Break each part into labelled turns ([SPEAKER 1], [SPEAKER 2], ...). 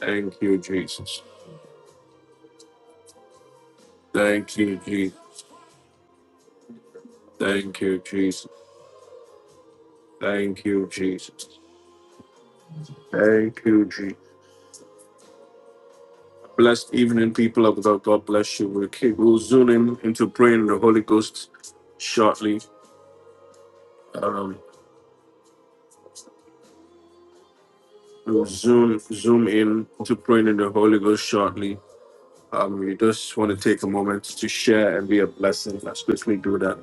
[SPEAKER 1] Thank you, Jesus. Thank you, Jesus. Thank you, Jesus. Thank you, Jesus. Thank you, Jesus. Blessed evening, people of God. God bless you. We'll, keep, we'll zoom in into praying in the Holy Ghost shortly. Um, we'll zoom zoom in to praying in the Holy Ghost shortly. Um, we just want to take a moment to share and be a blessing. Let's quickly do that.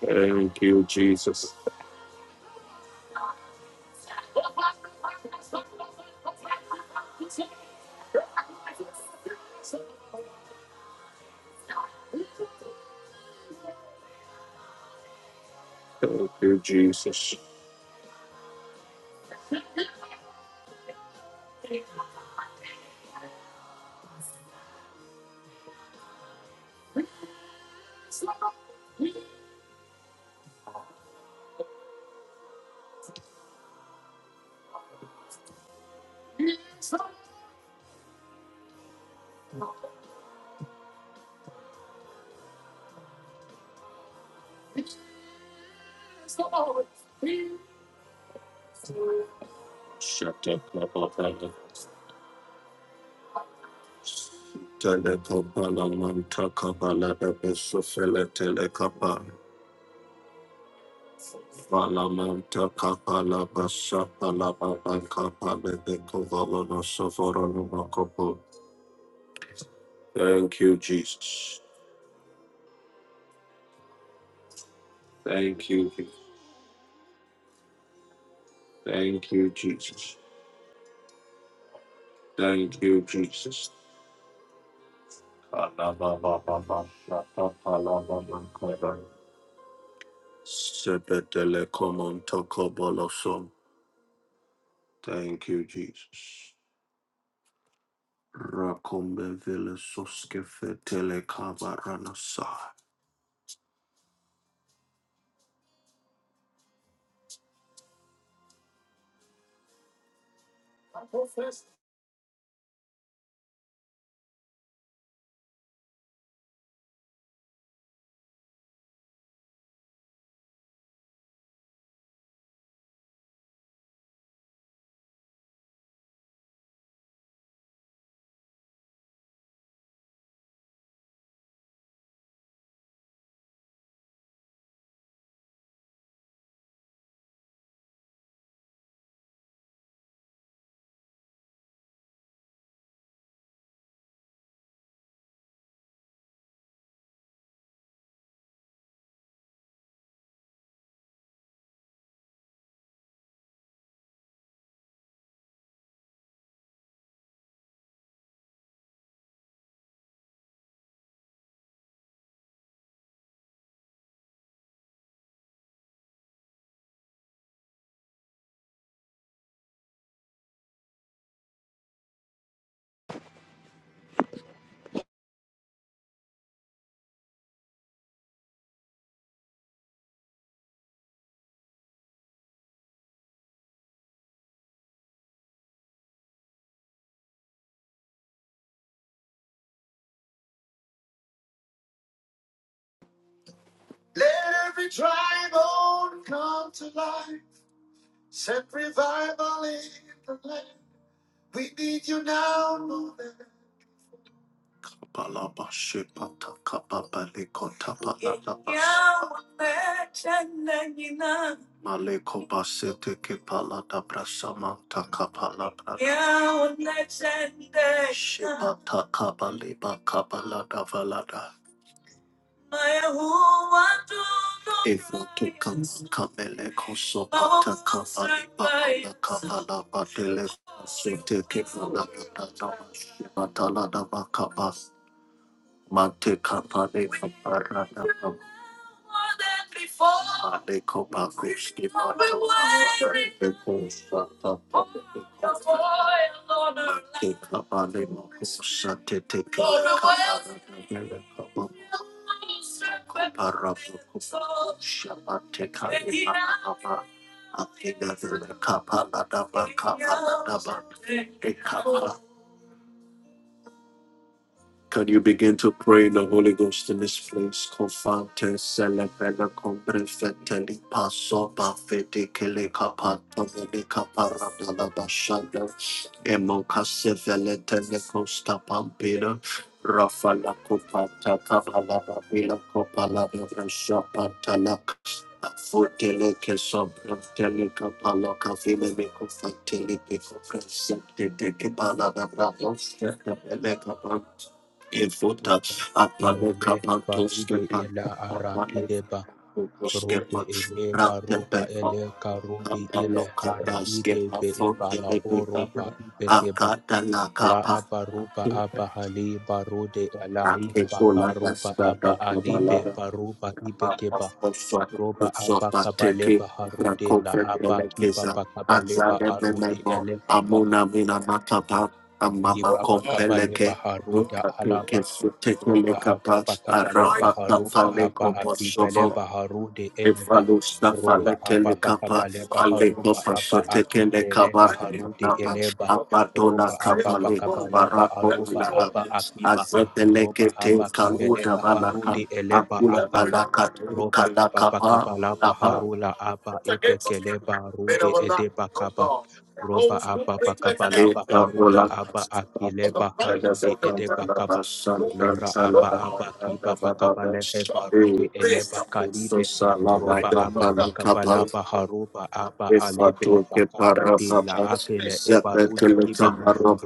[SPEAKER 1] Thank you, Jesus. Thank you, Jesus. Shatakabalaba. Telekopalamantakabalabesofeletele kapa. Valamanta kapalaba shapalaba bankapalebe kovalono sovorono makopo. Thank you, Jesus. Thank you, Jesus. Thank you, Jesus. Thank you, Jesus. Sebedele komontokobolosom. Thank you, Jesus. Rakombe vile soske fetele kabaranasa. Let every dry bone come to life. Send revival in the land. We need you now more than Maleko basete ke palada brasamanta kapala brada. Shepata kabale bakabala davalada. Take up a name of Thank can you begin to pray in the Holy Ghost in this place? Confante celebele compre feteli paso pa feti kele kapata veli kapara dala bashanda emo kase vele tele costa pampira rafala kopata kavala babila kopala brasha patala Fotele che sopra tele capala cafile mi confantili che comprensate che pala da bravo Evoda
[SPEAKER 2] Ruben
[SPEAKER 1] apalo
[SPEAKER 2] Baile
[SPEAKER 1] kapanto
[SPEAKER 2] barude
[SPEAKER 1] skepa
[SPEAKER 2] ila
[SPEAKER 1] apalo
[SPEAKER 2] arakideba
[SPEAKER 1] kapanto
[SPEAKER 2] robe
[SPEAKER 1] skepa
[SPEAKER 2] ele
[SPEAKER 1] ratepe
[SPEAKER 2] baruba ele karudi ile
[SPEAKER 1] apalo kapa
[SPEAKER 2] haraide
[SPEAKER 1] skepa
[SPEAKER 2] be eba
[SPEAKER 1] fonte
[SPEAKER 2] la
[SPEAKER 1] lepe
[SPEAKER 2] oroba
[SPEAKER 1] kapa
[SPEAKER 2] ibekeba
[SPEAKER 1] akata la
[SPEAKER 2] la
[SPEAKER 1] kapa
[SPEAKER 2] abaruba aba hali barude ala
[SPEAKER 1] ake
[SPEAKER 2] iba
[SPEAKER 1] kola
[SPEAKER 2] karuba aba alibe
[SPEAKER 1] da
[SPEAKER 2] baruba ibekeba roba aba kabaleba harude la aba kiba pakabaleba arude ele kiba
[SPEAKER 1] Amona mina matapa,
[SPEAKER 2] liba
[SPEAKER 1] amama
[SPEAKER 2] pakabaleba
[SPEAKER 1] kompeleke,
[SPEAKER 2] haruda
[SPEAKER 1] rupa
[SPEAKER 2] alaba
[SPEAKER 1] keke
[SPEAKER 2] roba
[SPEAKER 1] sutekeleka
[SPEAKER 2] apa
[SPEAKER 1] pa,
[SPEAKER 2] paka pale
[SPEAKER 1] arapa
[SPEAKER 2] baharuba
[SPEAKER 1] kapa
[SPEAKER 2] apa
[SPEAKER 1] leko
[SPEAKER 2] akibele baharude elba
[SPEAKER 1] Evalo
[SPEAKER 2] roba
[SPEAKER 1] Stafale
[SPEAKER 2] apa paka
[SPEAKER 1] Telekapa,
[SPEAKER 2] pale
[SPEAKER 1] Aleko
[SPEAKER 2] baharuba apa
[SPEAKER 1] Pasote
[SPEAKER 2] akibele
[SPEAKER 1] Kelekaba,
[SPEAKER 2] baharude
[SPEAKER 1] Napa,
[SPEAKER 2] eleba
[SPEAKER 1] Abadona
[SPEAKER 2] roba apa
[SPEAKER 1] Kapale,
[SPEAKER 2] paka pala
[SPEAKER 1] Barako,
[SPEAKER 2] baharuba apa akiba roba
[SPEAKER 1] Azeteleke Te
[SPEAKER 2] apa kibele
[SPEAKER 1] Kaluda Balaka,
[SPEAKER 2] baharude eleba
[SPEAKER 1] Akula
[SPEAKER 2] akaba
[SPEAKER 1] Balaka,
[SPEAKER 2] roba apa paka
[SPEAKER 1] Kalakapa,
[SPEAKER 2] pala
[SPEAKER 1] Napa,
[SPEAKER 2] baharula apa epekele baharude edeba kaba roba apa paka pala
[SPEAKER 1] kita
[SPEAKER 2] baharuba
[SPEAKER 1] bolak
[SPEAKER 2] apa akile
[SPEAKER 1] ada
[SPEAKER 2] baharude
[SPEAKER 1] sekantar
[SPEAKER 2] edeba kaba
[SPEAKER 1] napa sankara
[SPEAKER 2] Lora apa
[SPEAKER 1] loba napa
[SPEAKER 2] apa kipa
[SPEAKER 1] napa
[SPEAKER 2] pakapa lehe
[SPEAKER 1] napa
[SPEAKER 2] barude eleba kalibe roba apa
[SPEAKER 1] napa napa
[SPEAKER 2] pakapa
[SPEAKER 1] napa
[SPEAKER 2] laba haruba apa alebe
[SPEAKER 1] Ifatu
[SPEAKER 2] bakarudi
[SPEAKER 1] kiparababa,
[SPEAKER 2] la akele ebarudi
[SPEAKER 1] zepetele
[SPEAKER 2] kiba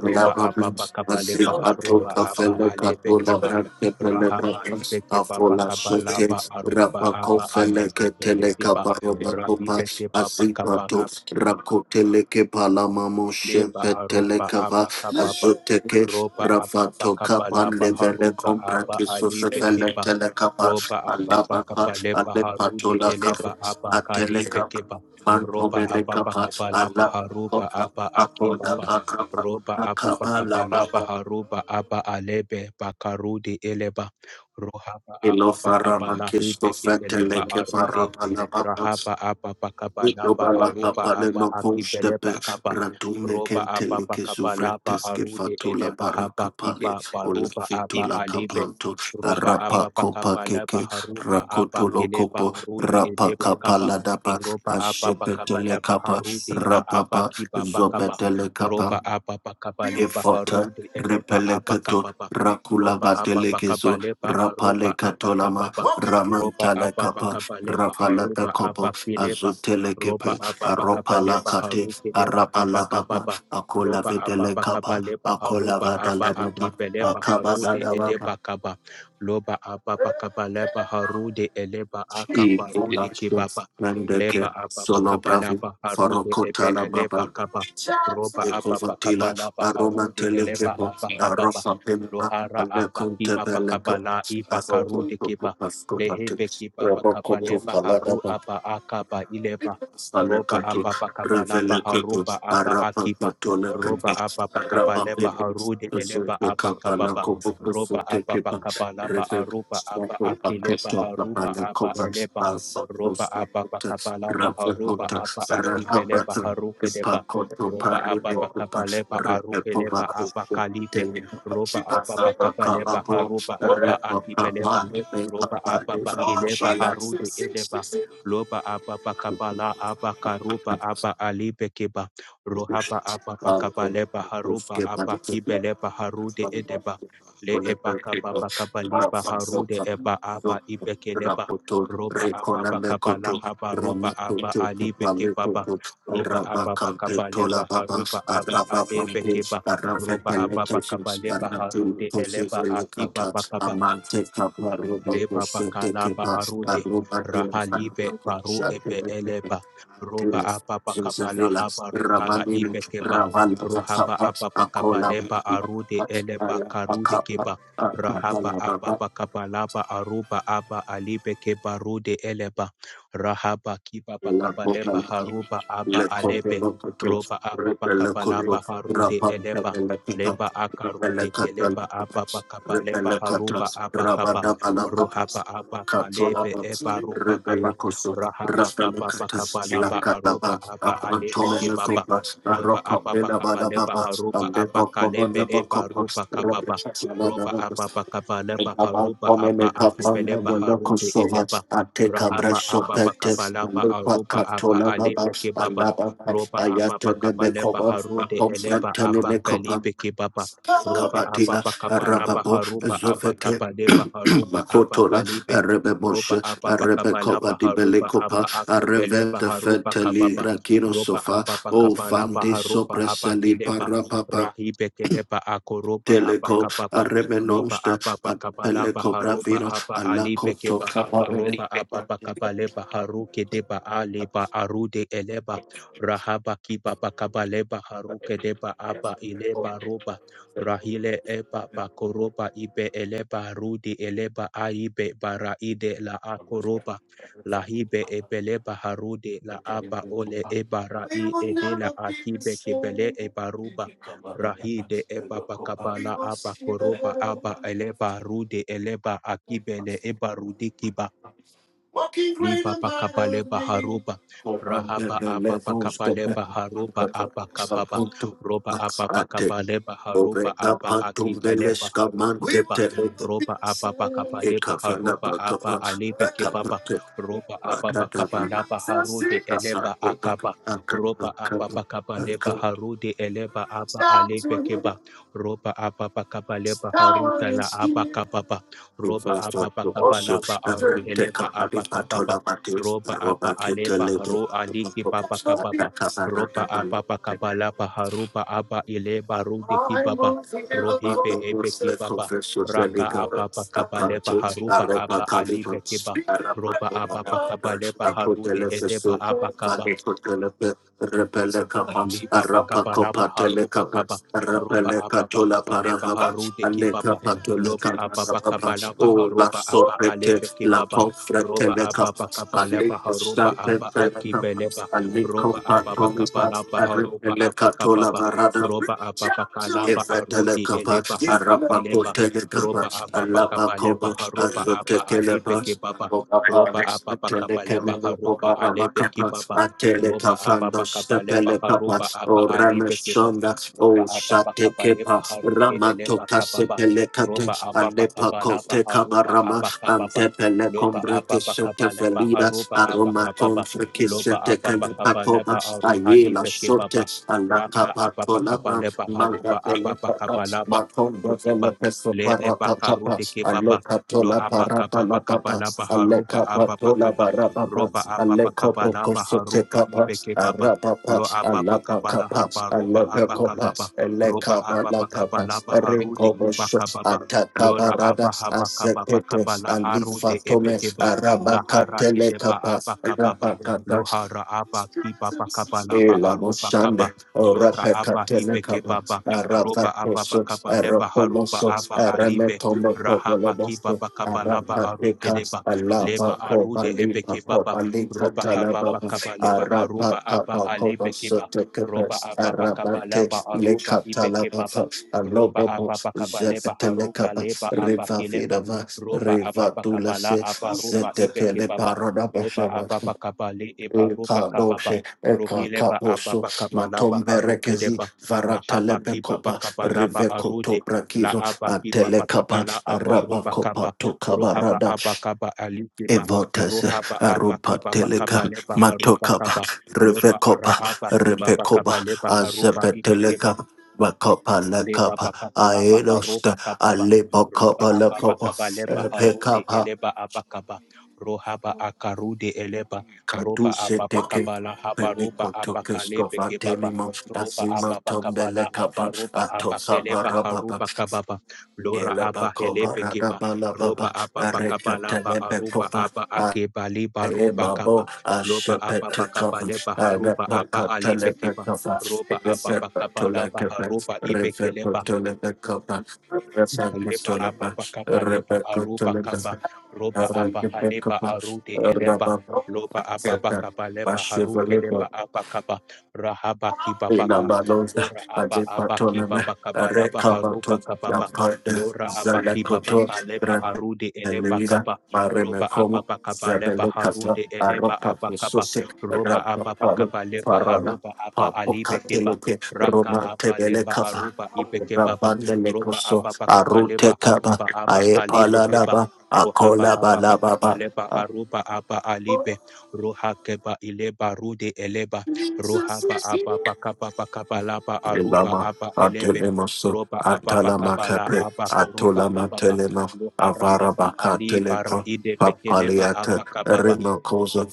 [SPEAKER 2] roba apa pakapa leba
[SPEAKER 1] azikatu
[SPEAKER 2] haruba apa
[SPEAKER 1] kafele
[SPEAKER 2] alebe
[SPEAKER 1] katula
[SPEAKER 2] kiba
[SPEAKER 1] brakepele
[SPEAKER 2] rahaba
[SPEAKER 1] kapa,
[SPEAKER 2] ibe kiba
[SPEAKER 1] afola
[SPEAKER 2] pakapa
[SPEAKER 1] sote,
[SPEAKER 2] laba aruba
[SPEAKER 1] rapako
[SPEAKER 2] apa
[SPEAKER 1] fele
[SPEAKER 2] alebe ebe
[SPEAKER 1] ketele
[SPEAKER 2] kiba
[SPEAKER 1] kabarobakopa,
[SPEAKER 2] rahibe kiba baka
[SPEAKER 1] azipatu rakotele kepala mamo
[SPEAKER 2] leba
[SPEAKER 1] shepetele
[SPEAKER 2] aruba
[SPEAKER 1] kava,
[SPEAKER 2] aba kababa
[SPEAKER 1] Azuteke
[SPEAKER 2] roba aba
[SPEAKER 1] Rafato
[SPEAKER 2] bakaba
[SPEAKER 1] Kapan
[SPEAKER 2] laba
[SPEAKER 1] Levele
[SPEAKER 2] haruba aba
[SPEAKER 1] Comprati
[SPEAKER 2] alibe
[SPEAKER 1] Sosefele
[SPEAKER 2] keba
[SPEAKER 1] Telecapa
[SPEAKER 2] roba aba
[SPEAKER 1] Alabapa
[SPEAKER 2] bakaba leba harude
[SPEAKER 1] Alepatola Capa
[SPEAKER 2] eleba aba kalibe
[SPEAKER 1] Atelecapa
[SPEAKER 2] keba roba
[SPEAKER 1] Mantomele
[SPEAKER 2] aba
[SPEAKER 1] Capa
[SPEAKER 2] bakaba laba haruba
[SPEAKER 1] Alapa
[SPEAKER 2] aba
[SPEAKER 1] Apoda
[SPEAKER 2] akibaba
[SPEAKER 1] Capa
[SPEAKER 2] roba aba
[SPEAKER 1] Acaba
[SPEAKER 2] bakaba laba
[SPEAKER 1] Lababa
[SPEAKER 2] haruba aba alebe bakarude eleba rohaba aba
[SPEAKER 1] Ilo
[SPEAKER 2] bakaba
[SPEAKER 1] Farama Kisto
[SPEAKER 2] lahibe
[SPEAKER 1] Fetele
[SPEAKER 2] kebeleba arude
[SPEAKER 1] Keparapa Lababa
[SPEAKER 2] rahaba aba bakaba laba aruba aba
[SPEAKER 1] Idobalakapalema konstepe,
[SPEAKER 2] akibeleba kaba
[SPEAKER 1] radume
[SPEAKER 2] Roba apa
[SPEAKER 1] kentele
[SPEAKER 2] pa
[SPEAKER 1] ke
[SPEAKER 2] kapalapa
[SPEAKER 1] kenteleke ke
[SPEAKER 2] arude
[SPEAKER 1] fatula
[SPEAKER 2] eleba hapa
[SPEAKER 1] barakapale,
[SPEAKER 2] kiba baruba apa
[SPEAKER 1] olafitula
[SPEAKER 2] alibe.
[SPEAKER 1] kapanto,
[SPEAKER 2] Roba apa pa kapalapa
[SPEAKER 1] arapakopakeke,
[SPEAKER 2] haruka apa kileba
[SPEAKER 1] rakotolokopo,
[SPEAKER 2] harude edeba kaba.
[SPEAKER 1] rapakapaladapa,
[SPEAKER 2] Roba apa pa kapalapa
[SPEAKER 1] ashepetelekapa,
[SPEAKER 2] harude la apa
[SPEAKER 1] rapapa,
[SPEAKER 2] kiba pa kaba.
[SPEAKER 1] zobetelekapa,
[SPEAKER 2] Roba apa pa kapalapa
[SPEAKER 1] Efota
[SPEAKER 2] harude eleba apa
[SPEAKER 1] repeleketo
[SPEAKER 2] kababa.
[SPEAKER 1] rakula
[SPEAKER 2] Roba apa pa
[SPEAKER 1] batelekezo
[SPEAKER 2] kapalapa
[SPEAKER 1] rapale
[SPEAKER 2] aruba apa
[SPEAKER 1] katolama
[SPEAKER 2] kababa. Roba
[SPEAKER 1] ramantala
[SPEAKER 2] apa pa
[SPEAKER 1] kapa
[SPEAKER 2] kapalapa
[SPEAKER 1] rapala
[SPEAKER 2] haruba
[SPEAKER 1] pekopo
[SPEAKER 2] apa kileba roba
[SPEAKER 1] azutelekepe
[SPEAKER 2] ababa
[SPEAKER 1] aropala
[SPEAKER 2] kabaleba
[SPEAKER 1] kate
[SPEAKER 2] haruke deba aba
[SPEAKER 1] arapala baba
[SPEAKER 2] kababa
[SPEAKER 1] akola
[SPEAKER 2] roba
[SPEAKER 1] vedele
[SPEAKER 2] ababa
[SPEAKER 1] kapa
[SPEAKER 2] kabaleba
[SPEAKER 1] akola
[SPEAKER 2] haruba aba
[SPEAKER 1] vadala baba
[SPEAKER 2] akibeleba harude
[SPEAKER 1] akaba
[SPEAKER 2] edeba kaba loba ababa kabaleba harude eleba
[SPEAKER 1] E
[SPEAKER 2] akabarude kibaba
[SPEAKER 1] Olashes
[SPEAKER 2] leba
[SPEAKER 1] Mandeke
[SPEAKER 2] ababa
[SPEAKER 1] Solo Bravi
[SPEAKER 2] kabalaba harude ebe
[SPEAKER 1] Farokotala
[SPEAKER 2] eleba
[SPEAKER 1] Baba
[SPEAKER 2] kaba roba ababa
[SPEAKER 1] Ecovatila
[SPEAKER 2] kabalaba
[SPEAKER 1] Aroma
[SPEAKER 2] harude eleba
[SPEAKER 1] Telekepo
[SPEAKER 2] aba kababa
[SPEAKER 1] Arofa Pema
[SPEAKER 2] lohara aba
[SPEAKER 1] Aleconte
[SPEAKER 2] kibaba
[SPEAKER 1] Beleco
[SPEAKER 2] kabala iba karude kiba
[SPEAKER 1] Asocopatic
[SPEAKER 2] lehebe kibaba
[SPEAKER 1] Rocoto
[SPEAKER 2] kabaleba haru
[SPEAKER 1] Palada
[SPEAKER 2] aba akaba ileba roba
[SPEAKER 1] Salakato,
[SPEAKER 2] apa pakapa lapa
[SPEAKER 1] Revelekato,
[SPEAKER 2] haruba apa akiba
[SPEAKER 1] Arapakato, Lakata,
[SPEAKER 2] roba apa pakapa lepa
[SPEAKER 1] Arababin,
[SPEAKER 2] harude elepa
[SPEAKER 1] Azurka,
[SPEAKER 2] apa
[SPEAKER 1] Kapana,
[SPEAKER 2] kababa roba
[SPEAKER 1] Kovokasu,
[SPEAKER 2] apa
[SPEAKER 1] Tekipa,
[SPEAKER 2] pakapa lapa
[SPEAKER 1] Revek,
[SPEAKER 2] aruba apa
[SPEAKER 1] Sako,
[SPEAKER 2] akilepa
[SPEAKER 1] Akoto,
[SPEAKER 2] haruba
[SPEAKER 1] Kapana,
[SPEAKER 2] apa
[SPEAKER 1] Kovas,
[SPEAKER 2] elepa
[SPEAKER 1] Asako,
[SPEAKER 2] roba apa
[SPEAKER 1] Sekota,
[SPEAKER 2] pakapa lapa haruba
[SPEAKER 1] Ravakota,
[SPEAKER 2] apa akipelepa
[SPEAKER 1] Rahabata,
[SPEAKER 2] haruke depa
[SPEAKER 1] Ipakoto,
[SPEAKER 2] roba apa pakapa
[SPEAKER 1] Parivekupa,
[SPEAKER 2] lepa aruhe
[SPEAKER 1] Revekova,
[SPEAKER 2] lepa apa
[SPEAKER 1] Kosoka
[SPEAKER 2] kalibe
[SPEAKER 1] Telikapa,
[SPEAKER 2] roba apa pakapa
[SPEAKER 1] Asabaka,
[SPEAKER 2] lepa
[SPEAKER 1] Abo,
[SPEAKER 2] haruba apa
[SPEAKER 1] Revoka,
[SPEAKER 2] akipelepa
[SPEAKER 1] Mani,
[SPEAKER 2] roba
[SPEAKER 1] Mekapa,
[SPEAKER 2] apa
[SPEAKER 1] Eva,
[SPEAKER 2] pakilepa harude elepa loba apa
[SPEAKER 1] Kovala,
[SPEAKER 2] pakabala apa karuba apa alibe kiba
[SPEAKER 1] Rabba
[SPEAKER 2] rohaba apa pakabaleba haruba apa kibeleba harude edeba le eba kaba pakabaliba harude eba apa ibekeleba roba apa pakabala haba roba apa alibe kibaba roba apa pakabaleba haruba apa alibe kiba roba apa pakabaleba harude eleba akiba pakaba leba bakalaba arude rahalibe baru ebe eleba roba
[SPEAKER 1] Judas.
[SPEAKER 2] ababa
[SPEAKER 1] Joseph
[SPEAKER 2] kabala
[SPEAKER 1] Velas,
[SPEAKER 2] habaru kala
[SPEAKER 1] Rabalino,
[SPEAKER 2] ibe keba
[SPEAKER 1] Ravala
[SPEAKER 2] rohaba
[SPEAKER 1] Kakapa,
[SPEAKER 2] ababa
[SPEAKER 1] Akola,
[SPEAKER 2] kabaleba arude eleba karude
[SPEAKER 1] Akapa,
[SPEAKER 2] keba rahaba
[SPEAKER 1] Akapa,
[SPEAKER 2] ababa kabalaba aruba aba alibe keba rude eleba rahaba kibaba
[SPEAKER 1] La copa
[SPEAKER 2] kabaleba
[SPEAKER 1] la copa,
[SPEAKER 2] haruba aba
[SPEAKER 1] la copa
[SPEAKER 2] alebe
[SPEAKER 1] la copa,
[SPEAKER 2] roba ababa
[SPEAKER 1] ripa la copa,
[SPEAKER 2] kabalaba harude
[SPEAKER 1] rapa
[SPEAKER 2] eleba
[SPEAKER 1] la copa,
[SPEAKER 2] leba
[SPEAKER 1] ripa la
[SPEAKER 2] akarude
[SPEAKER 1] copa la
[SPEAKER 2] keleba
[SPEAKER 1] copa,
[SPEAKER 2] ababa
[SPEAKER 1] ripa
[SPEAKER 2] kabaleba
[SPEAKER 1] la copa,
[SPEAKER 2] haruba
[SPEAKER 1] rapa
[SPEAKER 2] abakaba
[SPEAKER 1] da pa la copa,
[SPEAKER 2] Ruhaba Aba
[SPEAKER 1] cato la
[SPEAKER 2] Kalebe
[SPEAKER 1] copa,
[SPEAKER 2] Eba Ruba
[SPEAKER 1] ripa
[SPEAKER 2] Kaba
[SPEAKER 1] la copa,
[SPEAKER 2] Rahaba
[SPEAKER 1] rapa la
[SPEAKER 2] Kaba
[SPEAKER 1] copa,
[SPEAKER 2] Bakaba
[SPEAKER 1] la
[SPEAKER 2] Laba Aruba
[SPEAKER 1] calaba,
[SPEAKER 2] Aba
[SPEAKER 1] apanto
[SPEAKER 2] Alebe
[SPEAKER 1] me la
[SPEAKER 2] Kibaba
[SPEAKER 1] copa,
[SPEAKER 2] Roba
[SPEAKER 1] arropa
[SPEAKER 2] Aba
[SPEAKER 1] me la
[SPEAKER 2] Bakaba
[SPEAKER 1] bala
[SPEAKER 2] Leba
[SPEAKER 1] baba,
[SPEAKER 2] Haruba
[SPEAKER 1] ande
[SPEAKER 2] Aba
[SPEAKER 1] bo copa la
[SPEAKER 2] Kalebe
[SPEAKER 1] bo
[SPEAKER 2] Eba
[SPEAKER 1] copa,
[SPEAKER 2] Ruba
[SPEAKER 1] rapa
[SPEAKER 2] Kababa
[SPEAKER 1] la
[SPEAKER 2] Roba Aba
[SPEAKER 1] copa,
[SPEAKER 2] Bakaba
[SPEAKER 1] Oh,
[SPEAKER 2] Leba Haruba Aba Akibeleba Harude Eleba Rahaba Aba Bakaba Laba Aruba Aba Alebe Kibaba Roba Aba Bakaba Leba Harude Eleba Aba Kalibe Kibaba roba apa pakapa lapa haruba apa kapa lepa haruba apa kalibe roba apa pakapa lapa haruba apa akibelepa haruba kapapa roba apa pakapa lapa
[SPEAKER 1] Fandi
[SPEAKER 2] haruba apa
[SPEAKER 1] Sopresali
[SPEAKER 2] kileba
[SPEAKER 1] Parapapa
[SPEAKER 2] rahibe keleba akoroba apa
[SPEAKER 1] Teleco, a
[SPEAKER 2] kapapa loba
[SPEAKER 1] Remenonsta,
[SPEAKER 2] apa
[SPEAKER 1] a
[SPEAKER 2] pakapa lapa
[SPEAKER 1] Teleco
[SPEAKER 2] haruba
[SPEAKER 1] Bravino,
[SPEAKER 2] apa
[SPEAKER 1] a La
[SPEAKER 2] alibe
[SPEAKER 1] Conto
[SPEAKER 2] keba
[SPEAKER 1] Caparico,
[SPEAKER 2] roba apa pakapa leba haruke deba aliba arude eleba rahaba kiba pakapa leba haruke deba apa ileba roba Rahile eba bakoroba ibe eleba rudi eleba aibe baraide la akoroba lahibe ebeleba harude la aba ole eba rai edela akibe kebele eba ruba rahide eba bakabala aba koroba aba eleba rude eleba akibele eba rudi kiba Lipa pakapale baharuba.
[SPEAKER 1] and the
[SPEAKER 2] Rahaba apa
[SPEAKER 1] Legos to
[SPEAKER 2] pakapale baharuba apa
[SPEAKER 1] a
[SPEAKER 2] kapaba.
[SPEAKER 1] Conto,
[SPEAKER 2] Roba apa
[SPEAKER 1] a Tech.
[SPEAKER 2] pakapale
[SPEAKER 1] Ore
[SPEAKER 2] baharuba apa
[SPEAKER 1] apatum
[SPEAKER 2] akibele
[SPEAKER 1] beles kaman
[SPEAKER 2] baharubi deba.
[SPEAKER 1] kete
[SPEAKER 2] Roba apa pakapale
[SPEAKER 1] eka fana
[SPEAKER 2] baharuba apa
[SPEAKER 1] bakapa
[SPEAKER 2] alibe kebaba.
[SPEAKER 1] akapate
[SPEAKER 2] Roba apa pakapala
[SPEAKER 1] akadana
[SPEAKER 2] baharude eleba
[SPEAKER 1] asako
[SPEAKER 2] akaba. Roba apa pakapale
[SPEAKER 1] akapaka
[SPEAKER 2] baharude eleba apa alibe keba. Roba apa pakapale baharuka la apa kababa roba apa
[SPEAKER 1] infrastructure
[SPEAKER 2] pakaba
[SPEAKER 1] also
[SPEAKER 2] laba aru
[SPEAKER 1] separate the
[SPEAKER 2] heleba
[SPEAKER 1] company
[SPEAKER 2] apa kababa
[SPEAKER 1] Patola Matis,
[SPEAKER 2] roba aba
[SPEAKER 1] Aroma Kitele,
[SPEAKER 2] aleba haru aliki baba kababa roba apa pakaba laba haruba aba ileba rude kibaba
[SPEAKER 1] Mando
[SPEAKER 2] rohibe ebe
[SPEAKER 1] Borsa
[SPEAKER 2] kibaba
[SPEAKER 1] Confessor
[SPEAKER 2] raka
[SPEAKER 1] Delegaba,
[SPEAKER 2] apa pakaba leba
[SPEAKER 1] Aparte,
[SPEAKER 2] haruba
[SPEAKER 1] Arapa
[SPEAKER 2] aba
[SPEAKER 1] Calipa,
[SPEAKER 2] alibe kiba
[SPEAKER 1] Arapa
[SPEAKER 2] roba apa
[SPEAKER 1] Obama,
[SPEAKER 2] pakaba leba harude edeba
[SPEAKER 1] Apotelecaso,
[SPEAKER 2] apa kaba
[SPEAKER 1] Vale Cotelepe, Repelecapa,
[SPEAKER 2] Lipa
[SPEAKER 1] Arapa
[SPEAKER 2] pakapa lapa
[SPEAKER 1] Copa
[SPEAKER 2] harupa
[SPEAKER 1] Telecapa,
[SPEAKER 2] kapa ropa apa
[SPEAKER 1] Repeleca Tola
[SPEAKER 2] pakapa lepa
[SPEAKER 1] Parahaba,
[SPEAKER 2] harude
[SPEAKER 1] Aneca
[SPEAKER 2] kipapa lopa
[SPEAKER 1] Patoleca
[SPEAKER 2] apa pakapa
[SPEAKER 1] Parahaba,
[SPEAKER 2] lapa
[SPEAKER 1] O La
[SPEAKER 2] harupa apa
[SPEAKER 1] Sorpete,
[SPEAKER 2] alepe
[SPEAKER 1] La
[SPEAKER 2] kipapa ropa apa
[SPEAKER 1] Confretelecapa,
[SPEAKER 2] pakapa lepa
[SPEAKER 1] Aleco
[SPEAKER 2] harupa
[SPEAKER 1] Starte
[SPEAKER 2] apa akipe
[SPEAKER 1] Telecapa,
[SPEAKER 2] lepa
[SPEAKER 1] Aleco
[SPEAKER 2] ropa apa pakapa
[SPEAKER 1] Patomipa,
[SPEAKER 2] lapa harupa apa
[SPEAKER 1] Repeleca Tola
[SPEAKER 2] kapapa
[SPEAKER 1] Varada,
[SPEAKER 2] ropa apa pakalapa arudi
[SPEAKER 1] Evatalakaba,
[SPEAKER 2] elepa apa
[SPEAKER 1] Arapako
[SPEAKER 2] kilepa
[SPEAKER 1] Telekaba,
[SPEAKER 2] ropa apa pakapa lepa
[SPEAKER 1] Alabakoba,
[SPEAKER 2] harupa apa alepe
[SPEAKER 1] Azotekeleba,
[SPEAKER 2] kipapa ropa
[SPEAKER 1] Bobabanes,
[SPEAKER 2] apa pakapa lepa
[SPEAKER 1] Telekemino
[SPEAKER 2] harupa alepe
[SPEAKER 1] Bobaramakapa,
[SPEAKER 2] kipapa roba
[SPEAKER 1] Atelekafando
[SPEAKER 2] ababa kabale baharuba
[SPEAKER 1] Stepelekapa, O
[SPEAKER 2] aba alibe keba
[SPEAKER 1] Rameshonda, O
[SPEAKER 2] roba ababa kabale
[SPEAKER 1] Shatekepa,
[SPEAKER 2] baharude eleba
[SPEAKER 1] Ramatoka
[SPEAKER 2] kababa
[SPEAKER 1] Sepelekate,
[SPEAKER 2] roba ababa
[SPEAKER 1] Alepako
[SPEAKER 2] kabala baharuba
[SPEAKER 1] Tekabarama,
[SPEAKER 2] aba kababa loba
[SPEAKER 1] Antepelekombrate
[SPEAKER 2] ababa kabale
[SPEAKER 1] Sotefelida,
[SPEAKER 2] baharuba aba
[SPEAKER 1] Aroma
[SPEAKER 2] kababa loba
[SPEAKER 1] Confrekis,
[SPEAKER 2] ababa kabale
[SPEAKER 1] Tekelepakoba,
[SPEAKER 2] baharuha
[SPEAKER 1] Ayela
[SPEAKER 2] libe
[SPEAKER 1] Sote.
[SPEAKER 2] kebaba
[SPEAKER 1] Sete,
[SPEAKER 2] raka ababa
[SPEAKER 1] Alakapatolama,
[SPEAKER 2] kabale baharuba ababa
[SPEAKER 1] Mangadelekapa,
[SPEAKER 2] kabalaba keba
[SPEAKER 1] Makondovelopes
[SPEAKER 2] le eba
[SPEAKER 1] Parapatapa,
[SPEAKER 2] karude kebaba lo
[SPEAKER 1] Alekatola
[SPEAKER 2] abaka baba
[SPEAKER 1] Paratalapapa,
[SPEAKER 2] kabala baharuba ababa
[SPEAKER 1] Alekapatola
[SPEAKER 2] kaba
[SPEAKER 1] Barababa,
[SPEAKER 2] ropa apapa kapala paha ropa
[SPEAKER 1] Alekopokosoteka,
[SPEAKER 2] ipeke papa
[SPEAKER 1] Arabapa,
[SPEAKER 2] lo apapa kapala
[SPEAKER 1] Alapakapa,
[SPEAKER 2] hapa ropa apa
[SPEAKER 1] Alepekopa,
[SPEAKER 2] kapapa ropa apapa
[SPEAKER 1] Elekabalakapa,
[SPEAKER 2] kapala paha rute kipa
[SPEAKER 1] Rekoboshot,
[SPEAKER 2] kapapa lora
[SPEAKER 1] Atakabarada,
[SPEAKER 2] apa hapa kapapa
[SPEAKER 1] Azekete,
[SPEAKER 2] kapala aru de
[SPEAKER 1] Alifatome,
[SPEAKER 2] ebeke ba lahara ide ba apa kapapa
[SPEAKER 1] Arabakatelekapa,
[SPEAKER 2] lohara apa kipa pa kapala pa arupa kapa
[SPEAKER 1] Elamoshande,
[SPEAKER 2] lora apa hipeke
[SPEAKER 1] Orapekatenekaba,
[SPEAKER 2] papa ropa apapa
[SPEAKER 1] Arapakoso,
[SPEAKER 2] kapale paha ropa
[SPEAKER 1] Arapomoso,
[SPEAKER 2] apa alipe rahapa kipa
[SPEAKER 1] Arametomokovolobosto,
[SPEAKER 2] pa kapala pa aruke
[SPEAKER 1] Arapateka,
[SPEAKER 2] de ba leba
[SPEAKER 1] Alapa
[SPEAKER 2] arude
[SPEAKER 1] Kopalipa
[SPEAKER 2] ebeke baba
[SPEAKER 1] Kopalika
[SPEAKER 2] roba hababa
[SPEAKER 1] Talababa,
[SPEAKER 2] kaba leba aruba aba
[SPEAKER 1] Arapakapa
[SPEAKER 2] alebe keba roba
[SPEAKER 1] Kovasotekepes,
[SPEAKER 2] ababa kaba
[SPEAKER 1] Arabate,
[SPEAKER 2] laba aruba ibeke baba
[SPEAKER 1] Lekatalababa,
[SPEAKER 2] roba
[SPEAKER 1] Alobobo,
[SPEAKER 2] ababa kaba leba haruka
[SPEAKER 1] Zepetelekaba,
[SPEAKER 2] leba
[SPEAKER 1] Riva
[SPEAKER 2] abakileba
[SPEAKER 1] Vidava,
[SPEAKER 2] roba
[SPEAKER 1] Riva
[SPEAKER 2] ababa kaba la
[SPEAKER 1] Dulase,
[SPEAKER 2] aba roba ibeke
[SPEAKER 1] Zetekele
[SPEAKER 2] baba roba
[SPEAKER 1] Parodabashava,
[SPEAKER 2] ababa kaba le eba roba kababa
[SPEAKER 1] Kaboshe, Eka
[SPEAKER 2] rohileba
[SPEAKER 1] Kaposo,
[SPEAKER 2] ababa kaba laba
[SPEAKER 1] Matombe
[SPEAKER 2] haruke
[SPEAKER 1] Rekezi,
[SPEAKER 2] deba la
[SPEAKER 1] Varata
[SPEAKER 2] haba kiba baba
[SPEAKER 1] Lebekopa,
[SPEAKER 2] kaba laba
[SPEAKER 1] Riveko
[SPEAKER 2] arude la
[SPEAKER 1] Tobrakizo,
[SPEAKER 2] aba kiba baba kaba
[SPEAKER 1] Atelekapa,
[SPEAKER 2] la aba roba kaba
[SPEAKER 1] Rabakopa
[SPEAKER 2] rohaba
[SPEAKER 1] Tokabarada,
[SPEAKER 2] abakaba alikeba
[SPEAKER 1] Evotes,
[SPEAKER 2] rohaba
[SPEAKER 1] Arupa
[SPEAKER 2] abakiba bakaba
[SPEAKER 1] Teleka,
[SPEAKER 2] leba haruba
[SPEAKER 1] Matokapa,
[SPEAKER 2] kaba loba ara
[SPEAKER 1] Rivekopa,
[SPEAKER 2] abaki baba
[SPEAKER 1] Rivekopa,
[SPEAKER 2] kaba leba haruba ibeke
[SPEAKER 1] Azepeteleka. Bakopa
[SPEAKER 2] leba
[SPEAKER 1] lekapa,
[SPEAKER 2] bakaba laba
[SPEAKER 1] aedosta,
[SPEAKER 2] haroba kababa roba
[SPEAKER 1] alepokopa
[SPEAKER 2] ababa
[SPEAKER 1] lekopa,
[SPEAKER 2] kaba leba harude
[SPEAKER 1] pekapa,
[SPEAKER 2] eleba abakaba rohaba akarude eleba
[SPEAKER 1] Kadu
[SPEAKER 2] roba
[SPEAKER 1] Kaduse
[SPEAKER 2] ababa
[SPEAKER 1] teke
[SPEAKER 2] kaba la haba roba
[SPEAKER 1] peneko toke
[SPEAKER 2] abakalebe
[SPEAKER 1] skova
[SPEAKER 2] kebaba
[SPEAKER 1] telimo
[SPEAKER 2] roba
[SPEAKER 1] asima
[SPEAKER 2] ababa kaba la
[SPEAKER 1] tombele
[SPEAKER 2] aba
[SPEAKER 1] kapa
[SPEAKER 2] roba
[SPEAKER 1] atosa
[SPEAKER 2] abakeleba
[SPEAKER 1] barababa
[SPEAKER 2] karuba kababa lora
[SPEAKER 1] eleba
[SPEAKER 2] aba
[SPEAKER 1] kopa
[SPEAKER 2] helebe
[SPEAKER 1] rada
[SPEAKER 2] keba roba
[SPEAKER 1] balababa
[SPEAKER 2] ababa
[SPEAKER 1] areka
[SPEAKER 2] kaba la ba
[SPEAKER 1] telebe
[SPEAKER 2] aruba
[SPEAKER 1] kopa
[SPEAKER 2] aba akeba leba roba kaba
[SPEAKER 1] Ayebabo
[SPEAKER 2] loba ababa
[SPEAKER 1] ashepete
[SPEAKER 2] kaba
[SPEAKER 1] kapa
[SPEAKER 2] leba haruba aba
[SPEAKER 1] arepaka
[SPEAKER 2] alebe
[SPEAKER 1] telebe
[SPEAKER 2] keba
[SPEAKER 1] kapa
[SPEAKER 2] roba ababa
[SPEAKER 1] ekepepe
[SPEAKER 2] kabala baha
[SPEAKER 1] tolekepe
[SPEAKER 2] roba ibekele
[SPEAKER 1] revepe tolebe kapa revepe
[SPEAKER 2] Leba
[SPEAKER 1] tolebe
[SPEAKER 2] ababa kaba leba
[SPEAKER 1] revepe
[SPEAKER 2] aruba kaba
[SPEAKER 1] tolebe
[SPEAKER 2] roba aba
[SPEAKER 1] arekepe
[SPEAKER 2] leba arude eleba
[SPEAKER 1] kapa
[SPEAKER 2] loba ababa
[SPEAKER 1] Eta,
[SPEAKER 2] kaba leba haruke
[SPEAKER 1] Bashivaleva,
[SPEAKER 2] deba aba kaba rahaba kibabaka
[SPEAKER 1] Inabalonda,
[SPEAKER 2] lora aba aba
[SPEAKER 1] Adipatoname,
[SPEAKER 2] kibabakaba laba haruba
[SPEAKER 1] Rekavato,
[SPEAKER 2] kababa
[SPEAKER 1] Yaparte,
[SPEAKER 2] lora aba
[SPEAKER 1] Zalakoto,
[SPEAKER 2] kibabaka leba arude eleba
[SPEAKER 1] Rebelida,
[SPEAKER 2] kaba roba
[SPEAKER 1] Maremecomo,
[SPEAKER 2] ababa kaba leba
[SPEAKER 1] Zabelecata,
[SPEAKER 2] harude eleba
[SPEAKER 1] Aropa,
[SPEAKER 2] aba
[SPEAKER 1] Susik,
[SPEAKER 2] roba ababa
[SPEAKER 1] Rapapalo,
[SPEAKER 2] kaba leba
[SPEAKER 1] Parana,
[SPEAKER 2] haruba aba alibe keba
[SPEAKER 1] Papocatelote,
[SPEAKER 2] raka
[SPEAKER 1] Roma
[SPEAKER 2] aba leba
[SPEAKER 1] Tebelecapa.
[SPEAKER 2] aruba ibe kebaba
[SPEAKER 1] Rabande
[SPEAKER 2] roba
[SPEAKER 1] lekoso
[SPEAKER 2] apapa kapaleba
[SPEAKER 1] arute kaba
[SPEAKER 2] haruba apa
[SPEAKER 1] ae
[SPEAKER 2] kalibe seba
[SPEAKER 1] palalaba
[SPEAKER 2] rohaba
[SPEAKER 1] akola
[SPEAKER 2] apapa
[SPEAKER 1] balababa
[SPEAKER 2] kapaleba aruba apa alibe rohakeba ileba rude eleba rohaba apapa kapapa kapalaba aruba
[SPEAKER 1] Elama,
[SPEAKER 2] apa elebe
[SPEAKER 1] Atelemos,
[SPEAKER 2] roba apapa
[SPEAKER 1] Atalama
[SPEAKER 2] kabala
[SPEAKER 1] Capre,
[SPEAKER 2] apa koruba
[SPEAKER 1] Atolama
[SPEAKER 2] kapapa
[SPEAKER 1] Telema,
[SPEAKER 2] lohara eba
[SPEAKER 1] Avarabaca
[SPEAKER 2] ali bara
[SPEAKER 1] Telepo,
[SPEAKER 2] ide bekeleba
[SPEAKER 1] Papaliata,
[SPEAKER 2] apa kababa
[SPEAKER 1] Renocosa,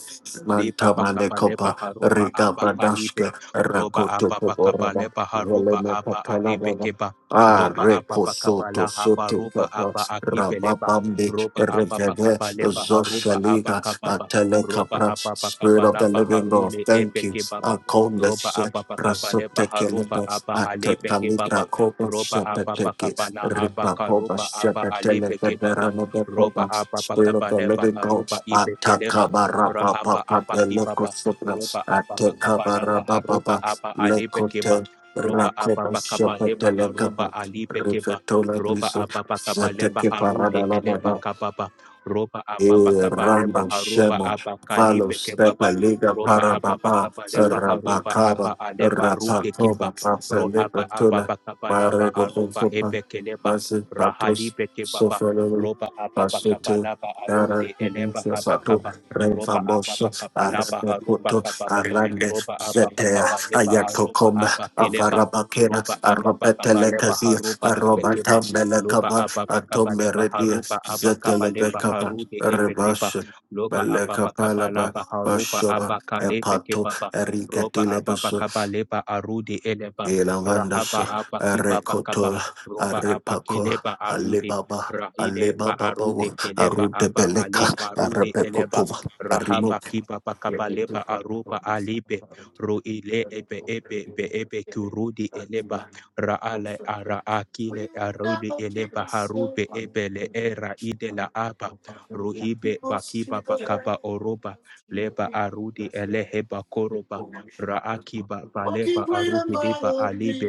[SPEAKER 2] Liba bakaba
[SPEAKER 1] Mantamalecopa,
[SPEAKER 2] leba haruba aba kalibe.
[SPEAKER 1] Rigabradashka,
[SPEAKER 2] Roba
[SPEAKER 1] Rakoto
[SPEAKER 2] aba bakaba
[SPEAKER 1] Coborada,
[SPEAKER 2] leba haruba
[SPEAKER 1] Veleme
[SPEAKER 2] aba alibe
[SPEAKER 1] Catalava.
[SPEAKER 2] keba.
[SPEAKER 1] Ah,
[SPEAKER 2] Roba aba bakaba la
[SPEAKER 1] Recosoto,
[SPEAKER 2] haba
[SPEAKER 1] Sote
[SPEAKER 2] ruba
[SPEAKER 1] Capa,
[SPEAKER 2] aba akibe leba.
[SPEAKER 1] Rababambi,
[SPEAKER 2] Roba aba
[SPEAKER 1] Reveve,
[SPEAKER 2] bakaba leba haruba aba
[SPEAKER 1] Zoshaliga,
[SPEAKER 2] kababa.
[SPEAKER 1] Atele
[SPEAKER 2] Roba
[SPEAKER 1] Capra,
[SPEAKER 2] aba
[SPEAKER 1] Spirit
[SPEAKER 2] bakaba
[SPEAKER 1] of
[SPEAKER 2] la
[SPEAKER 1] the Living God,
[SPEAKER 2] baharule
[SPEAKER 1] thank
[SPEAKER 2] ebe
[SPEAKER 1] you. I
[SPEAKER 2] kebaba.
[SPEAKER 1] call
[SPEAKER 2] Roba
[SPEAKER 1] this.
[SPEAKER 2] aba bakaba leba haruba
[SPEAKER 1] Rasotekelebes
[SPEAKER 2] aba alibe
[SPEAKER 1] Atekalibra
[SPEAKER 2] kebaba.
[SPEAKER 1] Koba
[SPEAKER 2] Roba aba
[SPEAKER 1] Shepeteke
[SPEAKER 2] bakaba la aba
[SPEAKER 1] Ripa Koba
[SPEAKER 2] karuba aba alibe kebaba. Roba
[SPEAKER 1] Shepetelebeberanebekoba
[SPEAKER 2] aba
[SPEAKER 1] Spirit of
[SPEAKER 2] bakaba
[SPEAKER 1] the
[SPEAKER 2] leba
[SPEAKER 1] Living God
[SPEAKER 2] haruba ibe keleba.
[SPEAKER 1] Atakabarapa
[SPEAKER 2] Rahaba
[SPEAKER 1] Papa
[SPEAKER 2] apa kibaba,
[SPEAKER 1] Elekosopra
[SPEAKER 2] roba apa bakaba laba
[SPEAKER 1] Atekabarapa
[SPEAKER 2] haroba
[SPEAKER 1] Papa
[SPEAKER 2] apa alebe
[SPEAKER 1] Leko Supra Atekabara Baba
[SPEAKER 2] keba,
[SPEAKER 1] Lekote
[SPEAKER 2] roba apa
[SPEAKER 1] Rakoba
[SPEAKER 2] bakaba leba haroba
[SPEAKER 1] Shepetelekaba
[SPEAKER 2] alibe keba,
[SPEAKER 1] Rivetola
[SPEAKER 2] roba
[SPEAKER 1] Viso
[SPEAKER 2] apa bakaba leba
[SPEAKER 1] Zeteke
[SPEAKER 2] harude eleba
[SPEAKER 1] Paradalababa
[SPEAKER 2] kababa, roba
[SPEAKER 1] E
[SPEAKER 2] apa bakaba leba
[SPEAKER 1] Rando
[SPEAKER 2] haroba
[SPEAKER 1] Shemo,
[SPEAKER 2] apa
[SPEAKER 1] Valo
[SPEAKER 2] kalibe kebaba,
[SPEAKER 1] Stepa Liga
[SPEAKER 2] roba
[SPEAKER 1] para
[SPEAKER 2] apa
[SPEAKER 1] Parababa,
[SPEAKER 2] bakaba leba haroba
[SPEAKER 1] Rabakaba,
[SPEAKER 2] apa aleba rude
[SPEAKER 1] Rapakova,
[SPEAKER 2] keba,
[SPEAKER 1] Papa
[SPEAKER 2] rohaba apa
[SPEAKER 1] Libertula,
[SPEAKER 2] bakaba laba
[SPEAKER 1] Marebo
[SPEAKER 2] aruba
[SPEAKER 1] Hofoba,
[SPEAKER 2] ebe keleba,
[SPEAKER 1] Mazin Patos,
[SPEAKER 2] rahalibe kebaba,
[SPEAKER 1] Sofalo,
[SPEAKER 2] roba apa bakaba
[SPEAKER 1] Pasuto,
[SPEAKER 2] laba
[SPEAKER 1] Dara
[SPEAKER 2] arude eleba
[SPEAKER 1] Kubinsa Sato,
[SPEAKER 2] kabakaba roba apa
[SPEAKER 1] Renfamoso,
[SPEAKER 2] apa kapa lapa
[SPEAKER 1] Arabe
[SPEAKER 2] haruba
[SPEAKER 1] Koto,
[SPEAKER 2] kapa
[SPEAKER 1] Arande,
[SPEAKER 2] roba apa apa
[SPEAKER 1] Zetea,
[SPEAKER 2] kapa lepa aroba
[SPEAKER 1] Ayatokoma,
[SPEAKER 2] apa kilepa
[SPEAKER 1] Avarabakera,
[SPEAKER 2] roba apa apa kapa lepa
[SPEAKER 1] Arobetelekazia,
[SPEAKER 2] haruba ipekepa
[SPEAKER 1] Arobata
[SPEAKER 2] loba
[SPEAKER 1] Melekaba,
[SPEAKER 2] apa apa kapa lepa
[SPEAKER 1] Atomeredia,
[SPEAKER 2] haruba apa kapa lepa
[SPEAKER 1] Zetelebekaba,
[SPEAKER 2] harude epekepa
[SPEAKER 1] Rebasha,
[SPEAKER 2] loba apa apa kapa
[SPEAKER 1] Balekapalaba,
[SPEAKER 2] lapa haruba
[SPEAKER 1] Bashoba,
[SPEAKER 2] apa kalepe
[SPEAKER 1] Epato,
[SPEAKER 2] kepapa roba apa apa
[SPEAKER 1] Ericatilebeso,
[SPEAKER 2] kapa lepa arude elepa rahaba
[SPEAKER 1] Elavandaso,
[SPEAKER 2] apa kipapa kapa
[SPEAKER 1] Erecotola,
[SPEAKER 2] roba apa
[SPEAKER 1] Arepaco,
[SPEAKER 2] kilepa arude
[SPEAKER 1] Alebaba,
[SPEAKER 2] rahile ba arude
[SPEAKER 1] Alebaba,
[SPEAKER 2] keleba
[SPEAKER 1] Arute
[SPEAKER 2] aba
[SPEAKER 1] Beleka,
[SPEAKER 2] ale parude eleba
[SPEAKER 1] Arepecotova,
[SPEAKER 2] Rahaba
[SPEAKER 1] Arimo.
[SPEAKER 2] kiba bakaba aruba alibe ruile ile ebe ebe be ebe kurudi eleba raale ara akile arudi eleba harube ebe le era ide la aba ruhibe bakiba bakaba oroba leba arudi eleheba koroba raakiba baleba aruhidiba alibe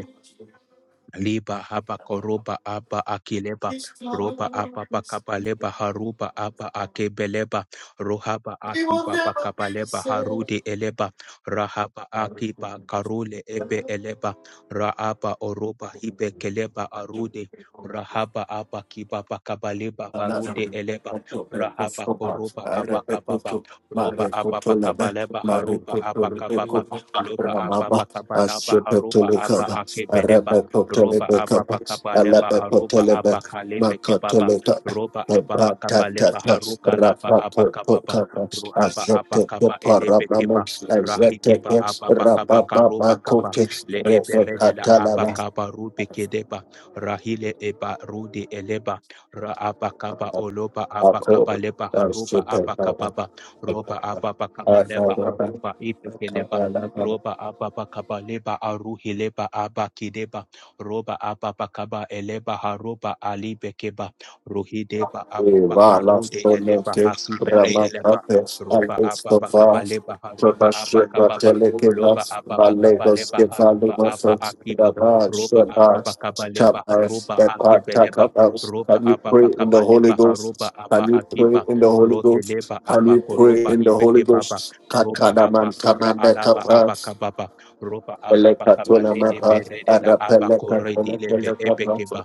[SPEAKER 2] liba haba koroba aba akileba roba aba bakabaleba haruba aba akebeleba rohaba akiba bakabaleba harude eleba rahaba akiba karule ebe eleba raaba oroba hibe keleba arude rahaba aba kiba
[SPEAKER 1] Rabba
[SPEAKER 2] bakabaleba harude eleba rahaba koroba aba kababa roba aba bakabaleba haruba aba kababa loba aba bakabalaba haruba aba akebeleba roba apapa kapa leba aruba apaka kebaba roba apapa kapa leba haruka laba apaka papa ruhaba apaka pa elebe keba rahi keba apapa kapa karoba kapa le eberede la apaka pa rubi kedeba rahile eba rudi eleba ra apaka oloba apaka leba haruba apaka
[SPEAKER 1] Can
[SPEAKER 2] roba
[SPEAKER 1] you pray in
[SPEAKER 2] apapa kapa leba
[SPEAKER 1] the
[SPEAKER 2] haruba ibe roba ababa kabaleba aruhileba abakideba roba ababakaba eleba haroba alibekeba rohideba ababakarude eleba hakiberedeleba roba ababakaba leba haroba abakababa loba ababakaba leba haroba aba akiba roba ababakaba leba haroba akibeleba roba ababakaba
[SPEAKER 1] Holy
[SPEAKER 2] leba haroba
[SPEAKER 1] Ghost?
[SPEAKER 2] aba
[SPEAKER 1] Can you pray
[SPEAKER 2] akiba
[SPEAKER 1] in the Holy Ghost?
[SPEAKER 2] roheleba
[SPEAKER 1] Can you pray
[SPEAKER 2] abakoroba
[SPEAKER 1] in the Holy
[SPEAKER 2] ibekebaba
[SPEAKER 1] Ghost?
[SPEAKER 2] roba
[SPEAKER 1] Katana
[SPEAKER 2] abakara alaba
[SPEAKER 1] man,
[SPEAKER 2] abakababa roba ababa
[SPEAKER 1] Thank
[SPEAKER 2] kabale eberede la abakore dile be ebekeba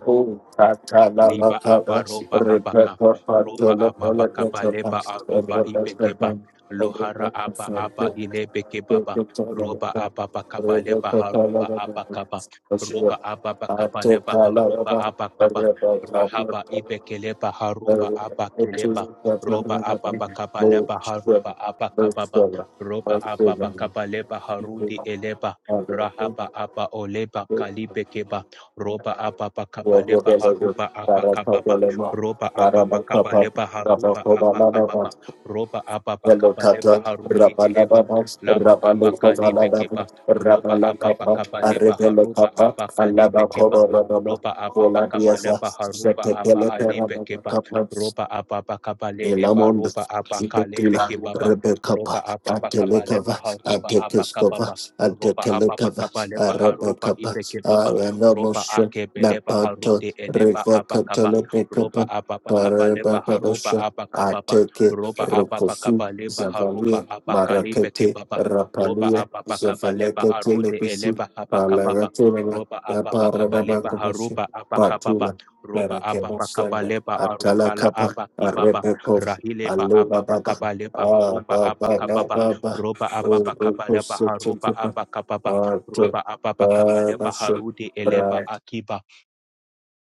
[SPEAKER 2] liba aba roba abaka roba ababaka ba leba aruba ibekeba lohara aba aba ilebekebaba roba ababaka ba leba haruba abakaba roba ababaka ba leba haruba abakaba rahaba ibekeleba haruba abakeleba roba ababaka ba leba haruba abakababa roba ababaka ba leba harudi eleba rahaba aba oleba
[SPEAKER 1] you.
[SPEAKER 2] kalibekeba roba apapa
[SPEAKER 1] Rabba
[SPEAKER 2] kapa lepa haruba apa kapa pa roba apapa kapa lepa haruba apa kapa pa roba apapa kapa lepa harudi eleba lapa apa kalipe kepa roba apapa kapa lepa haruba apa kalipe kepa roba apapa kapa lepa haruba apa alipe kepa roba apapa kapa le eba
[SPEAKER 1] Elamon
[SPEAKER 2] roba apa kalipe
[SPEAKER 1] Zipetila
[SPEAKER 2] kepa pa
[SPEAKER 1] Rebekapa
[SPEAKER 2] roba apapa kapa
[SPEAKER 1] Atelekava
[SPEAKER 2] lepa haruba apa kapa
[SPEAKER 1] Atekeskova
[SPEAKER 2] pa ropa apapa
[SPEAKER 1] Atekelekava
[SPEAKER 2] kapale paharupa
[SPEAKER 1] Arabakapa
[SPEAKER 2] ipeke roba
[SPEAKER 1] Aranamosha
[SPEAKER 2] akebeleba
[SPEAKER 1] Napato
[SPEAKER 2] harude eleba abakaba roba
[SPEAKER 1] Revakatalabekapa
[SPEAKER 2] ababakaba leba haruba
[SPEAKER 1] Parabakabasha
[SPEAKER 2] abakababa
[SPEAKER 1] Ateke
[SPEAKER 2] roba
[SPEAKER 1] Rokosu
[SPEAKER 2] ababakaba leba haruba
[SPEAKER 1] Zavalia
[SPEAKER 2] abakalebe
[SPEAKER 1] Marakete
[SPEAKER 2] kebaba roba
[SPEAKER 1] Rapalia
[SPEAKER 2] ababakaba leba
[SPEAKER 1] Zavalekete
[SPEAKER 2] arude
[SPEAKER 1] Lepisi
[SPEAKER 2] eleba abakababa
[SPEAKER 1] Palaratura
[SPEAKER 2] roba ababakaba leba
[SPEAKER 1] Paranabakabasha
[SPEAKER 2] haruba abakababa
[SPEAKER 1] Patula
[SPEAKER 2] roba ababakaba leba arukala
[SPEAKER 1] Parakabasanda
[SPEAKER 2] abakibaba
[SPEAKER 1] Arabakov,
[SPEAKER 2] rahileba
[SPEAKER 1] Alibaba,
[SPEAKER 2] ababakaba leba
[SPEAKER 1] Ah,
[SPEAKER 2] aruba
[SPEAKER 1] Baba,
[SPEAKER 2] abakababa
[SPEAKER 1] Baba,
[SPEAKER 2] roba ababakaba leba haruba
[SPEAKER 1] Urukusutuba,
[SPEAKER 2] abakababa
[SPEAKER 1] Art,
[SPEAKER 2] roba ababa kabale baharude eleba
[SPEAKER 1] Babashu,
[SPEAKER 2] akiba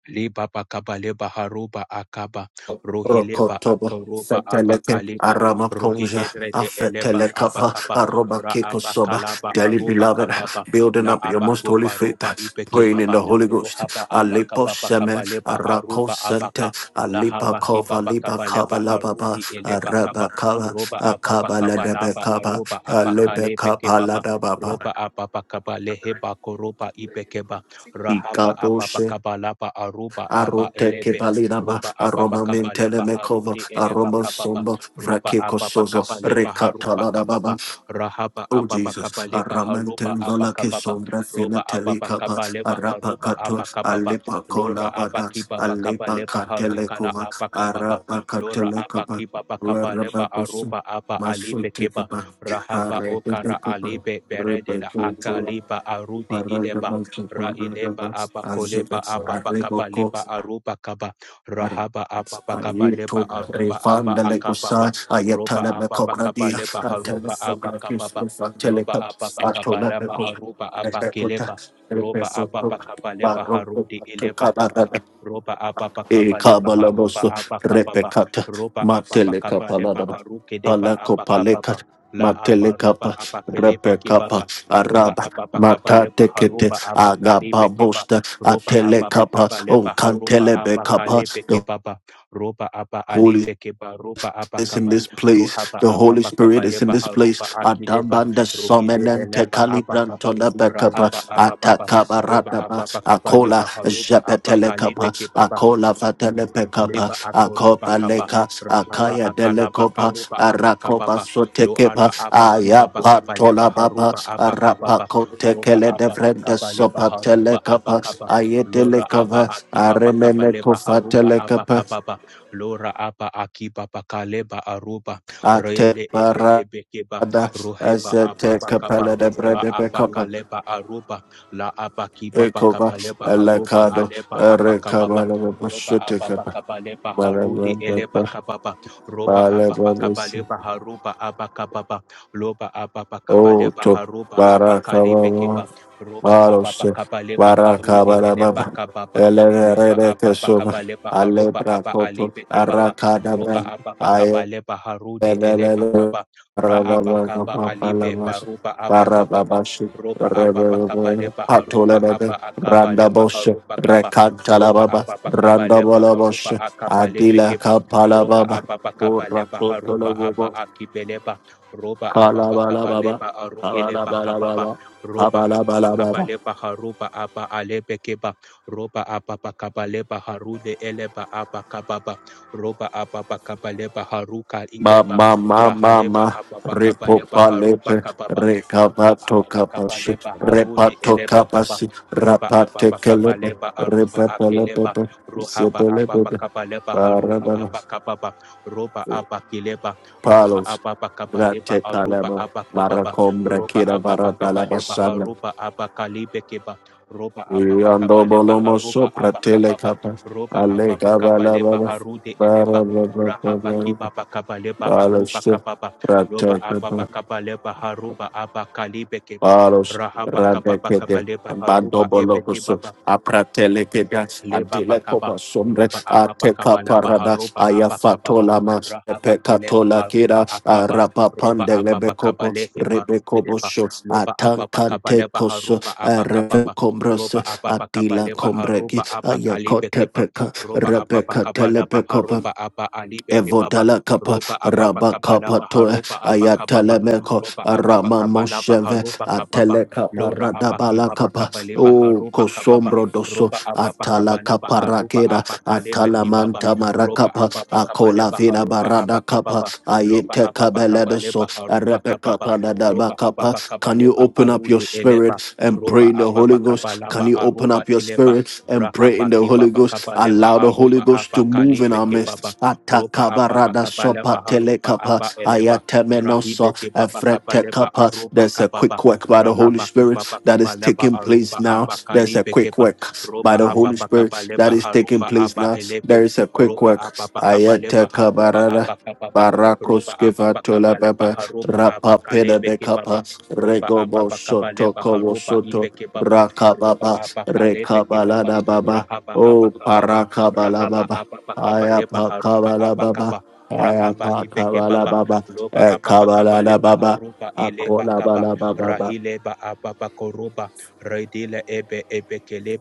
[SPEAKER 2] Liba bakaba leba haruba akaba rohileba
[SPEAKER 1] Rokotobo,
[SPEAKER 2] akaroba
[SPEAKER 1] Feteleke,
[SPEAKER 2] abakaleba
[SPEAKER 1] Arama Ponja,
[SPEAKER 2] rohiderede eleba
[SPEAKER 1] Afetelekapa,
[SPEAKER 2] abakaba
[SPEAKER 1] Aroba
[SPEAKER 2] ra
[SPEAKER 1] Kikosoba,
[SPEAKER 2] abakalaba
[SPEAKER 1] Dearly
[SPEAKER 2] aruba
[SPEAKER 1] beloved,
[SPEAKER 2] kababa
[SPEAKER 1] building
[SPEAKER 2] la
[SPEAKER 1] up your most holy
[SPEAKER 2] abakoba roba
[SPEAKER 1] faith,
[SPEAKER 2] ibeke
[SPEAKER 1] praying in
[SPEAKER 2] baba
[SPEAKER 1] the Holy Ghost,
[SPEAKER 2] rohaba
[SPEAKER 1] Alipo
[SPEAKER 2] abakaba
[SPEAKER 1] Seme,
[SPEAKER 2] bakaba leba
[SPEAKER 1] Arako
[SPEAKER 2] aruba
[SPEAKER 1] Sente,
[SPEAKER 2] abaka la
[SPEAKER 1] Alipa
[SPEAKER 2] habaki
[SPEAKER 1] Kova,
[SPEAKER 2] baba
[SPEAKER 1] Lipa
[SPEAKER 2] kaba
[SPEAKER 1] Kava
[SPEAKER 2] leba
[SPEAKER 1] Lababa,
[SPEAKER 2] harubi eleba
[SPEAKER 1] Araba
[SPEAKER 2] kaba
[SPEAKER 1] Kava,
[SPEAKER 2] roba ababa
[SPEAKER 1] Akaba
[SPEAKER 2] kaba
[SPEAKER 1] Ladebe
[SPEAKER 2] laba
[SPEAKER 1] Kava,
[SPEAKER 2] aruba
[SPEAKER 1] Alebe
[SPEAKER 2] abakalebe
[SPEAKER 1] Kapa
[SPEAKER 2] baba
[SPEAKER 1] Ladababa,
[SPEAKER 2] roba ababa kaba leheba koroba ibeke Rahaba Ababa
[SPEAKER 1] Ikadoshe,
[SPEAKER 2] Kabalaba Aruba Aba
[SPEAKER 1] Arote
[SPEAKER 2] Elebe
[SPEAKER 1] kebalinaba,
[SPEAKER 2] Roba Ababa
[SPEAKER 1] aroma mentele
[SPEAKER 2] Kabaleba
[SPEAKER 1] mekova
[SPEAKER 2] Harudi Eleba
[SPEAKER 1] aroma
[SPEAKER 2] Kababa
[SPEAKER 1] somba,
[SPEAKER 2] Roba
[SPEAKER 1] vrakeko
[SPEAKER 2] Ababa
[SPEAKER 1] sozo,
[SPEAKER 2] Kabaleba Haruba
[SPEAKER 1] rekatala baba
[SPEAKER 2] Kababa Rahaba
[SPEAKER 1] Oh
[SPEAKER 2] Ababa
[SPEAKER 1] Jesus,
[SPEAKER 2] Kabaleba Haruba Aba
[SPEAKER 1] aramantenzola
[SPEAKER 2] Kababa
[SPEAKER 1] kesombra
[SPEAKER 2] Roba Ababa
[SPEAKER 1] senatelikapa,
[SPEAKER 2] Kabaleba Haruba
[SPEAKER 1] arapakato,
[SPEAKER 2] Aba Kababa Lora
[SPEAKER 1] alepakolabada,
[SPEAKER 2] Abaki Baba Kabaleba Harukala
[SPEAKER 1] alepakatelekova,
[SPEAKER 2] Aba Kababa Lora
[SPEAKER 1] arapakatelekova,
[SPEAKER 2] Abaki Baba Kabaleba
[SPEAKER 1] rarababoso,
[SPEAKER 2] Aruba Aba Alibe Keba
[SPEAKER 1] masotekaba,
[SPEAKER 2] Rahaba Okara
[SPEAKER 1] arebebekova,
[SPEAKER 2] Alibe Beredela
[SPEAKER 1] rebekoto,
[SPEAKER 2] Akaliba Arudi Ileba
[SPEAKER 1] paradabasa,
[SPEAKER 2] Raileba
[SPEAKER 1] paradabas,
[SPEAKER 2] Abba Koleba
[SPEAKER 1] azubes,
[SPEAKER 2] Abba
[SPEAKER 1] areboko,
[SPEAKER 2] Bakabaleba Aruba Kaba
[SPEAKER 1] are-
[SPEAKER 2] Rahaba Abba Bakabaleba
[SPEAKER 1] Ayeto
[SPEAKER 2] Aruba Abba
[SPEAKER 1] refanda le kusa
[SPEAKER 2] Akababa Roba
[SPEAKER 1] ayetala me
[SPEAKER 2] Abba
[SPEAKER 1] kobradia
[SPEAKER 2] Bakabaleba
[SPEAKER 1] atele
[SPEAKER 2] Haruba Abba
[SPEAKER 1] kobratis
[SPEAKER 2] Kababa
[SPEAKER 1] kusa tele
[SPEAKER 2] Loba
[SPEAKER 1] kap
[SPEAKER 2] Abba
[SPEAKER 1] atola me
[SPEAKER 2] Bakabaleba
[SPEAKER 1] kok
[SPEAKER 2] Aruba Abba
[SPEAKER 1] rekota
[SPEAKER 2] Kileba Roba Abba
[SPEAKER 1] repesoto
[SPEAKER 2] Bakabaleba
[SPEAKER 1] baroko
[SPEAKER 2] Harudi
[SPEAKER 1] to
[SPEAKER 2] Ileba Kaba
[SPEAKER 1] kabara
[SPEAKER 2] Roba Abba
[SPEAKER 1] e
[SPEAKER 2] Bakabaleba
[SPEAKER 1] kabala
[SPEAKER 2] Haruba
[SPEAKER 1] bosto
[SPEAKER 2] Abba Kababa
[SPEAKER 1] repekata
[SPEAKER 2] Roba Abba
[SPEAKER 1] matele
[SPEAKER 2] Bakabaleba
[SPEAKER 1] kapalada
[SPEAKER 2] Haruke Deba
[SPEAKER 1] palako
[SPEAKER 2] Abba Kababa
[SPEAKER 1] palekat
[SPEAKER 2] La
[SPEAKER 1] matele
[SPEAKER 2] Abba Roba
[SPEAKER 1] kapa
[SPEAKER 2] Abba Kelebe
[SPEAKER 1] repekapa
[SPEAKER 2] Kibaba roba
[SPEAKER 1] araba
[SPEAKER 2] ababa kabaleba
[SPEAKER 1] matate kete
[SPEAKER 2] haruba
[SPEAKER 1] agaba
[SPEAKER 2] abakalebe keba
[SPEAKER 1] bosta
[SPEAKER 2] roba
[SPEAKER 1] atele
[SPEAKER 2] ababa
[SPEAKER 1] kapa on
[SPEAKER 2] kabaleba haruba
[SPEAKER 1] kantele be
[SPEAKER 2] abakalebe
[SPEAKER 1] kapa
[SPEAKER 2] kebaba roba aba
[SPEAKER 1] Holy Spirit
[SPEAKER 2] alebe keba roba
[SPEAKER 1] is in
[SPEAKER 2] abakaba
[SPEAKER 1] this place.
[SPEAKER 2] rohaba
[SPEAKER 1] The Holy
[SPEAKER 2] ababa
[SPEAKER 1] Spirit is in
[SPEAKER 2] kabaleba
[SPEAKER 1] this place.
[SPEAKER 2] haruba akileba
[SPEAKER 1] Adambanda
[SPEAKER 2] rohide
[SPEAKER 1] somenente
[SPEAKER 2] eleba
[SPEAKER 1] calibranto
[SPEAKER 2] abakaba
[SPEAKER 1] la bekapa.
[SPEAKER 2] rahaba abababa roba
[SPEAKER 1] Atakabarataba.
[SPEAKER 2] ababa
[SPEAKER 1] Akola
[SPEAKER 2] kabaleba haruba
[SPEAKER 1] jepetele
[SPEAKER 2] abakalebe
[SPEAKER 1] kapa.
[SPEAKER 2] kebaba
[SPEAKER 1] Akola vatele pekapa.
[SPEAKER 2] Leba akoroba
[SPEAKER 1] Akopa
[SPEAKER 2] kaba
[SPEAKER 1] leka.
[SPEAKER 2] rahaba
[SPEAKER 1] Akaya
[SPEAKER 2] akalaba
[SPEAKER 1] delekopa.
[SPEAKER 2] karuba
[SPEAKER 1] Arakopa
[SPEAKER 2] abakababa
[SPEAKER 1] sotekepa.
[SPEAKER 2] loara ara aba kibaba kaba leba
[SPEAKER 1] Ayapatola baba.
[SPEAKER 2] haruba abakababa
[SPEAKER 1] Arapako
[SPEAKER 2] roba
[SPEAKER 1] tekele
[SPEAKER 2] ababa
[SPEAKER 1] devrende
[SPEAKER 2] kaba leba
[SPEAKER 1] sopa
[SPEAKER 2] haruba
[SPEAKER 1] telekapa.
[SPEAKER 2] abakaba
[SPEAKER 1] Ayetele
[SPEAKER 2] lora aba
[SPEAKER 1] kava.
[SPEAKER 2] akibaba kaba
[SPEAKER 1] Aremene
[SPEAKER 2] leba
[SPEAKER 1] kofa
[SPEAKER 2] haruba
[SPEAKER 1] telekapa.
[SPEAKER 2] abakababa lora aba akibaba kaleba aruba
[SPEAKER 1] Ate
[SPEAKER 2] rele ebe
[SPEAKER 1] barada
[SPEAKER 2] hebe keba roheba
[SPEAKER 1] azete
[SPEAKER 2] ababa kaba
[SPEAKER 1] capella de
[SPEAKER 2] ra
[SPEAKER 1] brede
[SPEAKER 2] aba
[SPEAKER 1] becapa.
[SPEAKER 2] kaleba aruba la aba kibaba
[SPEAKER 1] Ecova,
[SPEAKER 2] kaba leba haruba
[SPEAKER 1] elecado,
[SPEAKER 2] aleba abakababa
[SPEAKER 1] erecabala,
[SPEAKER 2] roba
[SPEAKER 1] bushute
[SPEAKER 2] ababa
[SPEAKER 1] capa.
[SPEAKER 2] kabale baharudi ele
[SPEAKER 1] Barababa,
[SPEAKER 2] bakababa roba ababa
[SPEAKER 1] barababusi.
[SPEAKER 2] kabale baharuba abakababa loba ababa
[SPEAKER 1] Oh,
[SPEAKER 2] kabale
[SPEAKER 1] to
[SPEAKER 2] baharuba abakali
[SPEAKER 1] barakababa,
[SPEAKER 2] bekeba roba ababa
[SPEAKER 1] barose,
[SPEAKER 2] kabale baharudi ele
[SPEAKER 1] barakabalababa.
[SPEAKER 2] bakababa
[SPEAKER 1] Elere
[SPEAKER 2] loba ababa
[SPEAKER 1] redekesuva,
[SPEAKER 2] kabale baharuba
[SPEAKER 1] alebra
[SPEAKER 2] aba ali
[SPEAKER 1] coto,
[SPEAKER 2] bekebaba roba
[SPEAKER 1] aracadabra,
[SPEAKER 2] ababa kabale baharudi ele bakaba ra abakaba alibe baruba abakababa roba ababa kabale baharuba aba akabale
[SPEAKER 1] Randabosh,
[SPEAKER 2] baharuba kaba ropa
[SPEAKER 1] Rekantalababa,
[SPEAKER 2] apapa kapalepa harupa
[SPEAKER 1] Randabolabosh,
[SPEAKER 2] akapalepe
[SPEAKER 1] Adila
[SPEAKER 2] keba ropa
[SPEAKER 1] Kapalababa,
[SPEAKER 2] apapa kapalepa harupa
[SPEAKER 1] Urakotolababa,
[SPEAKER 2] apa akipelepa ropa apapa
[SPEAKER 1] Kalabalababa,
[SPEAKER 2] kapalepa arukilepa kapapa
[SPEAKER 1] Kabalabalababa,
[SPEAKER 2] ropa apapa
[SPEAKER 1] Kabalabalababa.
[SPEAKER 2] kapalepa harupa apa alepe keba ropa apapa kapalepa harude elepa apa kapapa ropa apapa kapalepa haruka
[SPEAKER 1] Ma
[SPEAKER 2] ilepa
[SPEAKER 1] ma ma ma
[SPEAKER 2] rahalepa
[SPEAKER 1] ma
[SPEAKER 2] apapa kapalepa
[SPEAKER 1] repopa
[SPEAKER 2] harupa
[SPEAKER 1] lepe
[SPEAKER 2] kapapa ropa
[SPEAKER 1] recapato
[SPEAKER 2] apapa
[SPEAKER 1] capashi
[SPEAKER 2] kapalepa harude
[SPEAKER 1] repato
[SPEAKER 2] elepa
[SPEAKER 1] capasi
[SPEAKER 2] roba
[SPEAKER 1] rapate
[SPEAKER 2] ababa
[SPEAKER 1] celepe
[SPEAKER 2] leba aruba
[SPEAKER 1] repepe
[SPEAKER 2] akeleba
[SPEAKER 1] lepepe
[SPEAKER 2] rohaba
[SPEAKER 1] sepe lepepe
[SPEAKER 2] ababa leba haruba
[SPEAKER 1] parabana
[SPEAKER 2] abakababa roba abakeleba roba
[SPEAKER 1] palos
[SPEAKER 2] ababa leba
[SPEAKER 1] rate
[SPEAKER 2] aruba
[SPEAKER 1] calama
[SPEAKER 2] abakababa
[SPEAKER 1] maracombra
[SPEAKER 2] roba
[SPEAKER 1] kira varata
[SPEAKER 2] ababa
[SPEAKER 1] la
[SPEAKER 2] leba
[SPEAKER 1] basana
[SPEAKER 2] haruba abakalibekeba roba ababa
[SPEAKER 1] yando
[SPEAKER 2] leba
[SPEAKER 1] bolomo
[SPEAKER 2] haruba
[SPEAKER 1] sopra tele
[SPEAKER 2] abakababa
[SPEAKER 1] capa
[SPEAKER 2] roba
[SPEAKER 1] ale cava
[SPEAKER 2] ababa
[SPEAKER 1] la
[SPEAKER 2] leba
[SPEAKER 1] baba
[SPEAKER 2] harude eleba
[SPEAKER 1] parababa
[SPEAKER 2] rahaba
[SPEAKER 1] parababa
[SPEAKER 2] kibaba kabaleba aruba
[SPEAKER 1] palos
[SPEAKER 2] kababa roba
[SPEAKER 1] rate
[SPEAKER 2] ababa leba haruba abakalibe
[SPEAKER 1] Paros,
[SPEAKER 2] Rahapa kapa pa kapa
[SPEAKER 1] Radekede,
[SPEAKER 2] lepa haruba ebeke
[SPEAKER 1] Bandobolocoso,
[SPEAKER 2] baba
[SPEAKER 1] Apratelekeda,
[SPEAKER 2] leba pakaba
[SPEAKER 1] Adilecopa Sombre,
[SPEAKER 2] roba apa
[SPEAKER 1] Ateca
[SPEAKER 2] pakaba laba
[SPEAKER 1] Parada,
[SPEAKER 2] haroba apa kababa
[SPEAKER 1] Ayafatolama,
[SPEAKER 2] rahaba kileba
[SPEAKER 1] Epecatola
[SPEAKER 2] aruba
[SPEAKER 1] Kira,
[SPEAKER 2] akaba roba
[SPEAKER 1] Arapapande
[SPEAKER 2] apa pakaba
[SPEAKER 1] Lebecopo,
[SPEAKER 2] lehe baruke deba
[SPEAKER 1] Rebecoboso,
[SPEAKER 2] loba apa pakaba leba
[SPEAKER 1] Atancantecoso,
[SPEAKER 2] haroba apa kababa
[SPEAKER 1] Rebecombros,
[SPEAKER 2] roba apa pakaba
[SPEAKER 1] Adila
[SPEAKER 2] leba
[SPEAKER 1] Combregi,
[SPEAKER 2] haroba apa kalibe keba
[SPEAKER 1] Ayacotepeca,
[SPEAKER 2] roba apa
[SPEAKER 1] Rebeca
[SPEAKER 2] pakaba laba
[SPEAKER 1] Telepecopa,
[SPEAKER 2] haroba apa alibe kebaba
[SPEAKER 1] Evodala kapa
[SPEAKER 2] roba apa
[SPEAKER 1] raba
[SPEAKER 2] pakaba
[SPEAKER 1] kapa
[SPEAKER 2] laba
[SPEAKER 1] toe
[SPEAKER 2] haroba apa
[SPEAKER 1] ayatele
[SPEAKER 2] kababa
[SPEAKER 1] meko
[SPEAKER 2] roba apa
[SPEAKER 1] arama
[SPEAKER 2] pakaba laba
[SPEAKER 1] mosheve
[SPEAKER 2] haroba kababa
[SPEAKER 1] atele kapa
[SPEAKER 2] lora apa
[SPEAKER 1] radabala
[SPEAKER 2] kibaba
[SPEAKER 1] kapa
[SPEAKER 2] kaba leba
[SPEAKER 1] o
[SPEAKER 2] haroba kababa
[SPEAKER 1] kosombro doso
[SPEAKER 2] roba ababa
[SPEAKER 1] atala
[SPEAKER 2] kabala
[SPEAKER 1] kapa
[SPEAKER 2] baharuba
[SPEAKER 1] rakera
[SPEAKER 2] abakalebe
[SPEAKER 1] atala
[SPEAKER 2] kibaba
[SPEAKER 1] manta
[SPEAKER 2] roba
[SPEAKER 1] marakapa
[SPEAKER 2] ababa kabale
[SPEAKER 1] akola vina
[SPEAKER 2] baharuba
[SPEAKER 1] barada kapa
[SPEAKER 2] abakababa loba
[SPEAKER 1] ayete
[SPEAKER 2] ababa
[SPEAKER 1] kabele
[SPEAKER 2] kabale
[SPEAKER 1] doso
[SPEAKER 2] baharuba
[SPEAKER 1] arepe
[SPEAKER 2] kababa
[SPEAKER 1] kapa nadaba
[SPEAKER 2] roba
[SPEAKER 1] kapa
[SPEAKER 2] ababa
[SPEAKER 1] can
[SPEAKER 2] kabale
[SPEAKER 1] you open up your
[SPEAKER 2] baharude
[SPEAKER 1] spirit
[SPEAKER 2] eleba
[SPEAKER 1] spirit and
[SPEAKER 2] roba
[SPEAKER 1] pray in the Holy
[SPEAKER 2] ababa
[SPEAKER 1] Ghost?
[SPEAKER 2] kabala
[SPEAKER 1] Can you open
[SPEAKER 2] aruba
[SPEAKER 1] up your
[SPEAKER 2] ileba
[SPEAKER 1] spirit and pray in
[SPEAKER 2] rahaba
[SPEAKER 1] the Holy
[SPEAKER 2] kibaba
[SPEAKER 1] Ghost?
[SPEAKER 2] kabale
[SPEAKER 1] Allow the Holy
[SPEAKER 2] aruba
[SPEAKER 1] Ghost to move in
[SPEAKER 2] abakalebe
[SPEAKER 1] our
[SPEAKER 2] kibaba
[SPEAKER 1] midst.
[SPEAKER 2] roba ababa
[SPEAKER 1] Atakabarada
[SPEAKER 2] kabale
[SPEAKER 1] sopa
[SPEAKER 2] baharuba
[SPEAKER 1] telekapa
[SPEAKER 2] aba eleba rahibe
[SPEAKER 1] ayatemenosa
[SPEAKER 2] kibaba kabale
[SPEAKER 1] efretekapa.
[SPEAKER 2] aruba
[SPEAKER 1] There's a
[SPEAKER 2] kababa
[SPEAKER 1] quick work by the Holy
[SPEAKER 2] rahaba
[SPEAKER 1] Spirit
[SPEAKER 2] kibaba
[SPEAKER 1] that is
[SPEAKER 2] kabale
[SPEAKER 1] taking
[SPEAKER 2] aruba
[SPEAKER 1] place now. There's a
[SPEAKER 2] abakalibe
[SPEAKER 1] quick
[SPEAKER 2] kebaba
[SPEAKER 1] work by
[SPEAKER 2] roba
[SPEAKER 1] the
[SPEAKER 2] apa
[SPEAKER 1] Holy
[SPEAKER 2] pa kapa
[SPEAKER 1] Spirit that
[SPEAKER 2] lepa
[SPEAKER 1] is taking
[SPEAKER 2] haruba
[SPEAKER 1] place
[SPEAKER 2] apa
[SPEAKER 1] now.
[SPEAKER 2] elepe
[SPEAKER 1] There is a quick
[SPEAKER 2] roba
[SPEAKER 1] work.
[SPEAKER 2] apa pa kapa lepa haruba
[SPEAKER 1] Ayatekabarada.
[SPEAKER 2] apa kapa pa roba apa
[SPEAKER 1] Barakoskeva
[SPEAKER 2] pa kapa
[SPEAKER 1] tola
[SPEAKER 2] lepa
[SPEAKER 1] baba
[SPEAKER 2] haruba apa
[SPEAKER 1] rapa peda
[SPEAKER 2] kalepe
[SPEAKER 1] bekapa
[SPEAKER 2] kipapa roba apa
[SPEAKER 1] regobo
[SPEAKER 2] pa kapa
[SPEAKER 1] soto
[SPEAKER 2] lepa
[SPEAKER 1] kobo
[SPEAKER 2] haruba
[SPEAKER 1] soto
[SPEAKER 2] ipe kipapa roba
[SPEAKER 1] rakababa
[SPEAKER 2] apa kalepe kipapa
[SPEAKER 1] rekabalada baba
[SPEAKER 2] rahaba
[SPEAKER 1] o
[SPEAKER 2] apa kapa pa
[SPEAKER 1] parakabala
[SPEAKER 2] rahaba
[SPEAKER 1] baba
[SPEAKER 2] apa pa kapa lepa
[SPEAKER 1] ayapa
[SPEAKER 2] haruba
[SPEAKER 1] kabala
[SPEAKER 2] apa
[SPEAKER 1] baba
[SPEAKER 2] kapa rahaba
[SPEAKER 1] ayapa
[SPEAKER 2] ipe
[SPEAKER 1] kabala
[SPEAKER 2] kipapa
[SPEAKER 1] baba
[SPEAKER 2] loba
[SPEAKER 1] e
[SPEAKER 2] apa pa kapa
[SPEAKER 1] kabalada
[SPEAKER 2] lepa
[SPEAKER 1] baba
[SPEAKER 2] haruba ilepa
[SPEAKER 1] akola
[SPEAKER 2] kapa
[SPEAKER 1] bala baba
[SPEAKER 2] rahileba apa pa koruba redile ebe ebe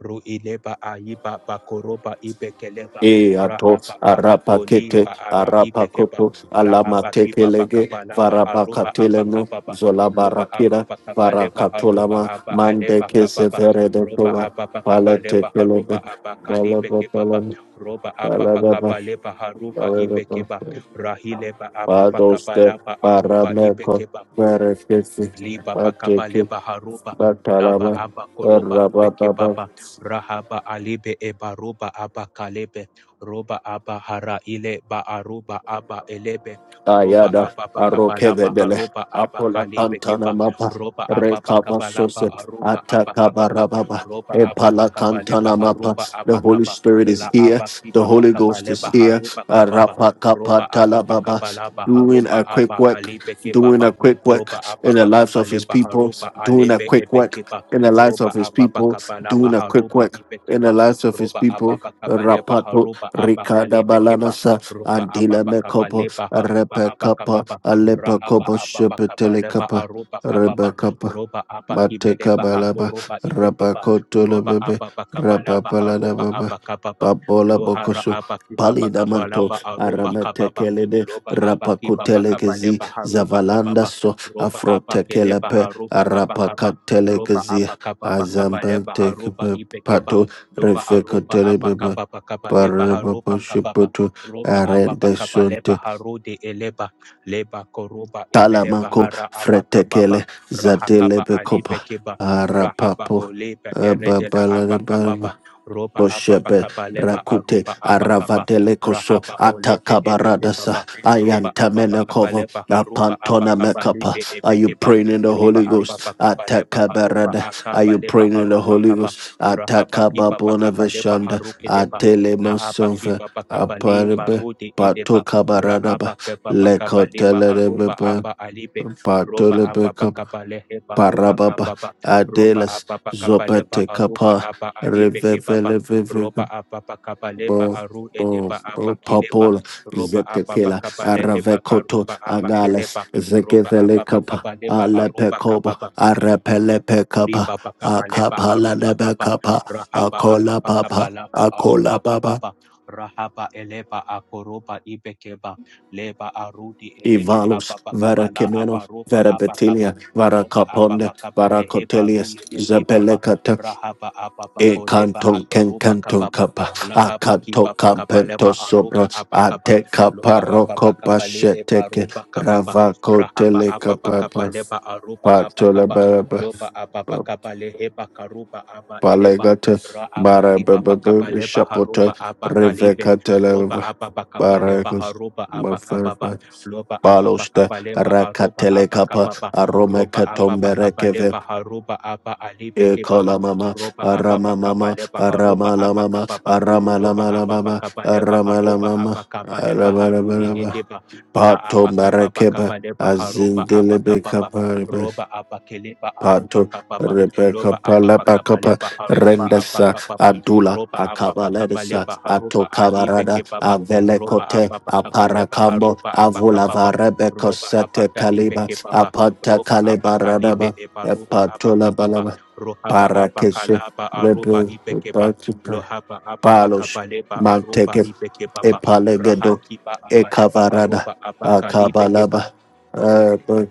[SPEAKER 2] ru ileba aiba bakoroba ibekeleba
[SPEAKER 1] Eato
[SPEAKER 2] rahaba abakoli
[SPEAKER 1] arapakete
[SPEAKER 2] ba ara ibekeba
[SPEAKER 1] arapakoto
[SPEAKER 2] la abakiba
[SPEAKER 1] alamatekelege
[SPEAKER 2] bakabala ba aruba
[SPEAKER 1] varabakatelemo
[SPEAKER 2] abakababa loba
[SPEAKER 1] zolabarakira
[SPEAKER 2] ababakabaleba haruba
[SPEAKER 1] varakatolama
[SPEAKER 2] aba aleba kababa roba
[SPEAKER 1] mandekeseveredekova
[SPEAKER 2] ababakabaleba haruba
[SPEAKER 1] palatekelebe
[SPEAKER 2] abakalibekebaba
[SPEAKER 1] balabatalan
[SPEAKER 2] roba
[SPEAKER 1] taladaba
[SPEAKER 2] ababakabaleba haruba
[SPEAKER 1] taladaba
[SPEAKER 2] ibekeba rahileba
[SPEAKER 1] padoste
[SPEAKER 2] ababakabalaba aruba
[SPEAKER 1] parameko
[SPEAKER 2] ibekeba
[SPEAKER 1] verekesi
[SPEAKER 2] liba bakaba
[SPEAKER 1] pateke
[SPEAKER 2] leba haruba laba
[SPEAKER 1] batalaba
[SPEAKER 2] aba koroba ibeke
[SPEAKER 1] rabababa
[SPEAKER 2] baba rahaba alibe eba roba aba kalebe roba aba hara ile ba aruba aba elebe roba
[SPEAKER 1] Ayada
[SPEAKER 2] aba bakaba laba
[SPEAKER 1] Arokevedele
[SPEAKER 2] haruba aba
[SPEAKER 1] Apola
[SPEAKER 2] kalibe
[SPEAKER 1] Cantana
[SPEAKER 2] keba
[SPEAKER 1] Mapa
[SPEAKER 2] roba aba
[SPEAKER 1] Rekaba
[SPEAKER 2] bakaba laba
[SPEAKER 1] Soset
[SPEAKER 2] aruba aba kababa
[SPEAKER 1] Atakabarababa
[SPEAKER 2] roba aba
[SPEAKER 1] Epala
[SPEAKER 2] bakaba leba
[SPEAKER 1] Cantana Mapa.
[SPEAKER 2] haruba
[SPEAKER 1] The
[SPEAKER 2] aba
[SPEAKER 1] Holy
[SPEAKER 2] kaba
[SPEAKER 1] Spirit
[SPEAKER 2] la
[SPEAKER 1] is here.
[SPEAKER 2] aba
[SPEAKER 1] The
[SPEAKER 2] kiba
[SPEAKER 1] Holy
[SPEAKER 2] bakaba
[SPEAKER 1] Ghost is
[SPEAKER 2] leba
[SPEAKER 1] here.
[SPEAKER 2] haruba kababa
[SPEAKER 1] Arapa
[SPEAKER 2] roba
[SPEAKER 1] Kapa
[SPEAKER 2] aba bakaba
[SPEAKER 1] Talababa.
[SPEAKER 2] laba
[SPEAKER 1] Doing
[SPEAKER 2] haruba
[SPEAKER 1] a quick
[SPEAKER 2] aba
[SPEAKER 1] work,
[SPEAKER 2] halibe kebaba
[SPEAKER 1] doing a quick work
[SPEAKER 2] roba
[SPEAKER 1] in the
[SPEAKER 2] apapa
[SPEAKER 1] lives
[SPEAKER 2] kapa
[SPEAKER 1] of his
[SPEAKER 2] leba
[SPEAKER 1] people,
[SPEAKER 2] haruba
[SPEAKER 1] doing a
[SPEAKER 2] alebe
[SPEAKER 1] quick work
[SPEAKER 2] ebekeba
[SPEAKER 1] in the lives of
[SPEAKER 2] roba
[SPEAKER 1] his
[SPEAKER 2] apapa
[SPEAKER 1] people,
[SPEAKER 2] kapa laba
[SPEAKER 1] doing a quick
[SPEAKER 2] haruba
[SPEAKER 1] work in the
[SPEAKER 2] ibekeba
[SPEAKER 1] lives of his
[SPEAKER 2] roba
[SPEAKER 1] people.
[SPEAKER 2] apapa kapa leba
[SPEAKER 1] Rapato
[SPEAKER 2] haruba apaka
[SPEAKER 1] Ricada
[SPEAKER 2] lebe keba
[SPEAKER 1] Balanasa
[SPEAKER 2] roba apapa kapa
[SPEAKER 1] Andila
[SPEAKER 2] leba haruba apaka
[SPEAKER 1] Rebekapa,
[SPEAKER 2] papa rahaba
[SPEAKER 1] Alepakopa,
[SPEAKER 2] apapa kapa leba
[SPEAKER 1] Shepetelekapa,
[SPEAKER 2] aruba kapapa
[SPEAKER 1] Rebekapa,
[SPEAKER 2] roba apaki beleba
[SPEAKER 1] Matekabalaba,
[SPEAKER 2] ibekeba roba
[SPEAKER 1] Rabakotolobebe,
[SPEAKER 2] apapa kapa laba haruba
[SPEAKER 1] Rababaladababa,
[SPEAKER 2] apaka papa
[SPEAKER 1] Babola
[SPEAKER 2] lohara
[SPEAKER 1] Bokoso,
[SPEAKER 2] apaki papa kapa
[SPEAKER 1] Palidamanto,
[SPEAKER 2] laba aruba kapapa
[SPEAKER 1] Arametekelede,
[SPEAKER 2] loba apa kipa pakapa
[SPEAKER 1] Rapakutelekizi,
[SPEAKER 2] lepa harupa
[SPEAKER 1] Zavalanda so,
[SPEAKER 2] roba apa keleba
[SPEAKER 1] Afrotekelepe,
[SPEAKER 2] haruba apa kaba roba
[SPEAKER 1] Arapakatelekezi,
[SPEAKER 2] apa kaba bakaba leba haruba
[SPEAKER 1] Azambantekepe,
[SPEAKER 2] ibekeba
[SPEAKER 1] Pato,
[SPEAKER 2] loba aruba apa
[SPEAKER 1] Refekotelebebe,
[SPEAKER 2] kaba bakaba leba
[SPEAKER 1] Parababa
[SPEAKER 2] haruba kababa
[SPEAKER 1] Shepeto,
[SPEAKER 2] roba apa bakaba leba
[SPEAKER 1] Arende
[SPEAKER 2] harude eleba leba koruba ebeleba
[SPEAKER 1] Talamako
[SPEAKER 2] hara apa kababa
[SPEAKER 1] Fretekele Zatele
[SPEAKER 2] rahakaba
[SPEAKER 1] Bekopa
[SPEAKER 2] alibekeba rahaba
[SPEAKER 1] Arapapo
[SPEAKER 2] oleba eredela apa
[SPEAKER 1] Babalaba
[SPEAKER 2] kababa roba apa
[SPEAKER 1] Boshebe
[SPEAKER 2] bakaba leba
[SPEAKER 1] Rakute
[SPEAKER 2] aruba apa kaba
[SPEAKER 1] Aravadelekoso
[SPEAKER 2] rahaba olebe
[SPEAKER 1] Atakabaradasa
[SPEAKER 2] ebekeba roba apa pa kapa
[SPEAKER 1] Ayantamenekova
[SPEAKER 2] lepa harupa apa
[SPEAKER 1] Apantona
[SPEAKER 2] kapa
[SPEAKER 1] Mekapa.
[SPEAKER 2] lipe
[SPEAKER 1] Are you
[SPEAKER 2] epekepa
[SPEAKER 1] praying in the
[SPEAKER 2] roba
[SPEAKER 1] Holy
[SPEAKER 2] apa pa
[SPEAKER 1] Ghost?
[SPEAKER 2] kapa lepa harupa
[SPEAKER 1] Atakabarada. Are
[SPEAKER 2] akapa
[SPEAKER 1] you
[SPEAKER 2] lepa
[SPEAKER 1] praying in the
[SPEAKER 2] harupa
[SPEAKER 1] Holy
[SPEAKER 2] kapa
[SPEAKER 1] Ghost?
[SPEAKER 2] rahapa kipa pa kapa lepa
[SPEAKER 1] Atakababonavashanda
[SPEAKER 2] haruke deba. la apa
[SPEAKER 1] Atelemasova
[SPEAKER 2] kipa pa kapa lepa
[SPEAKER 1] Aparibe
[SPEAKER 2] rode edepa ra
[SPEAKER 1] Patokabaradaba
[SPEAKER 2] apa kepa pa kapa lepa arupa
[SPEAKER 1] Lekotelebe
[SPEAKER 2] apa alipe roba apa pa
[SPEAKER 1] Patolebe
[SPEAKER 2] kapa lehe pa rupa
[SPEAKER 1] Parababa
[SPEAKER 2] kapa pa roba
[SPEAKER 1] Adelas
[SPEAKER 2] apa pa kapa lepa
[SPEAKER 1] Zopate
[SPEAKER 2] arupa
[SPEAKER 1] Kappa
[SPEAKER 2] apa alipe kepa pa
[SPEAKER 1] Revevelevevebo
[SPEAKER 2] roba apa pa kapa lepa
[SPEAKER 1] Bo
[SPEAKER 2] aru
[SPEAKER 1] Bo
[SPEAKER 2] edepa
[SPEAKER 1] Bo
[SPEAKER 2] apa kilepa
[SPEAKER 1] Popol
[SPEAKER 2] roba ababa
[SPEAKER 1] Zetekela
[SPEAKER 2] kabalehe baka
[SPEAKER 1] Aravekoto
[SPEAKER 2] roba
[SPEAKER 1] Agales
[SPEAKER 2] abakeleba roba
[SPEAKER 1] Zegevele
[SPEAKER 2] ababa
[SPEAKER 1] Kappa
[SPEAKER 2] kabaleba aruba
[SPEAKER 1] Alepekobo Arepelepe Kappa
[SPEAKER 2] Lipa pakapa lepa
[SPEAKER 1] Akapala
[SPEAKER 2] harupa
[SPEAKER 1] Nebe
[SPEAKER 2] kapa
[SPEAKER 1] Kappa
[SPEAKER 2] rahapa apa
[SPEAKER 1] Akola
[SPEAKER 2] pakapa
[SPEAKER 1] Papa
[SPEAKER 2] lapa arupa
[SPEAKER 1] Akola Baba
[SPEAKER 2] kapapa rahapa elepa akoropa ibekeba leba arudi elepa
[SPEAKER 1] Ivalos
[SPEAKER 2] apa pakapa la
[SPEAKER 1] Varakimeno
[SPEAKER 2] apa ropa apa
[SPEAKER 1] Verabetilia
[SPEAKER 2] kapa ropa apa
[SPEAKER 1] Varakaponde
[SPEAKER 2] pakapa leheba rule ekibaba
[SPEAKER 1] Varakotelius
[SPEAKER 2] rahapa apa
[SPEAKER 1] E
[SPEAKER 2] pakolepa
[SPEAKER 1] canton
[SPEAKER 2] apa
[SPEAKER 1] can
[SPEAKER 2] ropa
[SPEAKER 1] canton
[SPEAKER 2] kapapa
[SPEAKER 1] capa, a
[SPEAKER 2] lahapa
[SPEAKER 1] canto
[SPEAKER 2] kipapa kapa lepa
[SPEAKER 1] campento sobra,
[SPEAKER 2] arupa apa
[SPEAKER 1] a
[SPEAKER 2] kapa
[SPEAKER 1] teca
[SPEAKER 2] lopa apa
[SPEAKER 1] parroco
[SPEAKER 2] pakapa le epa
[SPEAKER 1] pacheteke,
[SPEAKER 2] ropa kapapa
[SPEAKER 1] ravaco
[SPEAKER 2] rahapa
[SPEAKER 1] teleca
[SPEAKER 2] apa pakapa
[SPEAKER 1] papa,
[SPEAKER 2] lepa arupa apa
[SPEAKER 1] patola
[SPEAKER 2] kapa
[SPEAKER 1] baraba,
[SPEAKER 2] loba ababa kabale heba karuba aba eleba
[SPEAKER 1] palegata,
[SPEAKER 2] ra aba kibaba
[SPEAKER 1] barababa,
[SPEAKER 2] kabale baharuba
[SPEAKER 1] chapote,
[SPEAKER 2] aba kalibe
[SPEAKER 1] reveca
[SPEAKER 2] roba
[SPEAKER 1] televa,
[SPEAKER 2] ababa kabale
[SPEAKER 1] baracos,
[SPEAKER 2] baharuba aba kababa
[SPEAKER 1] mafarpa.
[SPEAKER 2] loba ababa
[SPEAKER 1] Balosta,
[SPEAKER 2] kabale baharuba aba
[SPEAKER 1] Rakatelekapa,
[SPEAKER 2] kababa roba ababa kabale
[SPEAKER 1] Aromekatomberekeve,
[SPEAKER 2] baharuba aba alibe kibaba
[SPEAKER 1] Ekala mama,
[SPEAKER 2] roba ababa
[SPEAKER 1] arama mama,
[SPEAKER 2] kabale baharuba
[SPEAKER 1] arama la
[SPEAKER 2] aba
[SPEAKER 1] mama,
[SPEAKER 2] kababa
[SPEAKER 1] arama la
[SPEAKER 2] loba
[SPEAKER 1] mama,
[SPEAKER 2] ababa
[SPEAKER 1] mama,
[SPEAKER 2] kabale
[SPEAKER 1] arama la
[SPEAKER 2] baharuba
[SPEAKER 1] mama,
[SPEAKER 2] aba kabale
[SPEAKER 1] arama la
[SPEAKER 2] baharude
[SPEAKER 1] mama.
[SPEAKER 2] edeba la
[SPEAKER 1] Pato
[SPEAKER 2] abakababa
[SPEAKER 1] marakeba,
[SPEAKER 2] kabale baharuba aba kababa
[SPEAKER 1] azindelebe
[SPEAKER 2] roba abakeleba aruba
[SPEAKER 1] Panto
[SPEAKER 2] kababa
[SPEAKER 1] Rebecca
[SPEAKER 2] loba ababa
[SPEAKER 1] Palabacapa
[SPEAKER 2] kabaleba aruba
[SPEAKER 1] Rendesa
[SPEAKER 2] abakababa
[SPEAKER 1] Adula
[SPEAKER 2] roba ababa
[SPEAKER 1] Akabaledesa
[SPEAKER 2] kabaleba haruba alibe
[SPEAKER 1] Atokabarada
[SPEAKER 2] kebaba roba
[SPEAKER 1] Avelecote
[SPEAKER 2] ababa kabaleba
[SPEAKER 1] Aparacambo
[SPEAKER 2] haruba
[SPEAKER 1] Avulava
[SPEAKER 2] abakababa
[SPEAKER 1] Rebecca
[SPEAKER 2] roba
[SPEAKER 1] Sete
[SPEAKER 2] abakalibe
[SPEAKER 1] Caliba
[SPEAKER 2] kebaba
[SPEAKER 1] Apanta
[SPEAKER 2] roba abakalibe
[SPEAKER 1] Calibaradaba
[SPEAKER 2] ebaruba
[SPEAKER 1] Epatola
[SPEAKER 2] abakababa
[SPEAKER 1] Balaba
[SPEAKER 2] rohaba
[SPEAKER 1] Parakesu
[SPEAKER 2] abakalaba aruba
[SPEAKER 1] Rebe
[SPEAKER 2] ibekeba
[SPEAKER 1] Patipa
[SPEAKER 2] lohaba ababa
[SPEAKER 1] Palos
[SPEAKER 2] kabaleba aruba
[SPEAKER 1] Manteke
[SPEAKER 2] ibekebaba
[SPEAKER 1] Epalegedo
[SPEAKER 2] rahakiba abaleba
[SPEAKER 1] Ekavarada
[SPEAKER 2] haruba abakalibe keba
[SPEAKER 1] Akabalaba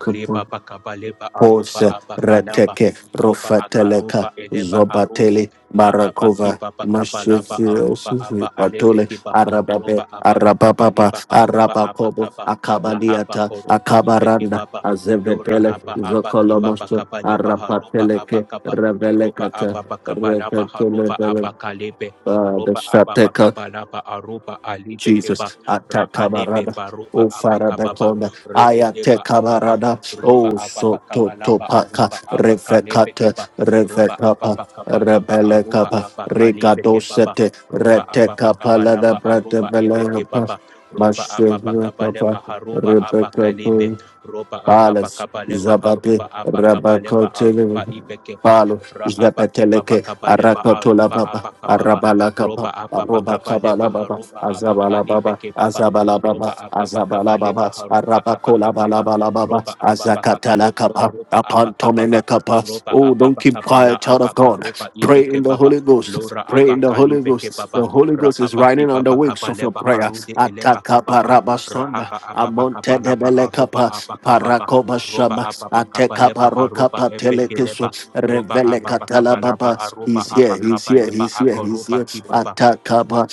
[SPEAKER 2] leba bakaba leba aruba
[SPEAKER 1] Pose
[SPEAKER 2] abakalaba
[SPEAKER 1] Reteke
[SPEAKER 2] roba
[SPEAKER 1] Rofateleka
[SPEAKER 2] akaruba eleba harudi
[SPEAKER 1] Zobatele
[SPEAKER 2] la
[SPEAKER 1] Barakova
[SPEAKER 2] abakiba bakabalaba aruba
[SPEAKER 1] Mashefiosufi
[SPEAKER 2] aba alebe
[SPEAKER 1] Patole
[SPEAKER 2] kiba
[SPEAKER 1] Arababe
[SPEAKER 2] roba ababakaba
[SPEAKER 1] Arabababa
[SPEAKER 2] leba haruba
[SPEAKER 1] Arabakobo
[SPEAKER 2] abakaba la aba
[SPEAKER 1] Akabadiata
[SPEAKER 2] koruba ibeke
[SPEAKER 1] Akabaranda
[SPEAKER 2] baba lora
[SPEAKER 1] Azevetele
[SPEAKER 2] aba aba kiba
[SPEAKER 1] Zokolomosto
[SPEAKER 2] bakaba leba haruba
[SPEAKER 1] Arapateleke
[SPEAKER 2] abakaba roba
[SPEAKER 1] Revelekata
[SPEAKER 2] ababakaba laba haruba
[SPEAKER 1] Revetele
[SPEAKER 2] abakalebe
[SPEAKER 1] the
[SPEAKER 2] roba
[SPEAKER 1] Shateka
[SPEAKER 2] ababakaba laba aruba alibeke ba
[SPEAKER 1] Jesus.
[SPEAKER 2] rahalebe
[SPEAKER 1] Atakabarada.
[SPEAKER 2] baruba
[SPEAKER 1] Oh, Father,
[SPEAKER 2] abakababa
[SPEAKER 1] Bekonda.
[SPEAKER 2] re edeba aba
[SPEAKER 1] Ayatekabarada.
[SPEAKER 2] roba
[SPEAKER 1] Oh,
[SPEAKER 2] ababa kabalaba
[SPEAKER 1] Sototopaka.
[SPEAKER 2] aruba aba kalebe
[SPEAKER 1] Refekata.
[SPEAKER 2] keba roba
[SPEAKER 1] Refekapa.
[SPEAKER 2] ababa kabalaba
[SPEAKER 1] Rebele
[SPEAKER 2] aruba
[SPEAKER 1] kapa,
[SPEAKER 2] aba kalebe
[SPEAKER 1] rigado
[SPEAKER 2] kebaba
[SPEAKER 1] sete,
[SPEAKER 2] roba
[SPEAKER 1] rete
[SPEAKER 2] ababa
[SPEAKER 1] kapa, lada
[SPEAKER 2] kabalaba
[SPEAKER 1] brate
[SPEAKER 2] aruba ebe
[SPEAKER 1] bele kapa,
[SPEAKER 2] kebaba roba
[SPEAKER 1] mashe
[SPEAKER 2] ababa
[SPEAKER 1] kapa,
[SPEAKER 2] kabaleba haruba abakalebe. kalebe roba ababa
[SPEAKER 1] Palas,
[SPEAKER 2] kabaleba
[SPEAKER 1] Zabate,
[SPEAKER 2] haruba aba
[SPEAKER 1] Rabakotele,
[SPEAKER 2] aruba ibe keba
[SPEAKER 1] Palo,
[SPEAKER 2] rahaba kibaba
[SPEAKER 1] Zabateleke,
[SPEAKER 2] kabaleba
[SPEAKER 1] Arakotola
[SPEAKER 2] aruba
[SPEAKER 1] Baba,
[SPEAKER 2] aba kababa
[SPEAKER 1] Arabala Kaba,
[SPEAKER 2] roba ababa
[SPEAKER 1] Aroba Kabala
[SPEAKER 2] kabaleba
[SPEAKER 1] Baba,
[SPEAKER 2] haruba aba
[SPEAKER 1] Azabala
[SPEAKER 2] kalebe
[SPEAKER 1] Baba,
[SPEAKER 2] kebaba
[SPEAKER 1] Azabala Baba,
[SPEAKER 2] roba ababa
[SPEAKER 1] Azabala
[SPEAKER 2] kabaleba
[SPEAKER 1] Baba,
[SPEAKER 2] haruba aba
[SPEAKER 1] Arabakola Balabala Baba,
[SPEAKER 2] ropa apa pa kapa
[SPEAKER 1] Azakatala
[SPEAKER 2] lepa ha
[SPEAKER 1] Kaba,
[SPEAKER 2] ropa apa
[SPEAKER 1] Upon
[SPEAKER 2] kapa pa
[SPEAKER 1] Tomene Kaba.
[SPEAKER 2] ropa
[SPEAKER 1] Oh,
[SPEAKER 2] apa
[SPEAKER 1] don't
[SPEAKER 2] pa
[SPEAKER 1] keep
[SPEAKER 2] kapa la
[SPEAKER 1] quiet, child
[SPEAKER 2] apa
[SPEAKER 1] of
[SPEAKER 2] ka
[SPEAKER 1] God.
[SPEAKER 2] ropa ipe
[SPEAKER 1] Pray in
[SPEAKER 2] ke
[SPEAKER 1] the
[SPEAKER 2] papa
[SPEAKER 1] Holy Ghost.
[SPEAKER 2] lora
[SPEAKER 1] Pray in
[SPEAKER 2] apa
[SPEAKER 1] the Holy
[SPEAKER 2] kalipe ke
[SPEAKER 1] Ghost.
[SPEAKER 2] papa
[SPEAKER 1] The Holy Ghost is
[SPEAKER 2] rahapa ki
[SPEAKER 1] riding on the
[SPEAKER 2] papa
[SPEAKER 1] wings
[SPEAKER 2] kapa
[SPEAKER 1] of your
[SPEAKER 2] lepa
[SPEAKER 1] prayer.
[SPEAKER 2] harude elepa kapa
[SPEAKER 1] Atakapa
[SPEAKER 2] pa
[SPEAKER 1] rabasona
[SPEAKER 2] rahapa apa pa kapa
[SPEAKER 1] amonte de
[SPEAKER 2] lapa arupa
[SPEAKER 1] belekapa
[SPEAKER 2] apa kapa pa
[SPEAKER 1] parakoba
[SPEAKER 2] ropa
[SPEAKER 1] shama
[SPEAKER 2] apa pa kapa lepa
[SPEAKER 1] atekapa
[SPEAKER 2] harupa
[SPEAKER 1] rokapa
[SPEAKER 2] epe ke
[SPEAKER 1] telekiso
[SPEAKER 2] lepa ropa
[SPEAKER 1] revele
[SPEAKER 2] apa pa kapa lapa
[SPEAKER 1] katalababa.
[SPEAKER 2] arupa
[SPEAKER 1] He's
[SPEAKER 2] apa
[SPEAKER 1] here. He's
[SPEAKER 2] kapa
[SPEAKER 1] here.
[SPEAKER 2] lepa
[SPEAKER 1] He's here. He's
[SPEAKER 2] akaropa
[SPEAKER 1] here.
[SPEAKER 2] ki papa
[SPEAKER 1] Atakapa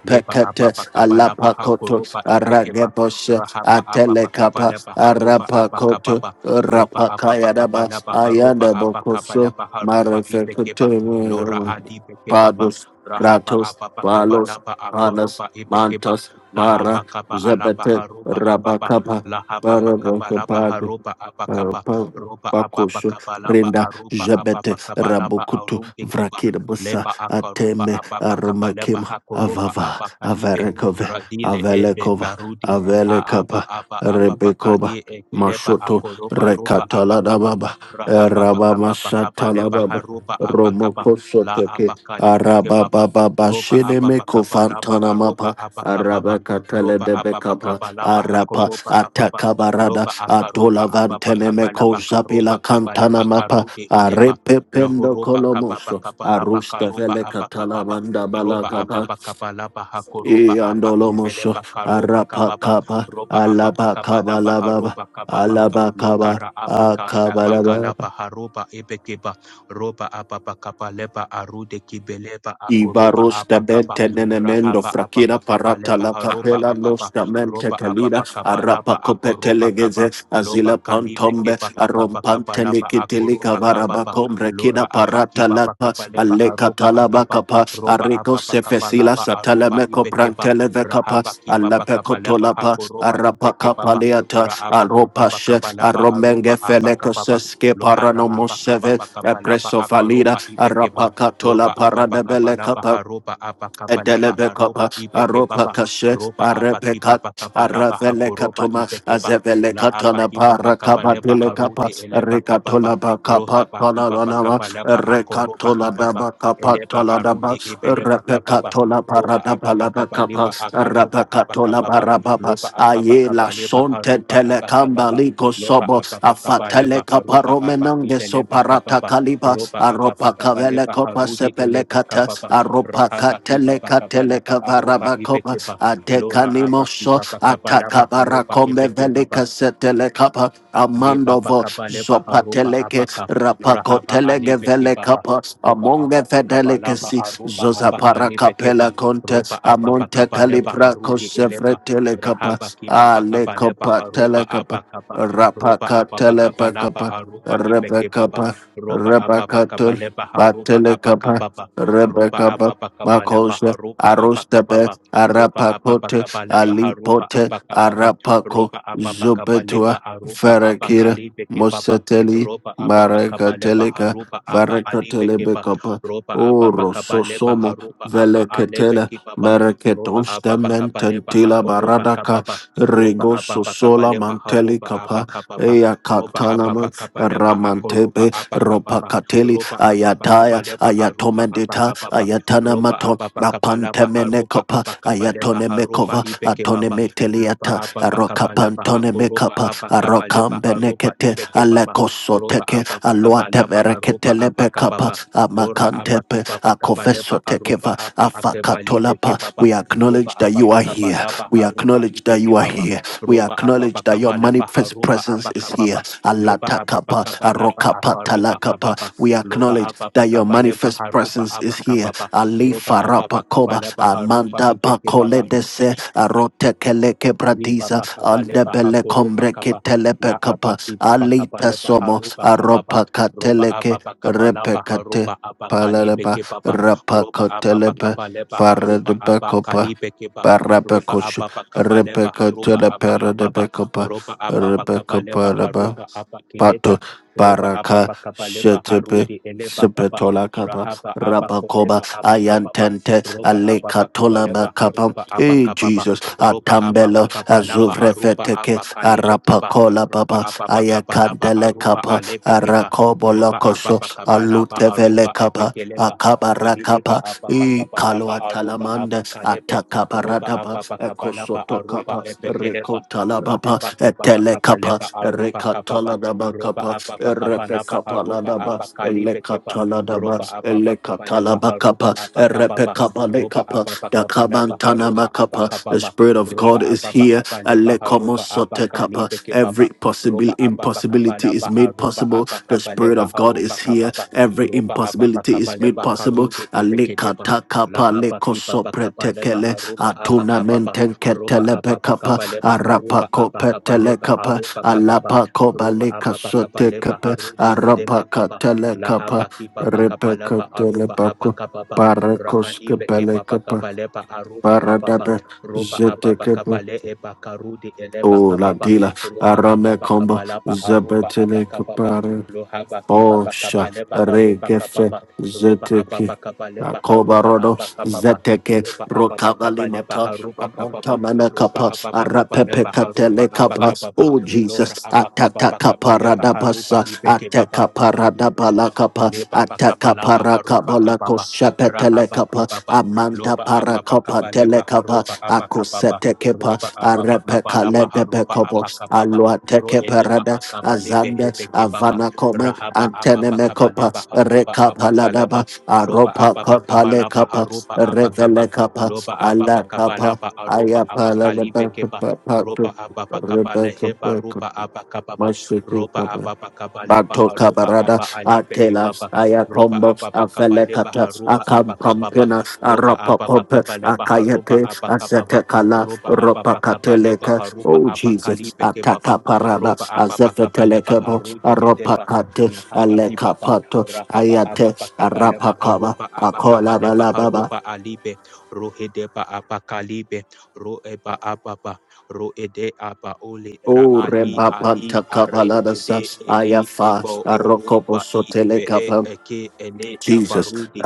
[SPEAKER 2] Leba apapa kapa lapa hako
[SPEAKER 1] alapakoto
[SPEAKER 2] ropa ipekepa.
[SPEAKER 1] arageboshe
[SPEAKER 2] Rahapa apapa kapa
[SPEAKER 1] atelekapa
[SPEAKER 2] lapa haropa apa
[SPEAKER 1] arapakoto
[SPEAKER 2] kapapa. Ropa apapa kapa
[SPEAKER 1] rapakayadaba
[SPEAKER 2] lapa haropa
[SPEAKER 1] ayanda
[SPEAKER 2] apa kapa
[SPEAKER 1] bokoso
[SPEAKER 2] lapa haropa ipekepa. Lora
[SPEAKER 1] Marefecutum,
[SPEAKER 2] adi pekepapa.
[SPEAKER 1] Pados,
[SPEAKER 2] Rahapa
[SPEAKER 1] Pratos,
[SPEAKER 2] apapa kapa
[SPEAKER 1] Palos,
[SPEAKER 2] lapa
[SPEAKER 1] Panas,
[SPEAKER 2] akoropa ipekepa.
[SPEAKER 1] Mantas,
[SPEAKER 2] La apa
[SPEAKER 1] Para,
[SPEAKER 2] kapa alapa
[SPEAKER 1] Zebete,
[SPEAKER 2] haropa apapa.
[SPEAKER 1] Rabacapa,
[SPEAKER 2] La hapa kapa lapa
[SPEAKER 1] Barabacapado,
[SPEAKER 2] haropa apa
[SPEAKER 1] uh,
[SPEAKER 2] kapa.
[SPEAKER 1] pa-
[SPEAKER 2] Ropa apapa
[SPEAKER 1] Pakosho
[SPEAKER 2] kapa lapa
[SPEAKER 1] Renda
[SPEAKER 2] aropa
[SPEAKER 1] Jabete
[SPEAKER 2] apapa kapa lapa
[SPEAKER 1] Rabokutu
[SPEAKER 2] arumpe
[SPEAKER 1] Vrakira Busa
[SPEAKER 2] leba akaruba
[SPEAKER 1] Ateme
[SPEAKER 2] ababa kaba leba
[SPEAKER 1] Aromakim
[SPEAKER 2] hakoruba
[SPEAKER 1] Avava
[SPEAKER 2] aba kalibe
[SPEAKER 1] Avarekove
[SPEAKER 2] radile ebe
[SPEAKER 1] Avelekova
[SPEAKER 2] barudi a aba
[SPEAKER 1] Avelekapa
[SPEAKER 2] aba aba baka
[SPEAKER 1] Rebekoba
[SPEAKER 2] e eke leba
[SPEAKER 1] Mashoto
[SPEAKER 2] akoroba roba aba
[SPEAKER 1] Rekataladababa
[SPEAKER 2] rahaba baka
[SPEAKER 1] Rabama
[SPEAKER 2] baba leba
[SPEAKER 1] Shatalababa
[SPEAKER 2] haruba abakaba
[SPEAKER 1] Romoko
[SPEAKER 2] la aba kebaba ke
[SPEAKER 1] Araba
[SPEAKER 2] baba
[SPEAKER 1] baba,
[SPEAKER 2] roba
[SPEAKER 1] shene
[SPEAKER 2] aba baka
[SPEAKER 1] meko
[SPEAKER 2] laba
[SPEAKER 1] fantana
[SPEAKER 2] aroba
[SPEAKER 1] mapa.
[SPEAKER 2] aba kaba ba
[SPEAKER 1] Araba katele
[SPEAKER 2] roba
[SPEAKER 1] de
[SPEAKER 2] aba baka
[SPEAKER 1] bekapa.
[SPEAKER 2] ba laba
[SPEAKER 1] Arapa
[SPEAKER 2] hakoroba aba ba
[SPEAKER 1] atakabarada.
[SPEAKER 2] loba akaroba
[SPEAKER 1] Atola
[SPEAKER 2] aba
[SPEAKER 1] vantene
[SPEAKER 2] baka
[SPEAKER 1] meko
[SPEAKER 2] karoba
[SPEAKER 1] zapila
[SPEAKER 2] kaba
[SPEAKER 1] kantana mapa.
[SPEAKER 2] karude edeba
[SPEAKER 1] Arepe pendo
[SPEAKER 2] Lohoroba kababa
[SPEAKER 1] kolomoso.
[SPEAKER 2] kabalaba
[SPEAKER 1] Arusta
[SPEAKER 2] karoba
[SPEAKER 1] vele katala
[SPEAKER 2] abakababa
[SPEAKER 1] manda
[SPEAKER 2] roba
[SPEAKER 1] balakapa.
[SPEAKER 2] ababa kabalaba hakoroba
[SPEAKER 1] I andolomoso.
[SPEAKER 2] abakibeleba karoba
[SPEAKER 1] Arapa
[SPEAKER 2] kababa
[SPEAKER 1] kapa.
[SPEAKER 2] roba ababa
[SPEAKER 1] Alaba kaba
[SPEAKER 2] kabalaba
[SPEAKER 1] lababa.
[SPEAKER 2] haroba kababa
[SPEAKER 1] Alaba kaba.
[SPEAKER 2] lokara abaka
[SPEAKER 1] Akabalaba.
[SPEAKER 2] abakalaba haroba ebekeba roba ababa kabaleba arude kibeleba akoroba
[SPEAKER 1] Ibarosta
[SPEAKER 2] abakaba
[SPEAKER 1] bente nenemendo
[SPEAKER 2] rahaba
[SPEAKER 1] frakira
[SPEAKER 2] ababa
[SPEAKER 1] parata
[SPEAKER 2] kabaleba
[SPEAKER 1] la
[SPEAKER 2] haroba
[SPEAKER 1] papela
[SPEAKER 2] ababa
[SPEAKER 1] nosta
[SPEAKER 2] roba
[SPEAKER 1] mente
[SPEAKER 2] ababa
[SPEAKER 1] kalira arapa
[SPEAKER 2] kabalaba akoroba
[SPEAKER 1] kopetelegeze
[SPEAKER 2] kaba loba
[SPEAKER 1] azila
[SPEAKER 2] kalibe
[SPEAKER 1] pantombe
[SPEAKER 2] keba kababa
[SPEAKER 1] arompante
[SPEAKER 2] kabalaba
[SPEAKER 1] likitili
[SPEAKER 2] akoroba
[SPEAKER 1] kavaraba
[SPEAKER 2] kababa
[SPEAKER 1] kombre kina
[SPEAKER 2] Lora apa
[SPEAKER 1] parata
[SPEAKER 2] kipa pa
[SPEAKER 1] lapa
[SPEAKER 2] kapa lepa
[SPEAKER 1] aleka
[SPEAKER 2] harupa
[SPEAKER 1] talaba
[SPEAKER 2] apapa. Ropa
[SPEAKER 1] Arrico
[SPEAKER 2] apapa kapa
[SPEAKER 1] Sefesila
[SPEAKER 2] lapa arupa
[SPEAKER 1] Satalameco
[SPEAKER 2] ipekeba.
[SPEAKER 1] Prantelevecapa,
[SPEAKER 2] Rahapa kipa pa kapa lepa
[SPEAKER 1] Alapecotolapa,
[SPEAKER 2] hakuropa ipekebaba.
[SPEAKER 1] Arapacapaleata,
[SPEAKER 2] Raapa kipa pa
[SPEAKER 1] Aropashe,
[SPEAKER 2] kapa lapa arupa
[SPEAKER 1] Aromenge
[SPEAKER 2] apa kapapa.
[SPEAKER 1] Felecoseske
[SPEAKER 2] Lohara apa kapa
[SPEAKER 1] Paranomoseve,
[SPEAKER 2] pa kapa lapa
[SPEAKER 1] Epreso Valida,
[SPEAKER 2] akaropa ipekeba.
[SPEAKER 1] Arapacatola
[SPEAKER 2] Lopa apa pa kapa lapa harupa apa kapa lepa
[SPEAKER 1] Edelebekapa,
[SPEAKER 2] harupa
[SPEAKER 1] Aropa
[SPEAKER 2] ipekebaba.
[SPEAKER 1] Kashe,
[SPEAKER 2] Ropa apa kipa
[SPEAKER 1] Arepekat,
[SPEAKER 2] pa kapa lapa
[SPEAKER 1] Aravele Katoma,
[SPEAKER 2] ipekeba.
[SPEAKER 1] Azevele
[SPEAKER 2] La apa
[SPEAKER 1] Katana
[SPEAKER 2] kipa pa kapa
[SPEAKER 1] Parakaba Delekapa,
[SPEAKER 2] haruti elepa kapapa
[SPEAKER 1] Rekatola Bakapa,
[SPEAKER 2] rohaba kibaba
[SPEAKER 1] Tolanama,
[SPEAKER 2] kabalaba akoroba
[SPEAKER 1] Rekatola
[SPEAKER 2] kibaba
[SPEAKER 1] Daba Kapa,
[SPEAKER 2] eleba
[SPEAKER 1] Tolanaba,
[SPEAKER 2] arude ebeleba kababa
[SPEAKER 1] Repekatola
[SPEAKER 2] roba ababa
[SPEAKER 1] Paradabalabakapa,
[SPEAKER 2] kabaleba akaroba
[SPEAKER 1] Rapakatola
[SPEAKER 2] abakababa
[SPEAKER 1] Barababa,
[SPEAKER 2] loba ababa
[SPEAKER 1] Ayela
[SPEAKER 2] kabaleba
[SPEAKER 1] Sonte
[SPEAKER 2] haroba
[SPEAKER 1] Telecamba
[SPEAKER 2] abakababa
[SPEAKER 1] Ligo
[SPEAKER 2] loba
[SPEAKER 1] Sobo,
[SPEAKER 2] ababa
[SPEAKER 1] Afatele
[SPEAKER 2] kabaleba haroba
[SPEAKER 1] Caparomena so
[SPEAKER 2] abakibeleba
[SPEAKER 1] parata
[SPEAKER 2] kababa
[SPEAKER 1] kaliba
[SPEAKER 2] roba ababa
[SPEAKER 1] aropa kavele
[SPEAKER 2] kabaleba
[SPEAKER 1] kopa
[SPEAKER 2] harude
[SPEAKER 1] sepele
[SPEAKER 2] eleba
[SPEAKER 1] kata
[SPEAKER 2] kababa
[SPEAKER 1] aropa
[SPEAKER 2] rahaba
[SPEAKER 1] katele
[SPEAKER 2] kibaba
[SPEAKER 1] katele
[SPEAKER 2] kabaleba aroba
[SPEAKER 1] kavaraba kopa
[SPEAKER 2] ibekeba
[SPEAKER 1] adeka
[SPEAKER 2] lora abaki
[SPEAKER 1] limoso
[SPEAKER 2] baba
[SPEAKER 1] ataka
[SPEAKER 2] kabalaba haroba
[SPEAKER 1] barakombe vele
[SPEAKER 2] ibekebaba
[SPEAKER 1] kasetele kapa
[SPEAKER 2] Liba
[SPEAKER 1] amandovo
[SPEAKER 2] bakaba leba haruba
[SPEAKER 1] zopateleke
[SPEAKER 2] abaka rahaba
[SPEAKER 1] rapakotelege
[SPEAKER 2] alibe
[SPEAKER 1] vele
[SPEAKER 2] kebaba
[SPEAKER 1] kapa
[SPEAKER 2] roba
[SPEAKER 1] amonge
[SPEAKER 2] ababa kabalaba
[SPEAKER 1] fedelekesi
[SPEAKER 2] aruba abaka
[SPEAKER 1] zozapara
[SPEAKER 2] libe keba
[SPEAKER 1] kapela konte
[SPEAKER 2] roba ababa
[SPEAKER 1] amonte
[SPEAKER 2] kabaleba
[SPEAKER 1] kalibra
[SPEAKER 2] harudi eleba
[SPEAKER 1] kosefretele kapa
[SPEAKER 2] rahaba kibaba
[SPEAKER 1] ale
[SPEAKER 2] kabaleba
[SPEAKER 1] kopa
[SPEAKER 2] aruba
[SPEAKER 1] tele kapa
[SPEAKER 2] abaka ba roba
[SPEAKER 1] Rapaka
[SPEAKER 2] ababa
[SPEAKER 1] telepaka
[SPEAKER 2] kabalaba aruba ibe
[SPEAKER 1] Rebecca,
[SPEAKER 2] kebaba
[SPEAKER 1] Rebekapa,
[SPEAKER 2] roba ababa
[SPEAKER 1] Rebekatul,
[SPEAKER 2] kabaleba haruba
[SPEAKER 1] Batelekapa,
[SPEAKER 2] abakababa roba
[SPEAKER 1] Rebekapa,
[SPEAKER 2] ababa kabaleba
[SPEAKER 1] Makosha,
[SPEAKER 2] haruba
[SPEAKER 1] Arostabe,
[SPEAKER 2] abakababa roba ababa
[SPEAKER 1] Arapakote,
[SPEAKER 2] kabaleba haruba
[SPEAKER 1] Alipote,
[SPEAKER 2] abakababa
[SPEAKER 1] Arapako,
[SPEAKER 2] ropa apapa
[SPEAKER 1] Zubetua,
[SPEAKER 2] kapalepa arupa apa
[SPEAKER 1] Farakira,
[SPEAKER 2] kalibe kebaba
[SPEAKER 1] Moseteli,
[SPEAKER 2] ropa apapa kapalepa
[SPEAKER 1] Marekateleka,
[SPEAKER 2] harupa apa alibe keba
[SPEAKER 1] Varekatelebekapa,
[SPEAKER 2] ropa apapa
[SPEAKER 1] Oro
[SPEAKER 2] kapalepa harupa apa alebe
[SPEAKER 1] veleketele
[SPEAKER 2] kebaba ropa
[SPEAKER 1] mereketonste
[SPEAKER 2] apapa kapalepa
[SPEAKER 1] mententila
[SPEAKER 2] hakorupa
[SPEAKER 1] baradaka
[SPEAKER 2] kababa ropa
[SPEAKER 1] rigo
[SPEAKER 2] apapa
[SPEAKER 1] sola
[SPEAKER 2] kapalepa
[SPEAKER 1] manteli
[SPEAKER 2] harupa apa
[SPEAKER 1] kapa
[SPEAKER 2] kababa
[SPEAKER 1] eya
[SPEAKER 2] ropa apapa
[SPEAKER 1] katanama
[SPEAKER 2] kapalepa hakorupa
[SPEAKER 1] ramantebe
[SPEAKER 2] apa kababa
[SPEAKER 1] ropakateli
[SPEAKER 2] ropa apapa
[SPEAKER 1] ayataya
[SPEAKER 2] kapalepa harupa apa
[SPEAKER 1] ayatomedita
[SPEAKER 2] kababa ropa
[SPEAKER 1] ayatanamato
[SPEAKER 2] apapa kapalapa
[SPEAKER 1] napantemene
[SPEAKER 2] harupa
[SPEAKER 1] kopa
[SPEAKER 2] apa kapalepa harupa
[SPEAKER 1] ayatonemekova
[SPEAKER 2] ibeke baba Loba apa bakaba
[SPEAKER 1] arokapa.
[SPEAKER 2] leba
[SPEAKER 1] Cantone
[SPEAKER 2] aku roba
[SPEAKER 1] Mekapa,
[SPEAKER 2] apa kaba leba
[SPEAKER 1] Arokam
[SPEAKER 2] haruba
[SPEAKER 1] Benekete,
[SPEAKER 2] ibeke baba
[SPEAKER 1] Alekoso
[SPEAKER 2] roba
[SPEAKER 1] Teke,
[SPEAKER 2] apa bakaba
[SPEAKER 1] Aluate
[SPEAKER 2] laba aruba
[SPEAKER 1] Vereketele
[SPEAKER 2] apa
[SPEAKER 1] Bekapa,
[SPEAKER 2] kababa lora apa
[SPEAKER 1] Amakantepe,
[SPEAKER 2] kibaba kaba leba
[SPEAKER 1] Akoveso
[SPEAKER 2] haruba
[SPEAKER 1] Tekeva,
[SPEAKER 2] apa akeba libeke
[SPEAKER 1] Afakatolapa.
[SPEAKER 2] baba
[SPEAKER 1] We
[SPEAKER 2] roba
[SPEAKER 1] acknowledge that
[SPEAKER 2] apa
[SPEAKER 1] you are
[SPEAKER 2] bakaba
[SPEAKER 1] here.
[SPEAKER 2] laba
[SPEAKER 1] We
[SPEAKER 2] haruba
[SPEAKER 1] acknowledge that
[SPEAKER 2] ibeke
[SPEAKER 1] you are
[SPEAKER 2] baba
[SPEAKER 1] here. We
[SPEAKER 2] roba apa
[SPEAKER 1] acknowledge that your
[SPEAKER 2] bakaba leba
[SPEAKER 1] manifest
[SPEAKER 2] haruba
[SPEAKER 1] presence
[SPEAKER 2] apa
[SPEAKER 1] is here.
[SPEAKER 2] kababa loba apa
[SPEAKER 1] Alatakapa,
[SPEAKER 2] bakaba laba
[SPEAKER 1] Arokapa,
[SPEAKER 2] akaruba kababa
[SPEAKER 1] Talakapa. We we
[SPEAKER 2] loba
[SPEAKER 1] acknowledge
[SPEAKER 2] apa
[SPEAKER 1] that your
[SPEAKER 2] bakaba leba
[SPEAKER 1] manifest
[SPEAKER 2] haruba
[SPEAKER 1] presence
[SPEAKER 2] apa
[SPEAKER 1] is here.
[SPEAKER 2] kababa
[SPEAKER 1] Ali
[SPEAKER 2] roba apa bakaba
[SPEAKER 1] Farapakoba,
[SPEAKER 2] leba haruba
[SPEAKER 1] Amanda
[SPEAKER 2] ibeke baba
[SPEAKER 1] Bakole Dese, Arote Keleke
[SPEAKER 2] Riba
[SPEAKER 1] Bradiza,
[SPEAKER 2] bakaba leba
[SPEAKER 1] Andebele
[SPEAKER 2] hakoroba
[SPEAKER 1] Kombreke
[SPEAKER 2] kaba la
[SPEAKER 1] Telepekapa,
[SPEAKER 2] abaki baba kaba
[SPEAKER 1] Alita
[SPEAKER 2] leba
[SPEAKER 1] Somo,
[SPEAKER 2] haruba kababa
[SPEAKER 1] Aropa
[SPEAKER 2] roba
[SPEAKER 1] Kateleke,
[SPEAKER 2] ababa kaba laba
[SPEAKER 1] Repekate,
[SPEAKER 2] haruba abakali
[SPEAKER 1] Paladaba,
[SPEAKER 2] beke baba roba ababa
[SPEAKER 1] Rapakotelepe,
[SPEAKER 2] kaba leba haruba
[SPEAKER 1] Paradebekopa.
[SPEAKER 2] abakali beke ba
[SPEAKER 1] Rebecca,
[SPEAKER 2] roba ababa kaba leba
[SPEAKER 1] Rebecca,
[SPEAKER 2] haruba abakababa
[SPEAKER 1] Rebecca, Rebecca,
[SPEAKER 2] roba ababa kaba
[SPEAKER 1] Rebecca,
[SPEAKER 2] leba
[SPEAKER 1] Paraba,
[SPEAKER 2] haruba abakeleba
[SPEAKER 1] Pato
[SPEAKER 2] roba
[SPEAKER 1] Baraka
[SPEAKER 2] ababa kaba leba
[SPEAKER 1] Shetepe
[SPEAKER 2] harudi eleba kaba
[SPEAKER 1] Sepetola Kapa
[SPEAKER 2] rahaba
[SPEAKER 1] Rabakoba
[SPEAKER 2] abakoleba abakababa
[SPEAKER 1] Ayantente
[SPEAKER 2] roba ababa kaba
[SPEAKER 1] Alekatola
[SPEAKER 2] leba
[SPEAKER 1] Bakapa
[SPEAKER 2] haruba
[SPEAKER 1] Hey
[SPEAKER 2] abakababa
[SPEAKER 1] Jesus
[SPEAKER 2] Roba apa apa
[SPEAKER 1] Atambelo
[SPEAKER 2] kabalaba aruba
[SPEAKER 1] Azuvrefeteke
[SPEAKER 2] apa kalebe keba.
[SPEAKER 1] Arapakola
[SPEAKER 2] Roba
[SPEAKER 1] Baba
[SPEAKER 2] apa apa kabalaba
[SPEAKER 1] Ayakandele
[SPEAKER 2] aruba
[SPEAKER 1] Kapa
[SPEAKER 2] alebe keba.
[SPEAKER 1] Arakobo
[SPEAKER 2] Roba apa
[SPEAKER 1] Lokoso
[SPEAKER 2] apa kabalaba aruba
[SPEAKER 1] Alutevele Kapa
[SPEAKER 2] ebekeleba. keleba.
[SPEAKER 1] Akabara
[SPEAKER 2] Rohideba
[SPEAKER 1] Kapa
[SPEAKER 2] apa apa
[SPEAKER 1] E
[SPEAKER 2] kabalaba aruba apa
[SPEAKER 1] manda
[SPEAKER 2] kalebe.
[SPEAKER 1] ataka
[SPEAKER 2] Roba
[SPEAKER 1] paradaba
[SPEAKER 2] apa apa kabalaba
[SPEAKER 1] ekosoto
[SPEAKER 2] aruba
[SPEAKER 1] kapa
[SPEAKER 2] ebekeleba. keleba.
[SPEAKER 1] rekotala baba
[SPEAKER 2] Rahaba kiba apa
[SPEAKER 1] etele kapa
[SPEAKER 2] kabaleba aruba kababa.
[SPEAKER 1] rekatala daba
[SPEAKER 2] Roba
[SPEAKER 1] kapa
[SPEAKER 2] apa apa
[SPEAKER 1] repe
[SPEAKER 2] kabalaba
[SPEAKER 1] kapa la
[SPEAKER 2] aruba
[SPEAKER 1] daba
[SPEAKER 2] apa kalibe keba.
[SPEAKER 1] elekatala daba
[SPEAKER 2] Roba apa apa
[SPEAKER 1] elekatala
[SPEAKER 2] kabaleba aruba
[SPEAKER 1] bakapa
[SPEAKER 2] apa
[SPEAKER 1] repe
[SPEAKER 2] kababa.
[SPEAKER 1] kapa le
[SPEAKER 2] Roba
[SPEAKER 1] kapa
[SPEAKER 2] apa apa kabalaba
[SPEAKER 1] dakabantana
[SPEAKER 2] aruba apa
[SPEAKER 1] makapa the
[SPEAKER 2] kababa
[SPEAKER 1] spirit of
[SPEAKER 2] roba
[SPEAKER 1] God is
[SPEAKER 2] apapa
[SPEAKER 1] here
[SPEAKER 2] kapale paha roba apa
[SPEAKER 1] elekomosote kapa
[SPEAKER 2] kalibe ke
[SPEAKER 1] every
[SPEAKER 2] papa
[SPEAKER 1] possible
[SPEAKER 2] roba apapa
[SPEAKER 1] impossibility
[SPEAKER 2] kapala
[SPEAKER 1] impossibility is
[SPEAKER 2] paha
[SPEAKER 1] made
[SPEAKER 2] roba
[SPEAKER 1] possible.
[SPEAKER 2] apa
[SPEAKER 1] The
[SPEAKER 2] kapale
[SPEAKER 1] Spirit of
[SPEAKER 2] paha
[SPEAKER 1] God
[SPEAKER 2] roba
[SPEAKER 1] is here.
[SPEAKER 2] kapapa
[SPEAKER 1] Every
[SPEAKER 2] roba apapa
[SPEAKER 1] impossibility is
[SPEAKER 2] kapale
[SPEAKER 1] made
[SPEAKER 2] paha
[SPEAKER 1] possible.
[SPEAKER 2] karubi ibeke deba
[SPEAKER 1] Alikatakapa
[SPEAKER 2] lahapa ki papa kapale paha
[SPEAKER 1] lekosopretekele
[SPEAKER 2] roba apa kapapa roba apapa
[SPEAKER 1] atunaменtenketelepekapa
[SPEAKER 2] kapale paha roba apa kapale paha
[SPEAKER 1] arapakopetelekapa
[SPEAKER 2] roba kababa. roba apapa kapale paha
[SPEAKER 1] alapakobalekasotekepe
[SPEAKER 2] rudi edeba kapa
[SPEAKER 1] arapakatelekapa
[SPEAKER 2] lahapa ki papa kapala paha roba apa
[SPEAKER 1] repekatelepako
[SPEAKER 2] kapapa rahali beke baba
[SPEAKER 1] parekoskepelekapa
[SPEAKER 2] kapale paha roba kapapa
[SPEAKER 1] paradabe
[SPEAKER 2] roba ababa
[SPEAKER 1] zetekepe.
[SPEAKER 2] kabale eba karudi eleba
[SPEAKER 1] Oh, la
[SPEAKER 2] kababa
[SPEAKER 1] dila,
[SPEAKER 2] roba
[SPEAKER 1] arame
[SPEAKER 2] ababa
[SPEAKER 1] combo,
[SPEAKER 2] kabalaba aruba
[SPEAKER 1] zapatele
[SPEAKER 2] abakababa
[SPEAKER 1] capara,
[SPEAKER 2] lohaba kibaba
[SPEAKER 1] Osha
[SPEAKER 2] kabaleba haruba
[SPEAKER 1] regefe
[SPEAKER 2] kababa roba
[SPEAKER 1] zeteke
[SPEAKER 2] ababa kabaleba haruba
[SPEAKER 1] akobarodo
[SPEAKER 2] abakababa
[SPEAKER 1] zeteke
[SPEAKER 2] roba ababa kabaleba
[SPEAKER 1] rokabalimata
[SPEAKER 2] haruba kababa
[SPEAKER 1] amantamana
[SPEAKER 2] roba
[SPEAKER 1] kapa
[SPEAKER 2] ababa
[SPEAKER 1] arapepe
[SPEAKER 2] kabaleba haruba
[SPEAKER 1] katele kapa
[SPEAKER 2] abakababa
[SPEAKER 1] oh
[SPEAKER 2] lora
[SPEAKER 1] Jesus atata
[SPEAKER 2] abakababa kabaleba
[SPEAKER 1] kaparada
[SPEAKER 2] haruba
[SPEAKER 1] pasa
[SPEAKER 2] ibekebaba
[SPEAKER 1] ateka parada bala kapa
[SPEAKER 2] Lebapa kapa
[SPEAKER 1] ateka
[SPEAKER 2] lapa
[SPEAKER 1] paraka
[SPEAKER 2] harupa
[SPEAKER 1] bala
[SPEAKER 2] kapapa.
[SPEAKER 1] koshapetele
[SPEAKER 2] Rahapa
[SPEAKER 1] kapa
[SPEAKER 2] pipapa.
[SPEAKER 1] amanta
[SPEAKER 2] Lopa apapa kapa
[SPEAKER 1] parakapa tele
[SPEAKER 2] lepa
[SPEAKER 1] kapa
[SPEAKER 2] harupa apa kapapa.
[SPEAKER 1] Kusetekepa,
[SPEAKER 2] Ropa apapa kapa
[SPEAKER 1] Arepeka
[SPEAKER 2] lapa harupa
[SPEAKER 1] Ledebekobo,
[SPEAKER 2] apa kapapa.
[SPEAKER 1] Alua
[SPEAKER 2] Ro edepa
[SPEAKER 1] Tekeperada,
[SPEAKER 2] akapa lepe
[SPEAKER 1] Azande,
[SPEAKER 2] hepe kipapa.
[SPEAKER 1] Avana Coma,
[SPEAKER 2] Rahapa apapa kapa
[SPEAKER 1] Antenemekopa,
[SPEAKER 2] lepa harupa
[SPEAKER 1] Rekapa
[SPEAKER 2] apa kalapa.
[SPEAKER 1] Ladaba,
[SPEAKER 2] Ropa
[SPEAKER 1] Aropa
[SPEAKER 2] apapa
[SPEAKER 1] Copa
[SPEAKER 2] kapa lapa
[SPEAKER 1] Lekapa,
[SPEAKER 2] harupa apa kapa.
[SPEAKER 1] Revelekapa,
[SPEAKER 2] Lopa apapa kapa
[SPEAKER 1] Alakapa,
[SPEAKER 2] lapa arupa
[SPEAKER 1] Ayapa
[SPEAKER 2] apa kalipe kepa.
[SPEAKER 1] Ladabaka
[SPEAKER 2] Ropa
[SPEAKER 1] Patu,
[SPEAKER 2] apapa kapa
[SPEAKER 1] Rebecca
[SPEAKER 2] lehepa
[SPEAKER 1] Patu,
[SPEAKER 2] rupa apa kapapa roba
[SPEAKER 1] Mashiki
[SPEAKER 2] ababa kabale
[SPEAKER 1] Batota
[SPEAKER 2] baharuba
[SPEAKER 1] barada,
[SPEAKER 2] aba alibe
[SPEAKER 1] atela,
[SPEAKER 2] baba. roba
[SPEAKER 1] ayakombo,
[SPEAKER 2] ababa kabale
[SPEAKER 1] afelekata,
[SPEAKER 2] baharuba aba kababa
[SPEAKER 1] akampompina,
[SPEAKER 2] roba ababa
[SPEAKER 1] arapapope,
[SPEAKER 2] kabale baharuba
[SPEAKER 1] akayete,
[SPEAKER 2] aba kababa
[SPEAKER 1] azetekala,
[SPEAKER 2] roba ababa kabale
[SPEAKER 1] ropakateleka.
[SPEAKER 2] baharuba
[SPEAKER 1] Oh
[SPEAKER 2] aba
[SPEAKER 1] Jesus,
[SPEAKER 2] kalibe baba.
[SPEAKER 1] ataka parada,
[SPEAKER 2] roba ababa kabale
[SPEAKER 1] azefetelekebo,
[SPEAKER 2] baharude edeba
[SPEAKER 1] aropakate,
[SPEAKER 2] Lahaba kibaba,
[SPEAKER 1] alekapato,
[SPEAKER 2] rahaba
[SPEAKER 1] ayate,
[SPEAKER 2] ababa kabale
[SPEAKER 1] arapakaba,
[SPEAKER 2] baharuba aba
[SPEAKER 1] akola
[SPEAKER 2] kabale
[SPEAKER 1] balababa.
[SPEAKER 2] baharuba alibe, rohedeba aba kalibe, roeba ababa ro ede aba ole ra
[SPEAKER 1] Oh,
[SPEAKER 2] ali
[SPEAKER 1] Reba
[SPEAKER 2] ali
[SPEAKER 1] Panta
[SPEAKER 2] are
[SPEAKER 1] Kabalada
[SPEAKER 2] ede
[SPEAKER 1] Sas,
[SPEAKER 2] eli
[SPEAKER 1] Ayafa,
[SPEAKER 2] ebo oru
[SPEAKER 1] Arokobo
[SPEAKER 2] ba i be
[SPEAKER 1] Soteleka
[SPEAKER 2] e eke ele
[SPEAKER 1] Jesus.
[SPEAKER 2] abarudi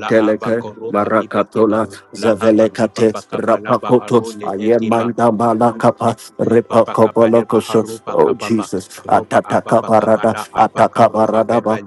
[SPEAKER 2] la aba koroba ibekeba
[SPEAKER 1] Marakatola
[SPEAKER 2] la haba kiba
[SPEAKER 1] Zavelekate
[SPEAKER 2] bakaba laba
[SPEAKER 1] Rapakoto
[SPEAKER 2] arole ekeba
[SPEAKER 1] Ayemanda Balakapa
[SPEAKER 2] Liba pakapa leba
[SPEAKER 1] Repakobolokoso.
[SPEAKER 2] haruba
[SPEAKER 1] Oh
[SPEAKER 2] kababa.
[SPEAKER 1] Jesus.
[SPEAKER 2] Roba apa pakapa
[SPEAKER 1] Atakabarada
[SPEAKER 2] la apa karuba
[SPEAKER 1] Atakabaradaba.
[SPEAKER 2] eba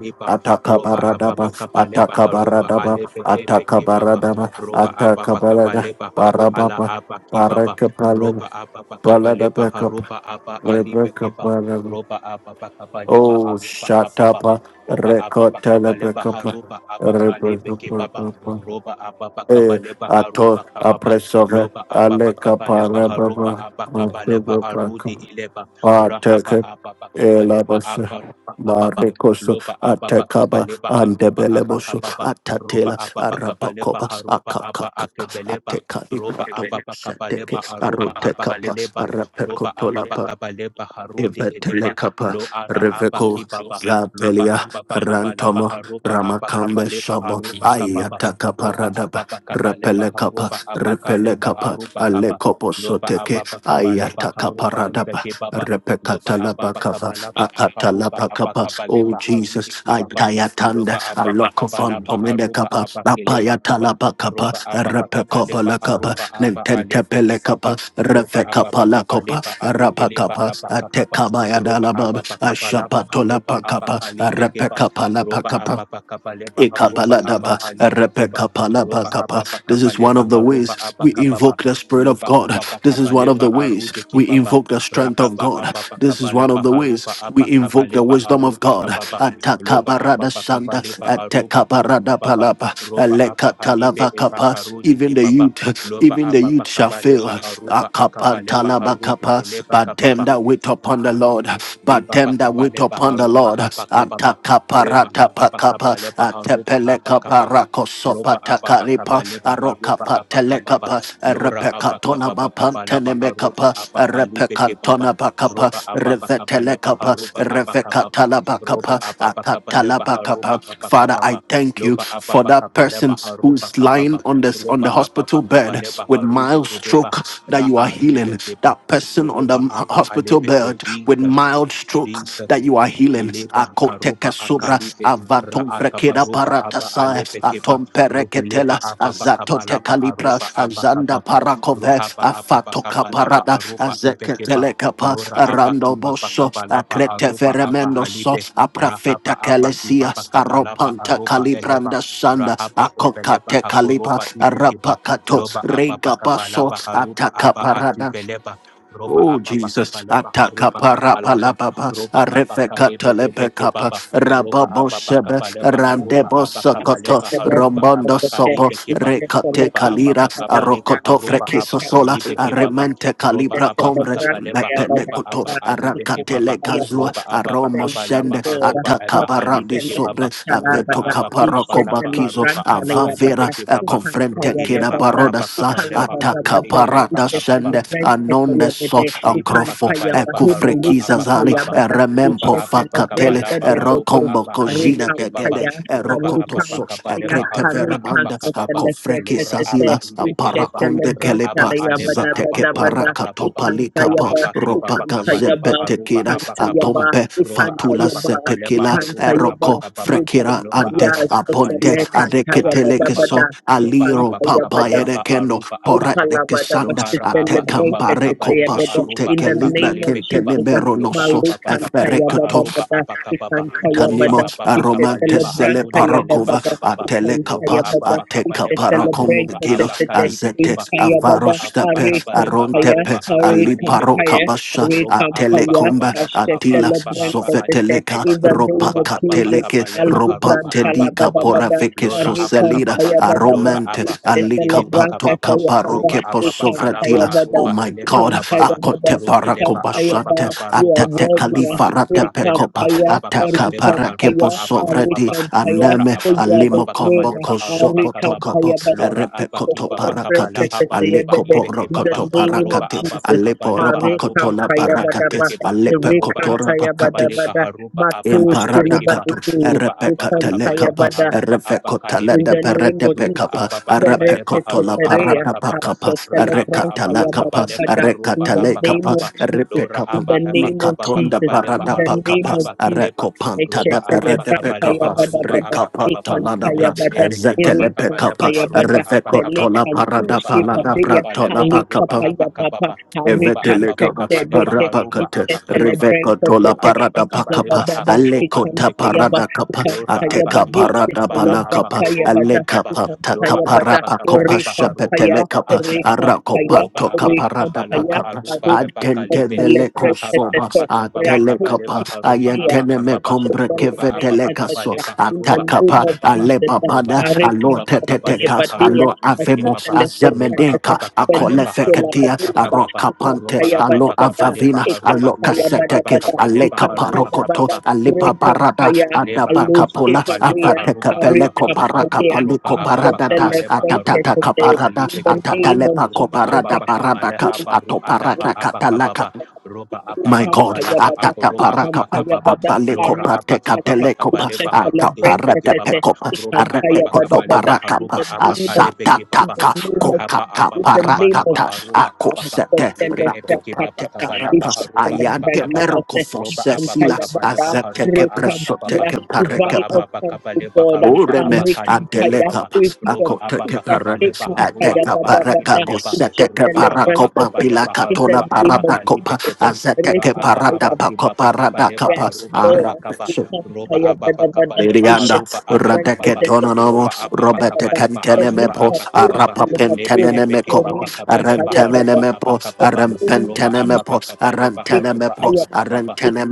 [SPEAKER 2] Roba apa
[SPEAKER 1] Atakabaradaba,
[SPEAKER 2] pakapa haruba
[SPEAKER 1] Atakabaradaba,
[SPEAKER 2] alebe ebe kibaba.
[SPEAKER 1] Atakabaradaba,
[SPEAKER 2] Roba apa pakapa
[SPEAKER 1] Atakabarada,
[SPEAKER 2] haru ala
[SPEAKER 1] Barababa,
[SPEAKER 2] apa kibaba. Roba
[SPEAKER 1] Barakapalada,
[SPEAKER 2] apa pakapa
[SPEAKER 1] Balada
[SPEAKER 2] leba
[SPEAKER 1] Backup,
[SPEAKER 2] haruba apa alibe
[SPEAKER 1] Rebecca
[SPEAKER 2] kiba. Roba apa pakapa leba
[SPEAKER 1] Oh,
[SPEAKER 2] aruba
[SPEAKER 1] shut up.
[SPEAKER 2] kababa.
[SPEAKER 1] uh,
[SPEAKER 2] Roba apa
[SPEAKER 1] Record
[SPEAKER 2] pakapa leba
[SPEAKER 1] telepecapa.
[SPEAKER 2] haruba apa kalebe kibaba.
[SPEAKER 1] Repeatapa.
[SPEAKER 2] Roba apa pakapa
[SPEAKER 1] Eh,
[SPEAKER 2] leba haruba
[SPEAKER 1] ato
[SPEAKER 2] kababa.
[SPEAKER 1] apresove.
[SPEAKER 2] Loba
[SPEAKER 1] Aleka
[SPEAKER 2] ababakabaleba haruba
[SPEAKER 1] parababa.
[SPEAKER 2] abakabaleba
[SPEAKER 1] Matuba praka.
[SPEAKER 2] arudi ileba rahaba
[SPEAKER 1] Ateke.
[SPEAKER 2] ababakabaleba
[SPEAKER 1] Elabasha.
[SPEAKER 2] akababa
[SPEAKER 1] Marikoso,
[SPEAKER 2] loba
[SPEAKER 1] Atekaba,
[SPEAKER 2] ababakabaleba haruba
[SPEAKER 1] Andebeleboso,
[SPEAKER 2] abakababa roba
[SPEAKER 1] Atatela,
[SPEAKER 2] ababakabaleba
[SPEAKER 1] Arapacoba,
[SPEAKER 2] haruba aba
[SPEAKER 1] Akakakaka,
[SPEAKER 2] akebeleba
[SPEAKER 1] Ateka,
[SPEAKER 2] roba
[SPEAKER 1] Atom, Seteke,
[SPEAKER 2] ababakabaleba aruba abakeleba roba
[SPEAKER 1] Arotekapa,
[SPEAKER 2] ababakabaleba harudi edeba
[SPEAKER 1] Ibetelekapa,
[SPEAKER 2] lo ara
[SPEAKER 1] Reveco,
[SPEAKER 2] abakibaba loba
[SPEAKER 1] Zabelia,
[SPEAKER 2] ababakabaleba
[SPEAKER 1] Rantoma,
[SPEAKER 2] haruba
[SPEAKER 1] Ramakambe
[SPEAKER 2] abakabaleba
[SPEAKER 1] Shabo,
[SPEAKER 2] aruba kababa
[SPEAKER 1] Ayataka
[SPEAKER 2] ropa
[SPEAKER 1] Paradaba,
[SPEAKER 2] apapa kapa lepa
[SPEAKER 1] Repelekapa,
[SPEAKER 2] harupa apaka lepa
[SPEAKER 1] Repelekapa,
[SPEAKER 2] harupa kapa
[SPEAKER 1] Alekopo
[SPEAKER 2] lopa
[SPEAKER 1] Soteke,
[SPEAKER 2] apapa kapa lepa
[SPEAKER 1] Ayataka
[SPEAKER 2] harupa
[SPEAKER 1] Paradaba,
[SPEAKER 2] ipeke papa lopa apapa kapa lapa akarupa
[SPEAKER 1] Repekatalabakava, Kappa.
[SPEAKER 2] apakapa
[SPEAKER 1] Oh
[SPEAKER 2] lepa harupe
[SPEAKER 1] Jesus, I
[SPEAKER 2] kipapa
[SPEAKER 1] diatanda,
[SPEAKER 2] lopa
[SPEAKER 1] a
[SPEAKER 2] apapa
[SPEAKER 1] lock of
[SPEAKER 2] kapa
[SPEAKER 1] on
[SPEAKER 2] lapa
[SPEAKER 1] Pomene
[SPEAKER 2] arupa
[SPEAKER 1] Kappa,
[SPEAKER 2] apakelepa
[SPEAKER 1] Apaya
[SPEAKER 2] kapa
[SPEAKER 1] Talaba Kappa,
[SPEAKER 2] ropa
[SPEAKER 1] a
[SPEAKER 2] apapa kapa
[SPEAKER 1] Repecopa
[SPEAKER 2] lepa
[SPEAKER 1] La Kappa,
[SPEAKER 2] harupa apa
[SPEAKER 1] Nentente
[SPEAKER 2] alepe
[SPEAKER 1] Pele
[SPEAKER 2] kipapa
[SPEAKER 1] Kappa,
[SPEAKER 2] ropa apapa
[SPEAKER 1] Refecapa La
[SPEAKER 2] kapa
[SPEAKER 1] Kappa,
[SPEAKER 2] lepa
[SPEAKER 1] a
[SPEAKER 2] arupe
[SPEAKER 1] Rapa
[SPEAKER 2] lepa
[SPEAKER 1] Kappa,
[SPEAKER 2] apakapapa
[SPEAKER 1] Atecabaya
[SPEAKER 2] ropa
[SPEAKER 1] Dalabab,
[SPEAKER 2] apapa kapa lapa
[SPEAKER 1] Ashapatola
[SPEAKER 2] harupa
[SPEAKER 1] Pakapa, a
[SPEAKER 2] apakalepe kipa
[SPEAKER 1] Repecapa La
[SPEAKER 2] ropa
[SPEAKER 1] Pakapa.
[SPEAKER 2] apapa kapa lepa harupa
[SPEAKER 1] Ekapaladaba,
[SPEAKER 2] apahalepe kipa roba ababa
[SPEAKER 1] repekapalabakapa. This
[SPEAKER 2] kaba
[SPEAKER 1] is one of the
[SPEAKER 2] haruba
[SPEAKER 1] ways we
[SPEAKER 2] abakababa
[SPEAKER 1] invoke the Spirit of
[SPEAKER 2] loba
[SPEAKER 1] God.
[SPEAKER 2] ababa
[SPEAKER 1] This
[SPEAKER 2] kaba
[SPEAKER 1] is one of the ways
[SPEAKER 2] arude
[SPEAKER 1] we
[SPEAKER 2] kibaba
[SPEAKER 1] invoke the strength of
[SPEAKER 2] rahaba
[SPEAKER 1] God.
[SPEAKER 2] ababa
[SPEAKER 1] This is
[SPEAKER 2] kaba
[SPEAKER 1] one of
[SPEAKER 2] laba
[SPEAKER 1] the
[SPEAKER 2] haruba
[SPEAKER 1] ways we
[SPEAKER 2] abakaba
[SPEAKER 1] invoke the wisdom of
[SPEAKER 2] aruba
[SPEAKER 1] God.
[SPEAKER 2] kababa loba
[SPEAKER 1] Atakabarada
[SPEAKER 2] ababa kaba
[SPEAKER 1] sanda,
[SPEAKER 2] aruba
[SPEAKER 1] atekabarada
[SPEAKER 2] abakababa
[SPEAKER 1] palapa,
[SPEAKER 2] roba aba halibe
[SPEAKER 1] elekatalabakapa.
[SPEAKER 2] ebakarude
[SPEAKER 1] Even the
[SPEAKER 2] kibaba
[SPEAKER 1] youth,
[SPEAKER 2] loba
[SPEAKER 1] even the
[SPEAKER 2] ababa
[SPEAKER 1] youth shall
[SPEAKER 2] kaba
[SPEAKER 1] fail.
[SPEAKER 2] aruba akabaleba leba harude
[SPEAKER 1] Akapantalabakapa.
[SPEAKER 2] eleba
[SPEAKER 1] But
[SPEAKER 2] kababa
[SPEAKER 1] them that wait upon the Lord, but
[SPEAKER 2] Liba
[SPEAKER 1] them that
[SPEAKER 2] pakapa
[SPEAKER 1] wait
[SPEAKER 2] leba
[SPEAKER 1] upon the
[SPEAKER 2] haruba
[SPEAKER 1] Lord.
[SPEAKER 2] apa kapapa.
[SPEAKER 1] Ataka
[SPEAKER 2] Roba
[SPEAKER 1] parata
[SPEAKER 2] apa
[SPEAKER 1] pakapa.
[SPEAKER 2] pakapa leba haruba apa
[SPEAKER 1] Atepeleka
[SPEAKER 2] kapapa.
[SPEAKER 1] parako sopa
[SPEAKER 2] Roba apa
[SPEAKER 1] takaripa.
[SPEAKER 2] pakapa leba
[SPEAKER 1] Aroka
[SPEAKER 2] haruba apa kapapa.
[SPEAKER 1] patelekapa.
[SPEAKER 2] Lora apa
[SPEAKER 1] Erepekatona
[SPEAKER 2] kapapa kapa
[SPEAKER 1] bapantene
[SPEAKER 2] laba haruba apa kalibe kebaba.
[SPEAKER 1] Erepekantona bakapa.
[SPEAKER 2] Roba apa pakapa leba
[SPEAKER 1] Revetelekapa.
[SPEAKER 2] haruba apa kapapa.
[SPEAKER 1] Revekatala
[SPEAKER 2] Roba
[SPEAKER 1] bakapa.
[SPEAKER 2] apa pakapa
[SPEAKER 1] Akatala
[SPEAKER 2] leba
[SPEAKER 1] bakapa.
[SPEAKER 2] haruba apa
[SPEAKER 1] Father, I
[SPEAKER 2] kapapa.
[SPEAKER 1] thank you
[SPEAKER 2] Loba apa
[SPEAKER 1] for that
[SPEAKER 2] pakapa
[SPEAKER 1] person
[SPEAKER 2] leba haruba
[SPEAKER 1] who's lying
[SPEAKER 2] kapapa.
[SPEAKER 1] on this on the
[SPEAKER 2] Roba apa
[SPEAKER 1] hospital
[SPEAKER 2] pakapa
[SPEAKER 1] bed
[SPEAKER 2] leba
[SPEAKER 1] with
[SPEAKER 2] harude
[SPEAKER 1] mild
[SPEAKER 2] edeba.
[SPEAKER 1] stroke that you are
[SPEAKER 2] Raa
[SPEAKER 1] healing.
[SPEAKER 2] ibekeba.
[SPEAKER 1] That person on the
[SPEAKER 2] Roba aba
[SPEAKER 1] hospital bed with
[SPEAKER 2] alebeke
[SPEAKER 1] mild stroke
[SPEAKER 2] Jesus
[SPEAKER 1] that you are healing.
[SPEAKER 2] ileba karoba
[SPEAKER 1] Akoteke sobra
[SPEAKER 2] akalibe ra
[SPEAKER 1] avatom frekeda
[SPEAKER 2] akabaroba aba
[SPEAKER 1] paratasai
[SPEAKER 2] alebe keba
[SPEAKER 1] atom pereketela
[SPEAKER 2] rufileba ababa
[SPEAKER 1] azatote
[SPEAKER 2] kabalaba
[SPEAKER 1] kalibra
[SPEAKER 2] aroba aba
[SPEAKER 1] azanda
[SPEAKER 2] kababa
[SPEAKER 1] parakove
[SPEAKER 2] rohaba ababa
[SPEAKER 1] afatoka
[SPEAKER 2] kabalaba
[SPEAKER 1] parada
[SPEAKER 2] aroba ibekeba
[SPEAKER 1] azeketele kapa
[SPEAKER 2] lora aba
[SPEAKER 1] arando
[SPEAKER 2] kibaba
[SPEAKER 1] boso
[SPEAKER 2] kabalaba
[SPEAKER 1] akrete
[SPEAKER 2] aroba aba
[SPEAKER 1] feremendo so
[SPEAKER 2] halibe rahaba
[SPEAKER 1] aprafeta
[SPEAKER 2] aba
[SPEAKER 1] kelesia
[SPEAKER 2] kibaba kabalaba
[SPEAKER 1] aropanta
[SPEAKER 2] aroba eleba
[SPEAKER 1] kalibranda sanda
[SPEAKER 2] rahaba ebeleba
[SPEAKER 1] akokate kaliba
[SPEAKER 2] hakoroba ibekeba
[SPEAKER 1] arapakato
[SPEAKER 2] loba ababa
[SPEAKER 1] rega baso
[SPEAKER 2] kabalaba haruba
[SPEAKER 1] ataka
[SPEAKER 2] aba
[SPEAKER 1] parada
[SPEAKER 2] akibeleba roba
[SPEAKER 1] Oh
[SPEAKER 2] ababa
[SPEAKER 1] Jesus,
[SPEAKER 2] kabaleba
[SPEAKER 1] ataka
[SPEAKER 2] haruba
[SPEAKER 1] para
[SPEAKER 2] akalaba
[SPEAKER 1] palababa,
[SPEAKER 2] roba
[SPEAKER 1] arefeka
[SPEAKER 2] abakalebe ebeke
[SPEAKER 1] telepekapa,
[SPEAKER 2] baba roba
[SPEAKER 1] rababo shebe,
[SPEAKER 2] ababakabaleba haruba
[SPEAKER 1] randebo sokoto,
[SPEAKER 2] abakabaleba haruba
[SPEAKER 1] rombondo sopo,
[SPEAKER 2] abakalibe keba
[SPEAKER 1] rekate
[SPEAKER 2] roba
[SPEAKER 1] kalira,
[SPEAKER 2] ababakabaleba
[SPEAKER 1] arokoto
[SPEAKER 2] haruba
[SPEAKER 3] Thank
[SPEAKER 1] frekiso sola,
[SPEAKER 2] abakalibe
[SPEAKER 3] you.
[SPEAKER 2] kebaba
[SPEAKER 1] aremente
[SPEAKER 2] roba
[SPEAKER 1] calibra
[SPEAKER 3] That's the
[SPEAKER 1] combre,
[SPEAKER 3] brand
[SPEAKER 2] ababakabaleba
[SPEAKER 3] because
[SPEAKER 2] haruba
[SPEAKER 1] mepenekoto,
[SPEAKER 3] I
[SPEAKER 2] aba alibe kebaba
[SPEAKER 1] arankatele gazua,
[SPEAKER 3] am
[SPEAKER 2] roba
[SPEAKER 1] aromo
[SPEAKER 3] thank you
[SPEAKER 2] ababakabalaba
[SPEAKER 1] shende,
[SPEAKER 3] for
[SPEAKER 2] aruba
[SPEAKER 1] ataka
[SPEAKER 3] us
[SPEAKER 2] abahalibe
[SPEAKER 1] barandi
[SPEAKER 3] and
[SPEAKER 2] kebaba
[SPEAKER 1] sobre,
[SPEAKER 2] roba
[SPEAKER 1] abeto
[SPEAKER 3] Talabada,
[SPEAKER 1] kaparako
[SPEAKER 3] Ishet
[SPEAKER 2] ababakabalaba
[SPEAKER 3] and
[SPEAKER 1] bakizo
[SPEAKER 2] aruba aba alibe
[SPEAKER 1] avavera
[SPEAKER 3] Brantalayabada, we
[SPEAKER 2] kebaba
[SPEAKER 3] can
[SPEAKER 1] konfrente kida
[SPEAKER 2] rohileba
[SPEAKER 3] Tayabada,
[SPEAKER 1] paroda
[SPEAKER 3] we
[SPEAKER 1] sa
[SPEAKER 2] ababakabaleba
[SPEAKER 1] ataka
[SPEAKER 2] arudi
[SPEAKER 3] Kalabada,
[SPEAKER 2] eleba
[SPEAKER 1] parada
[SPEAKER 3] Ishet
[SPEAKER 2] kababa
[SPEAKER 3] and the
[SPEAKER 1] sende anonde so
[SPEAKER 3] Brantayabada, we
[SPEAKER 2] Lipa
[SPEAKER 3] can
[SPEAKER 1] akrofo
[SPEAKER 2] pakapa lepa
[SPEAKER 3] Tayabahima,
[SPEAKER 2] harupa
[SPEAKER 3] we
[SPEAKER 1] ekufrekiza
[SPEAKER 3] can
[SPEAKER 2] apa
[SPEAKER 1] zali
[SPEAKER 2] kapapa.
[SPEAKER 3] Tayabada,
[SPEAKER 2] Ropa
[SPEAKER 1] eremempo
[SPEAKER 3] Ishet
[SPEAKER 2] apa
[SPEAKER 3] and the
[SPEAKER 2] pakapa
[SPEAKER 1] fakatele
[SPEAKER 2] lapa
[SPEAKER 1] uh,
[SPEAKER 2] arupa
[SPEAKER 3] Brantayabato,
[SPEAKER 1] rokombo
[SPEAKER 2] apa
[SPEAKER 1] kojina
[SPEAKER 2] halipe
[SPEAKER 3] Arika
[SPEAKER 2] kepapa.
[SPEAKER 1] tegede
[SPEAKER 3] Taya,
[SPEAKER 2] Ropa apa
[SPEAKER 3] Arika
[SPEAKER 1] erokotoso
[SPEAKER 2] pakapa
[SPEAKER 3] Taya,
[SPEAKER 2] lepa
[SPEAKER 1] ekrete
[SPEAKER 2] harupa
[SPEAKER 3] Arika
[SPEAKER 2] apa
[SPEAKER 1] veremanda
[SPEAKER 2] kapapa.
[SPEAKER 3] Sotele
[SPEAKER 2] Lora
[SPEAKER 1] akofrekisa
[SPEAKER 3] Frekete,
[SPEAKER 1] zila
[SPEAKER 2] apa hipe
[SPEAKER 3] Ishet
[SPEAKER 2] kelepa.
[SPEAKER 3] and
[SPEAKER 2] Ra
[SPEAKER 1] aparakonde kepa
[SPEAKER 2] apa aleba
[SPEAKER 3] the
[SPEAKER 2] apa
[SPEAKER 1] zeteke
[SPEAKER 2] koropa
[SPEAKER 3] Brantalayabada,
[SPEAKER 1] parakato
[SPEAKER 2] kapapa. La
[SPEAKER 1] palikapa
[SPEAKER 3] ikantayaba,
[SPEAKER 2] apa kipa
[SPEAKER 1] robaka
[SPEAKER 2] pakapa lepa
[SPEAKER 3] ikantayaba,
[SPEAKER 2] arupa
[SPEAKER 1] zepetekira
[SPEAKER 2] apa
[SPEAKER 3] ikantayaba,
[SPEAKER 2] kapapa.
[SPEAKER 1] atompe
[SPEAKER 2] Ropa apa
[SPEAKER 1] fatula
[SPEAKER 3] ikantayaba,
[SPEAKER 2] pakapa lepa
[SPEAKER 1] setekila
[SPEAKER 2] arupa
[SPEAKER 3] ikantayaba,
[SPEAKER 2] apa
[SPEAKER 1] eroko
[SPEAKER 2] kapapa.
[SPEAKER 3] mibam
[SPEAKER 1] frekira
[SPEAKER 2] Lopa
[SPEAKER 1] ante
[SPEAKER 2] apa
[SPEAKER 3] payas,
[SPEAKER 2] pakapa
[SPEAKER 1] aponte
[SPEAKER 3] etele
[SPEAKER 2] lepa harupa apa
[SPEAKER 3] kantayaba
[SPEAKER 2] kapapa.
[SPEAKER 3] dabada,
[SPEAKER 1] areketelekeso
[SPEAKER 2] Lopa
[SPEAKER 1] aliro
[SPEAKER 2] apa
[SPEAKER 1] papa
[SPEAKER 3] ikantayaba
[SPEAKER 2] pakapa lapa
[SPEAKER 1] papayerekendo
[SPEAKER 2] arupa
[SPEAKER 3] O
[SPEAKER 2] apa kapa.
[SPEAKER 3] Kalabada
[SPEAKER 1] poretekesanda
[SPEAKER 3] Bashi,
[SPEAKER 2] Lohara abaki
[SPEAKER 3] celebrated
[SPEAKER 2] baba
[SPEAKER 1] atekampareko
[SPEAKER 3] today,
[SPEAKER 2] kabaleba
[SPEAKER 3] brother,
[SPEAKER 2] aruba
[SPEAKER 3] in the
[SPEAKER 1] pasutekeligra
[SPEAKER 3] name of
[SPEAKER 2] abakalebe keba.
[SPEAKER 3] Jesus. uh,
[SPEAKER 2] Loba
[SPEAKER 1] kentenemeronoso
[SPEAKER 2] ababa
[SPEAKER 3] Malikantaya
[SPEAKER 2] kabaleba
[SPEAKER 1] efereketo
[SPEAKER 3] Bada
[SPEAKER 2] haruba
[SPEAKER 3] Bada,
[SPEAKER 2] abakababa.
[SPEAKER 3] Ikantaya
[SPEAKER 2] Roba
[SPEAKER 1] Tanimo,
[SPEAKER 3] Bada,
[SPEAKER 2] ababa
[SPEAKER 1] Aromante
[SPEAKER 2] kabaleba
[SPEAKER 1] Sele
[SPEAKER 2] harude
[SPEAKER 3] Ishetelebrankaya
[SPEAKER 2] eleba
[SPEAKER 3] Bada
[SPEAKER 1] Parakova,
[SPEAKER 3] Bada,
[SPEAKER 2] kababa. Loba
[SPEAKER 1] Atelekapa,
[SPEAKER 3] Ikantaya Bada,
[SPEAKER 2] ababa
[SPEAKER 1] Ateka
[SPEAKER 2] kabaleba haruba
[SPEAKER 1] Parakomegilo,
[SPEAKER 3] Ishetelebrankaya
[SPEAKER 2] abakalibe keba.
[SPEAKER 1] Azete,
[SPEAKER 3] Inkaya
[SPEAKER 2] Roba
[SPEAKER 3] Bada,
[SPEAKER 2] ababa
[SPEAKER 1] Avarostepe,
[SPEAKER 3] Are
[SPEAKER 2] kabaleba
[SPEAKER 3] Kampaya,
[SPEAKER 2] aruba
[SPEAKER 1] Arontepe,
[SPEAKER 2] aba
[SPEAKER 3] Are
[SPEAKER 1] Ali
[SPEAKER 2] alibe
[SPEAKER 3] Kampaya,
[SPEAKER 2] kebaba.
[SPEAKER 1] Parokabasha,
[SPEAKER 3] Are
[SPEAKER 2] Roba ababa
[SPEAKER 3] Kampaya,
[SPEAKER 1] Atelekomba,
[SPEAKER 2] kabalaba
[SPEAKER 1] Atila,
[SPEAKER 2] akaruba aba
[SPEAKER 3] Ashetelebrankaya,
[SPEAKER 2] alibe
[SPEAKER 1] Zofeteleka,
[SPEAKER 2] keba.
[SPEAKER 3] in the name
[SPEAKER 1] Ropa
[SPEAKER 2] Roba
[SPEAKER 3] of
[SPEAKER 2] ababa
[SPEAKER 3] Jesus.
[SPEAKER 1] Kateleke,
[SPEAKER 2] kabaleba
[SPEAKER 1] Ropa
[SPEAKER 2] haruba
[SPEAKER 3] Alibran
[SPEAKER 1] Telika
[SPEAKER 3] Kalabada
[SPEAKER 2] abakababa.
[SPEAKER 3] Bada,
[SPEAKER 1] Porafeke
[SPEAKER 2] Lora
[SPEAKER 3] Are
[SPEAKER 1] Soselida,
[SPEAKER 2] abakababa.
[SPEAKER 3] Kampaya Bada Bada.
[SPEAKER 2] Lora
[SPEAKER 1] Aromante,
[SPEAKER 3] We can
[SPEAKER 2] abaheba kileba
[SPEAKER 3] Tayabada.
[SPEAKER 2] kababa
[SPEAKER 1] Ali
[SPEAKER 2] roba
[SPEAKER 1] baruke
[SPEAKER 3] We
[SPEAKER 2] ababa
[SPEAKER 3] can
[SPEAKER 2] kalaba
[SPEAKER 1] posovretila.
[SPEAKER 3] Tayabada.
[SPEAKER 1] Oh
[SPEAKER 2] aruba
[SPEAKER 1] my
[SPEAKER 2] eleba
[SPEAKER 1] God,
[SPEAKER 2] kababa
[SPEAKER 1] akote
[SPEAKER 3] We can
[SPEAKER 2] ruhileba ababa
[SPEAKER 3] Tayaba.
[SPEAKER 1] parakobashate,
[SPEAKER 3] You are
[SPEAKER 2] kabaruba
[SPEAKER 1] atete
[SPEAKER 2] akababa
[SPEAKER 3] worthy.
[SPEAKER 1] kalifarate
[SPEAKER 3] We can
[SPEAKER 2] rakeleba
[SPEAKER 1] pekopa,
[SPEAKER 3] Taya.
[SPEAKER 2] ababa
[SPEAKER 3] And
[SPEAKER 1] ateka
[SPEAKER 3] we
[SPEAKER 2] kabaleba
[SPEAKER 3] can
[SPEAKER 1] parake
[SPEAKER 2] haruba
[SPEAKER 3] Taya. And we
[SPEAKER 1] posovreti,
[SPEAKER 2] abakababa
[SPEAKER 3] can Taya.
[SPEAKER 2] lora
[SPEAKER 1] aneme
[SPEAKER 3] For you
[SPEAKER 2] abaki
[SPEAKER 3] are the
[SPEAKER 1] alimo
[SPEAKER 2] baba
[SPEAKER 1] kombo
[SPEAKER 3] greater.
[SPEAKER 2] kabaleba
[SPEAKER 3] And
[SPEAKER 2] aruba
[SPEAKER 3] we
[SPEAKER 1] kosopo
[SPEAKER 3] can
[SPEAKER 2] kababa
[SPEAKER 1] tokobo,
[SPEAKER 3] Tayabada.
[SPEAKER 2] lora
[SPEAKER 3] We
[SPEAKER 1] erepe
[SPEAKER 3] shall
[SPEAKER 2] abaki
[SPEAKER 1] koto
[SPEAKER 2] baba
[SPEAKER 3] celebrate
[SPEAKER 1] parakate,
[SPEAKER 2] kabala habaruba
[SPEAKER 1] aleko
[SPEAKER 3] Tayabada
[SPEAKER 2] ibeke
[SPEAKER 3] in the
[SPEAKER 2] baba
[SPEAKER 1] porokoto
[SPEAKER 3] name of
[SPEAKER 2] roba
[SPEAKER 1] parakate,
[SPEAKER 2] ababa
[SPEAKER 3] Jesus.
[SPEAKER 1] alepo
[SPEAKER 2] kabalaba
[SPEAKER 1] ropo
[SPEAKER 3] Mare
[SPEAKER 2] haruba
[SPEAKER 3] can
[SPEAKER 1] kotola
[SPEAKER 3] Tayabada.
[SPEAKER 1] parakate,
[SPEAKER 2] abakalibeke ba
[SPEAKER 1] alepe
[SPEAKER 3] We
[SPEAKER 2] roba
[SPEAKER 3] can
[SPEAKER 1] kotora
[SPEAKER 2] ababa
[SPEAKER 1] pakate,
[SPEAKER 2] kabaleba
[SPEAKER 3] Tayabada.
[SPEAKER 2] haruba aba
[SPEAKER 3] Matos
[SPEAKER 2] alebeke
[SPEAKER 3] delivered
[SPEAKER 2] ba
[SPEAKER 3] the
[SPEAKER 1] Imparadakato,
[SPEAKER 3] day.
[SPEAKER 2] roba
[SPEAKER 3] We
[SPEAKER 2] ababa
[SPEAKER 3] can
[SPEAKER 1] Erepekatalekapa,
[SPEAKER 2] kabaleba
[SPEAKER 3] Tayabada.
[SPEAKER 2] haruba
[SPEAKER 1] Erefekotala
[SPEAKER 3] In
[SPEAKER 2] abakalibeke
[SPEAKER 3] the
[SPEAKER 2] ba
[SPEAKER 3] name of
[SPEAKER 2] roba
[SPEAKER 3] Jesus.
[SPEAKER 1] Peretepekapa,
[SPEAKER 2] ababa kabaleba
[SPEAKER 1] Arepekotola
[SPEAKER 2] haruba
[SPEAKER 3] Bereketekereya,
[SPEAKER 2] abakababa
[SPEAKER 1] Paratapakapa,
[SPEAKER 2] rahaba ababa
[SPEAKER 3] ashetelebrankeya,
[SPEAKER 1] Erekatalakapa,
[SPEAKER 3] bada,
[SPEAKER 2] kabaleba
[SPEAKER 3] bada.
[SPEAKER 2] haruba
[SPEAKER 3] In the name
[SPEAKER 1] Erekatalekapa,
[SPEAKER 3] of
[SPEAKER 2] abakababa
[SPEAKER 3] Jesus.
[SPEAKER 2] lora
[SPEAKER 1] Erepekapa.
[SPEAKER 3] In
[SPEAKER 2] aba
[SPEAKER 3] the name of
[SPEAKER 2] abakibaba
[SPEAKER 1] Mikatonda
[SPEAKER 3] Jesus.
[SPEAKER 2] kabaleba
[SPEAKER 3] In
[SPEAKER 1] parada
[SPEAKER 3] the
[SPEAKER 2] aruba
[SPEAKER 3] name
[SPEAKER 1] pakapa,
[SPEAKER 3] of Jesus.
[SPEAKER 2] abakileba
[SPEAKER 1] areko panta
[SPEAKER 2] roba
[SPEAKER 1] da
[SPEAKER 2] ababa
[SPEAKER 1] perede
[SPEAKER 3] Eshetelebrankeya,
[SPEAKER 2] kabaleba
[SPEAKER 1] pekapa,
[SPEAKER 3] bada,
[SPEAKER 2] haruba
[SPEAKER 3] bada.
[SPEAKER 1] rikapa
[SPEAKER 2] abakababa
[SPEAKER 1] talada bra,
[SPEAKER 3] Ekantaya,
[SPEAKER 2] lebe
[SPEAKER 3] bada.
[SPEAKER 2] ebeke
[SPEAKER 1] ezetele
[SPEAKER 2] baba
[SPEAKER 1] pekapa,
[SPEAKER 2] kabaleba
[SPEAKER 3] Erekantaya,
[SPEAKER 2] haruba
[SPEAKER 3] bada.
[SPEAKER 1] areveko
[SPEAKER 2] abakababa
[SPEAKER 1] tola parada
[SPEAKER 2] roba
[SPEAKER 1] palada
[SPEAKER 2] ababa
[SPEAKER 1] bra
[SPEAKER 3] Belekantushkepadeya,
[SPEAKER 1] tola
[SPEAKER 2] kabaleba aruba
[SPEAKER 1] pakapa.
[SPEAKER 3] alekapaya, baba.
[SPEAKER 2] abakababa roba
[SPEAKER 1] Evetelega
[SPEAKER 2] ababa kabaleba
[SPEAKER 3] Arekantebebebe.
[SPEAKER 2] haruba
[SPEAKER 1] arapakate
[SPEAKER 2] abakababa
[SPEAKER 1] reveko
[SPEAKER 2] loba
[SPEAKER 1] tola
[SPEAKER 3] Eshetelebranketekete,
[SPEAKER 2] ababa
[SPEAKER 1] parada pakapa
[SPEAKER 2] kabaleba
[SPEAKER 3] ekalabadaba,
[SPEAKER 2] hakoroba
[SPEAKER 1] alekota
[SPEAKER 2] ibeke
[SPEAKER 3] ekantaya, Bada.
[SPEAKER 2] baba
[SPEAKER 1] parada kapa
[SPEAKER 2] lora
[SPEAKER 3] Ukantaya
[SPEAKER 1] ateka
[SPEAKER 3] bahi
[SPEAKER 2] abakibaba
[SPEAKER 1] parada
[SPEAKER 2] kabala
[SPEAKER 3] setelebra
[SPEAKER 1] balakapa
[SPEAKER 3] kaya
[SPEAKER 2] abakoroba
[SPEAKER 3] bada.
[SPEAKER 1] aleka
[SPEAKER 2] kibaba
[SPEAKER 1] pata
[SPEAKER 2] Loba
[SPEAKER 3] Ukantaya
[SPEAKER 1] kapara
[SPEAKER 3] bada.
[SPEAKER 2] ababa
[SPEAKER 1] pakopa
[SPEAKER 2] kabaleba haruba
[SPEAKER 3] Erekampaya.
[SPEAKER 1] shapetele
[SPEAKER 2] aba
[SPEAKER 1] kapa
[SPEAKER 2] akibaba.
[SPEAKER 1] arakopa
[SPEAKER 3] Erekampaya.
[SPEAKER 2] Roba
[SPEAKER 1] toka
[SPEAKER 2] ababa
[SPEAKER 1] parada
[SPEAKER 2] kabalaba
[SPEAKER 3] Erekampaya.
[SPEAKER 1] pakapa
[SPEAKER 2] aruba eba
[SPEAKER 3] Aruka
[SPEAKER 1] atente
[SPEAKER 2] kalibe.
[SPEAKER 3] setelebra
[SPEAKER 1] meleko
[SPEAKER 2] Rahaba
[SPEAKER 1] soma
[SPEAKER 2] aba
[SPEAKER 3] tetete.
[SPEAKER 2] kibaba
[SPEAKER 1] atele
[SPEAKER 3] Raku
[SPEAKER 1] kapa
[SPEAKER 2] kabaleba haruba
[SPEAKER 3] kitabia.
[SPEAKER 2] aba
[SPEAKER 1] ayentene
[SPEAKER 2] kababa.
[SPEAKER 1] mekombre
[SPEAKER 2] Roba
[SPEAKER 3] Setelebra
[SPEAKER 2] ababa
[SPEAKER 1] kevetele kaso
[SPEAKER 3] tetete.
[SPEAKER 2] kabaleba
[SPEAKER 3] In the
[SPEAKER 2] aruba aba
[SPEAKER 3] name
[SPEAKER 1] atakapa
[SPEAKER 3] of
[SPEAKER 2] kababa.
[SPEAKER 1] ale
[SPEAKER 3] Jesus.
[SPEAKER 2] Loba
[SPEAKER 1] babada
[SPEAKER 2] aba
[SPEAKER 1] alo
[SPEAKER 2] kibaba
[SPEAKER 3] Arekampaya
[SPEAKER 2] kabaleba
[SPEAKER 1] teteteka
[SPEAKER 3] badea.
[SPEAKER 2] haruba
[SPEAKER 1] alo
[SPEAKER 2] ibeke
[SPEAKER 1] avemo
[SPEAKER 2] baba.
[SPEAKER 3] Setelebra
[SPEAKER 2] Roba
[SPEAKER 1] azemendenka
[SPEAKER 3] tetete.
[SPEAKER 2] ababa
[SPEAKER 1] akole
[SPEAKER 2] kabaleba
[SPEAKER 3] Beluske la
[SPEAKER 2] haruba
[SPEAKER 1] feketia
[SPEAKER 2] aba
[SPEAKER 3] babuza.
[SPEAKER 2] kababa.
[SPEAKER 1] aroka pante
[SPEAKER 2] Roba
[SPEAKER 3] Ukantaya
[SPEAKER 1] alo
[SPEAKER 3] bada
[SPEAKER 2] ababa
[SPEAKER 3] bada.
[SPEAKER 2] kabaleba
[SPEAKER 1] avavina alo
[SPEAKER 2] haruba
[SPEAKER 3] Ekantaya
[SPEAKER 2] ibeke
[SPEAKER 3] bada
[SPEAKER 2] baba
[SPEAKER 1] kaseteke
[SPEAKER 3] bada.
[SPEAKER 1] ale
[SPEAKER 2] kabaleba haruba
[SPEAKER 3] Ekantaya
[SPEAKER 1] kaparokoto
[SPEAKER 2] kababa
[SPEAKER 3] bada.
[SPEAKER 1] ale babarada
[SPEAKER 3] Rekantaya
[SPEAKER 2] leba
[SPEAKER 1] adaba
[SPEAKER 2] apapa
[SPEAKER 3] aluske
[SPEAKER 1] kapola
[SPEAKER 2] kapa lapa
[SPEAKER 3] padea,
[SPEAKER 1] avateka
[SPEAKER 2] haruba apa
[SPEAKER 1] peleko
[SPEAKER 3] arika
[SPEAKER 2] kapapa
[SPEAKER 1] paraka
[SPEAKER 3] padea,
[SPEAKER 2] roba
[SPEAKER 1] paliko
[SPEAKER 2] apapa
[SPEAKER 1] parada
[SPEAKER 2] kapa
[SPEAKER 3] asatele
[SPEAKER 1] das
[SPEAKER 2] leba
[SPEAKER 3] frente
[SPEAKER 2] haruba
[SPEAKER 1] atatata
[SPEAKER 3] kote.
[SPEAKER 2] apa
[SPEAKER 1] kaparada
[SPEAKER 3] In
[SPEAKER 2] kalibe
[SPEAKER 3] the
[SPEAKER 2] kibaba
[SPEAKER 3] name of
[SPEAKER 1] atatalepa
[SPEAKER 2] roba
[SPEAKER 3] Jesus,
[SPEAKER 1] koparada
[SPEAKER 2] apapa kapa
[SPEAKER 1] paradaka
[SPEAKER 2] leha
[SPEAKER 3] Kabul,
[SPEAKER 2] baru alaba
[SPEAKER 3] Kabul,
[SPEAKER 1] atoparada
[SPEAKER 2] apa
[SPEAKER 1] katalaka
[SPEAKER 2] kapapa roba
[SPEAKER 3] Kabul,
[SPEAKER 2] apapa
[SPEAKER 1] my
[SPEAKER 2] kapa
[SPEAKER 1] God,
[SPEAKER 2] lapa
[SPEAKER 1] ataka
[SPEAKER 2] akoroba
[SPEAKER 3] Kabul,
[SPEAKER 2] apa
[SPEAKER 1] parakapa,
[SPEAKER 2] kapapa
[SPEAKER 3] Kabul,
[SPEAKER 1] apaleko
[SPEAKER 2] lora
[SPEAKER 3] Arika,
[SPEAKER 2] apa
[SPEAKER 1] pateka
[SPEAKER 3] Kata,
[SPEAKER 2] kibaba
[SPEAKER 1] teleko
[SPEAKER 2] kapa
[SPEAKER 1] telekopa,
[SPEAKER 2] leba
[SPEAKER 3] Ushetele
[SPEAKER 2] harude
[SPEAKER 1] akapara
[SPEAKER 2] ebe
[SPEAKER 3] Brente
[SPEAKER 1] de
[SPEAKER 3] Tete,
[SPEAKER 2] kibaba
[SPEAKER 1] pekopa,
[SPEAKER 2] roba
[SPEAKER 3] Kikantaya
[SPEAKER 2] apapa kapa
[SPEAKER 1] arepekoto
[SPEAKER 3] Bada
[SPEAKER 2] leba
[SPEAKER 3] Bada. In
[SPEAKER 1] parakapa,
[SPEAKER 2] haruba
[SPEAKER 3] the
[SPEAKER 2] apa
[SPEAKER 3] name of
[SPEAKER 2] kalebe
[SPEAKER 3] Jesus,
[SPEAKER 1] asataka
[SPEAKER 3] in
[SPEAKER 2] kibaba
[SPEAKER 3] the name of
[SPEAKER 2] rahaba
[SPEAKER 3] Jesus,
[SPEAKER 1] kokaka
[SPEAKER 3] in
[SPEAKER 2] apapa
[SPEAKER 3] the
[SPEAKER 2] kapa
[SPEAKER 3] name of
[SPEAKER 2] lapa
[SPEAKER 1] parakata,
[SPEAKER 3] Jesus,
[SPEAKER 2] aruba kapapa
[SPEAKER 1] akosete
[SPEAKER 3] Asatele
[SPEAKER 2] lebe ebe
[SPEAKER 3] Frente
[SPEAKER 1] rakopa
[SPEAKER 3] Kata,
[SPEAKER 2] kibaba
[SPEAKER 1] teka
[SPEAKER 2] kapa lapa
[SPEAKER 1] rapa,
[SPEAKER 2] haruba
[SPEAKER 3] Ushetele
[SPEAKER 2] apa
[SPEAKER 1] ayante
[SPEAKER 3] Brente
[SPEAKER 2] kapapa
[SPEAKER 1] meroko
[SPEAKER 2] roba apapa
[SPEAKER 1] fosesila,
[SPEAKER 2] kapa leba haruba
[SPEAKER 1] azateke
[SPEAKER 2] apa
[SPEAKER 1] presote
[SPEAKER 2] kapapa Roba
[SPEAKER 3] divine
[SPEAKER 1] ke
[SPEAKER 2] apa
[SPEAKER 3] access to
[SPEAKER 2] kabale
[SPEAKER 3] God.
[SPEAKER 2] baha roba
[SPEAKER 3] And
[SPEAKER 1] Uremes
[SPEAKER 2] abakali beke
[SPEAKER 3] rekindle.
[SPEAKER 2] baba.
[SPEAKER 3] We
[SPEAKER 1] atelekapas
[SPEAKER 3] give a
[SPEAKER 2] Roba apa
[SPEAKER 1] akoteke
[SPEAKER 3] peace.
[SPEAKER 2] kabale
[SPEAKER 1] parames
[SPEAKER 2] baha roba
[SPEAKER 3] Rekindle.
[SPEAKER 1] ateka
[SPEAKER 2] aba
[SPEAKER 3] Baba, Baba.
[SPEAKER 1] parakapos
[SPEAKER 2] akibeleba.
[SPEAKER 3] We shall
[SPEAKER 1] seteke
[SPEAKER 2] Roba apa
[SPEAKER 3] celebrate
[SPEAKER 1] parakopa
[SPEAKER 3] it
[SPEAKER 2] kabale
[SPEAKER 1] pila
[SPEAKER 2] baha
[SPEAKER 3] in the
[SPEAKER 1] katona
[SPEAKER 2] roba
[SPEAKER 3] name of
[SPEAKER 2] abakali
[SPEAKER 1] parapakopa
[SPEAKER 2] beke ba.
[SPEAKER 3] Jesus.
[SPEAKER 2] Ra
[SPEAKER 1] azeteke
[SPEAKER 2] aba
[SPEAKER 1] parada
[SPEAKER 3] Rekindle.
[SPEAKER 2] abaki baba
[SPEAKER 1] pakoparada
[SPEAKER 2] kabale
[SPEAKER 3] Yes,
[SPEAKER 2] baha
[SPEAKER 1] kapas
[SPEAKER 2] roba
[SPEAKER 3] Lord.
[SPEAKER 2] abakaba.
[SPEAKER 3] We
[SPEAKER 1] arapesu
[SPEAKER 3] come
[SPEAKER 2] Roba
[SPEAKER 3] tire, Baba,
[SPEAKER 2] ababa
[SPEAKER 3] Baba.
[SPEAKER 2] kabale
[SPEAKER 3] We
[SPEAKER 2] baha
[SPEAKER 1] Mirianda,
[SPEAKER 3] shall
[SPEAKER 2] roba
[SPEAKER 3] celebrate
[SPEAKER 1] Radeke
[SPEAKER 2] abakababa.
[SPEAKER 3] it.
[SPEAKER 1] Tononomo,
[SPEAKER 3] We
[SPEAKER 2] Roba
[SPEAKER 3] come
[SPEAKER 2] ababa
[SPEAKER 3] tire,
[SPEAKER 1] Robert
[SPEAKER 3] Baba.
[SPEAKER 2] kabale baha
[SPEAKER 3] The
[SPEAKER 2] roba
[SPEAKER 3] lift
[SPEAKER 1] Cantenemepo,
[SPEAKER 3] of those
[SPEAKER 2] abakababa.
[SPEAKER 3] to the
[SPEAKER 2] Lebe
[SPEAKER 3] Lord.
[SPEAKER 2] ebeke
[SPEAKER 1] Arapapentenemecopo,
[SPEAKER 3] We
[SPEAKER 2] baba
[SPEAKER 3] come
[SPEAKER 2] kabale
[SPEAKER 3] tire,
[SPEAKER 2] baha roba
[SPEAKER 3] Baba.
[SPEAKER 1] Arantemenemepo,
[SPEAKER 3] The
[SPEAKER 2] abakababa.
[SPEAKER 3] name of
[SPEAKER 2] Roba
[SPEAKER 3] Jesus.
[SPEAKER 1] Arampentenemepo,
[SPEAKER 2] apa kabale baha roba
[SPEAKER 1] Arantenemepo,
[SPEAKER 3] Vikaya,
[SPEAKER 2] abakababa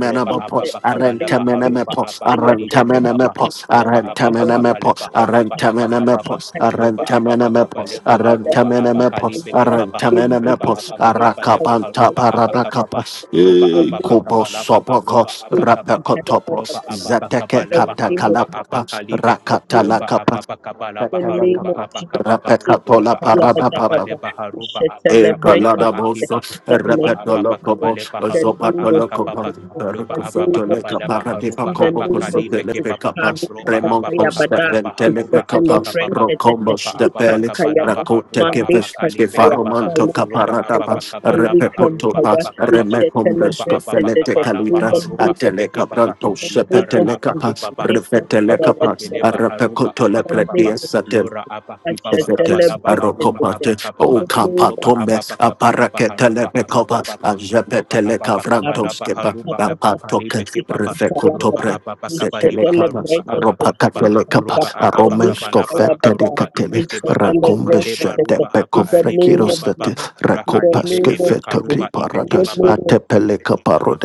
[SPEAKER 2] roba ababa
[SPEAKER 3] Sete,
[SPEAKER 2] kabalaba haruba
[SPEAKER 1] Arantemenemepo,
[SPEAKER 3] Vikaya,
[SPEAKER 2] abakalibe baba. roba
[SPEAKER 1] Arantemenemepo,
[SPEAKER 2] ababa
[SPEAKER 1] Arantamenemepos,
[SPEAKER 2] kabalaba haruba abakababa
[SPEAKER 1] Arantamenemepos,
[SPEAKER 2] roba ababa
[SPEAKER 1] Arantamenemepos,
[SPEAKER 2] kabaleba haruba
[SPEAKER 1] Arantamenemepos,
[SPEAKER 2] abakalibe baba. roba
[SPEAKER 1] Arantamenemepos,
[SPEAKER 2] ababa kabaleba
[SPEAKER 1] Arakabanta
[SPEAKER 2] haruba abakababa
[SPEAKER 1] Paradakapas, e
[SPEAKER 2] roba ababa
[SPEAKER 1] Kobo
[SPEAKER 2] kabalaba haruba
[SPEAKER 1] Sobokos,
[SPEAKER 2] abakababa roba
[SPEAKER 1] Rapakotopos,
[SPEAKER 2] ababa
[SPEAKER 1] Zateke
[SPEAKER 2] kabalaba
[SPEAKER 3] Vikaya,
[SPEAKER 2] haruba
[SPEAKER 1] Katakalapapas,
[SPEAKER 2] abakalibe
[SPEAKER 3] Vikaya,
[SPEAKER 2] roba
[SPEAKER 1] Rakatalakapas,
[SPEAKER 2] ababa kabalaba
[SPEAKER 3] the name
[SPEAKER 2] haruba
[SPEAKER 3] of
[SPEAKER 1] Rakatalakapas,
[SPEAKER 3] Jesus.
[SPEAKER 2] abakababa
[SPEAKER 3] We
[SPEAKER 1] Rapekatola
[SPEAKER 2] roba ababa
[SPEAKER 1] paradapapa,
[SPEAKER 2] kabaleba haruba
[SPEAKER 3] shall celebrate
[SPEAKER 2] abakabaleba
[SPEAKER 3] it
[SPEAKER 1] Egaladaboso,
[SPEAKER 2] akiba
[SPEAKER 3] in the
[SPEAKER 2] roba
[SPEAKER 3] name of
[SPEAKER 2] ababa
[SPEAKER 3] Jesus.
[SPEAKER 1] Repetolocobo,
[SPEAKER 2] kabaleba
[SPEAKER 3] In the
[SPEAKER 2] haruba
[SPEAKER 3] name of
[SPEAKER 2] abakababa
[SPEAKER 1] Zopatolocopa,
[SPEAKER 3] Jesus.
[SPEAKER 2] Loba
[SPEAKER 3] In the
[SPEAKER 2] ababa
[SPEAKER 3] name of
[SPEAKER 1] Ricosoteleca
[SPEAKER 2] kabala
[SPEAKER 3] Jesus.
[SPEAKER 1] Paradipa
[SPEAKER 2] baharuba
[SPEAKER 3] In the name
[SPEAKER 1] Copocoso
[SPEAKER 3] of
[SPEAKER 2] abakalibe
[SPEAKER 3] Jesus.
[SPEAKER 2] kebaba.
[SPEAKER 1] Telepecapa,
[SPEAKER 3] Haruka
[SPEAKER 2] Roba ababa
[SPEAKER 3] papaya
[SPEAKER 1] Remonto
[SPEAKER 3] bada.
[SPEAKER 2] kabala
[SPEAKER 1] Stephen
[SPEAKER 3] We
[SPEAKER 2] baharuba
[SPEAKER 3] shall
[SPEAKER 1] Telepecapa,
[SPEAKER 3] celebrate
[SPEAKER 2] abakababa.
[SPEAKER 3] it.
[SPEAKER 1] Rocombo
[SPEAKER 2] Loba
[SPEAKER 3] We
[SPEAKER 2] ababa
[SPEAKER 3] can
[SPEAKER 1] Stepele,
[SPEAKER 3] fire.
[SPEAKER 2] kabala
[SPEAKER 1] Racote
[SPEAKER 2] baharuba
[SPEAKER 3] Mane can
[SPEAKER 1] Keveske
[SPEAKER 2] abakalibe
[SPEAKER 3] fire.
[SPEAKER 2] kebaba.
[SPEAKER 1] Faromanto
[SPEAKER 3] Mane can
[SPEAKER 2] Roba
[SPEAKER 1] Caparadapa,
[SPEAKER 3] fire.
[SPEAKER 2] ababa kabala
[SPEAKER 3] Mane can
[SPEAKER 2] baharuba
[SPEAKER 3] fire.
[SPEAKER 1] Repecotopa,
[SPEAKER 3] We
[SPEAKER 2] abakababa.
[SPEAKER 3] shall
[SPEAKER 2] Roba
[SPEAKER 1] Remecombresco
[SPEAKER 3] celebrate
[SPEAKER 2] ababa
[SPEAKER 3] it.
[SPEAKER 1] Felete
[SPEAKER 2] kabala
[SPEAKER 3] In the
[SPEAKER 1] Calibras,
[SPEAKER 2] baharuba
[SPEAKER 3] name of
[SPEAKER 2] ebeke
[SPEAKER 1] Ateleca
[SPEAKER 3] Jesus.
[SPEAKER 2] baba.
[SPEAKER 3] In
[SPEAKER 1] Branto
[SPEAKER 3] the name
[SPEAKER 2] Lohara
[SPEAKER 3] of
[SPEAKER 1] Sepetelecapa,
[SPEAKER 3] Jesus.
[SPEAKER 2] abaki baba.
[SPEAKER 3] They can
[SPEAKER 2] Roba
[SPEAKER 1] Revetelecapa,
[SPEAKER 3] fire
[SPEAKER 2] abakele baharuba
[SPEAKER 3] the name
[SPEAKER 2] abakababa.
[SPEAKER 3] of Jesus.
[SPEAKER 1] Repecotolepre
[SPEAKER 2] Lora
[SPEAKER 3] I
[SPEAKER 2] abaki
[SPEAKER 3] shall
[SPEAKER 2] baba
[SPEAKER 1] Evete,
[SPEAKER 2] kabala
[SPEAKER 3] celebrate it
[SPEAKER 2] baharuba
[SPEAKER 3] today.
[SPEAKER 1] Arocopate,
[SPEAKER 3] in
[SPEAKER 1] O
[SPEAKER 2] abakababa.
[SPEAKER 3] the name
[SPEAKER 2] Roba
[SPEAKER 3] of
[SPEAKER 1] Capatombe,
[SPEAKER 2] ababa kabala
[SPEAKER 1] Aparacetele
[SPEAKER 2] baharuba
[SPEAKER 1] Becopa,
[SPEAKER 3] Jesus.
[SPEAKER 2] abakababa. Roba
[SPEAKER 1] Ajapetele
[SPEAKER 2] ababa
[SPEAKER 3] I will
[SPEAKER 2] kabalaba
[SPEAKER 3] come,
[SPEAKER 1] Cavrantoskeba,
[SPEAKER 2] haruba
[SPEAKER 3] come, come, come.
[SPEAKER 1] Bapatoke,
[SPEAKER 2] abakalibe
[SPEAKER 3] We
[SPEAKER 2] kebaba.
[SPEAKER 3] shall celebrate.
[SPEAKER 2] Roba
[SPEAKER 1] Refecotopre.
[SPEAKER 3] it.
[SPEAKER 2] ababa
[SPEAKER 3] We shall
[SPEAKER 1] Setele
[SPEAKER 2] kabaliba
[SPEAKER 1] capa,
[SPEAKER 2] haruba
[SPEAKER 3] celebrate it. We
[SPEAKER 1] ropa
[SPEAKER 2] abakababa.
[SPEAKER 3] shall
[SPEAKER 1] catele
[SPEAKER 3] come, come,
[SPEAKER 1] capa,
[SPEAKER 2] Roba ababa
[SPEAKER 3] celebrate.
[SPEAKER 1] aromesco
[SPEAKER 2] kabalaba
[SPEAKER 1] fete di
[SPEAKER 3] it.
[SPEAKER 2] akoroba
[SPEAKER 1] catele,
[SPEAKER 3] We
[SPEAKER 2] ibeke
[SPEAKER 3] shall
[SPEAKER 2] baba.
[SPEAKER 3] celebrate
[SPEAKER 2] Leheba
[SPEAKER 1] racombesce de
[SPEAKER 3] it
[SPEAKER 2] roba aba
[SPEAKER 1] peco
[SPEAKER 3] in the
[SPEAKER 2] alibe
[SPEAKER 3] name of
[SPEAKER 2] kebaba.
[SPEAKER 1] frecirostate,
[SPEAKER 3] Jesus. In the
[SPEAKER 2] Rahalibe
[SPEAKER 1] recopasque
[SPEAKER 3] name of
[SPEAKER 2] eba
[SPEAKER 1] feto
[SPEAKER 3] Jesus.
[SPEAKER 2] karuba
[SPEAKER 3] In
[SPEAKER 1] cliparata,
[SPEAKER 2] ibeke
[SPEAKER 3] the
[SPEAKER 2] baba.
[SPEAKER 1] a
[SPEAKER 3] name of
[SPEAKER 1] tepele
[SPEAKER 3] Jesus.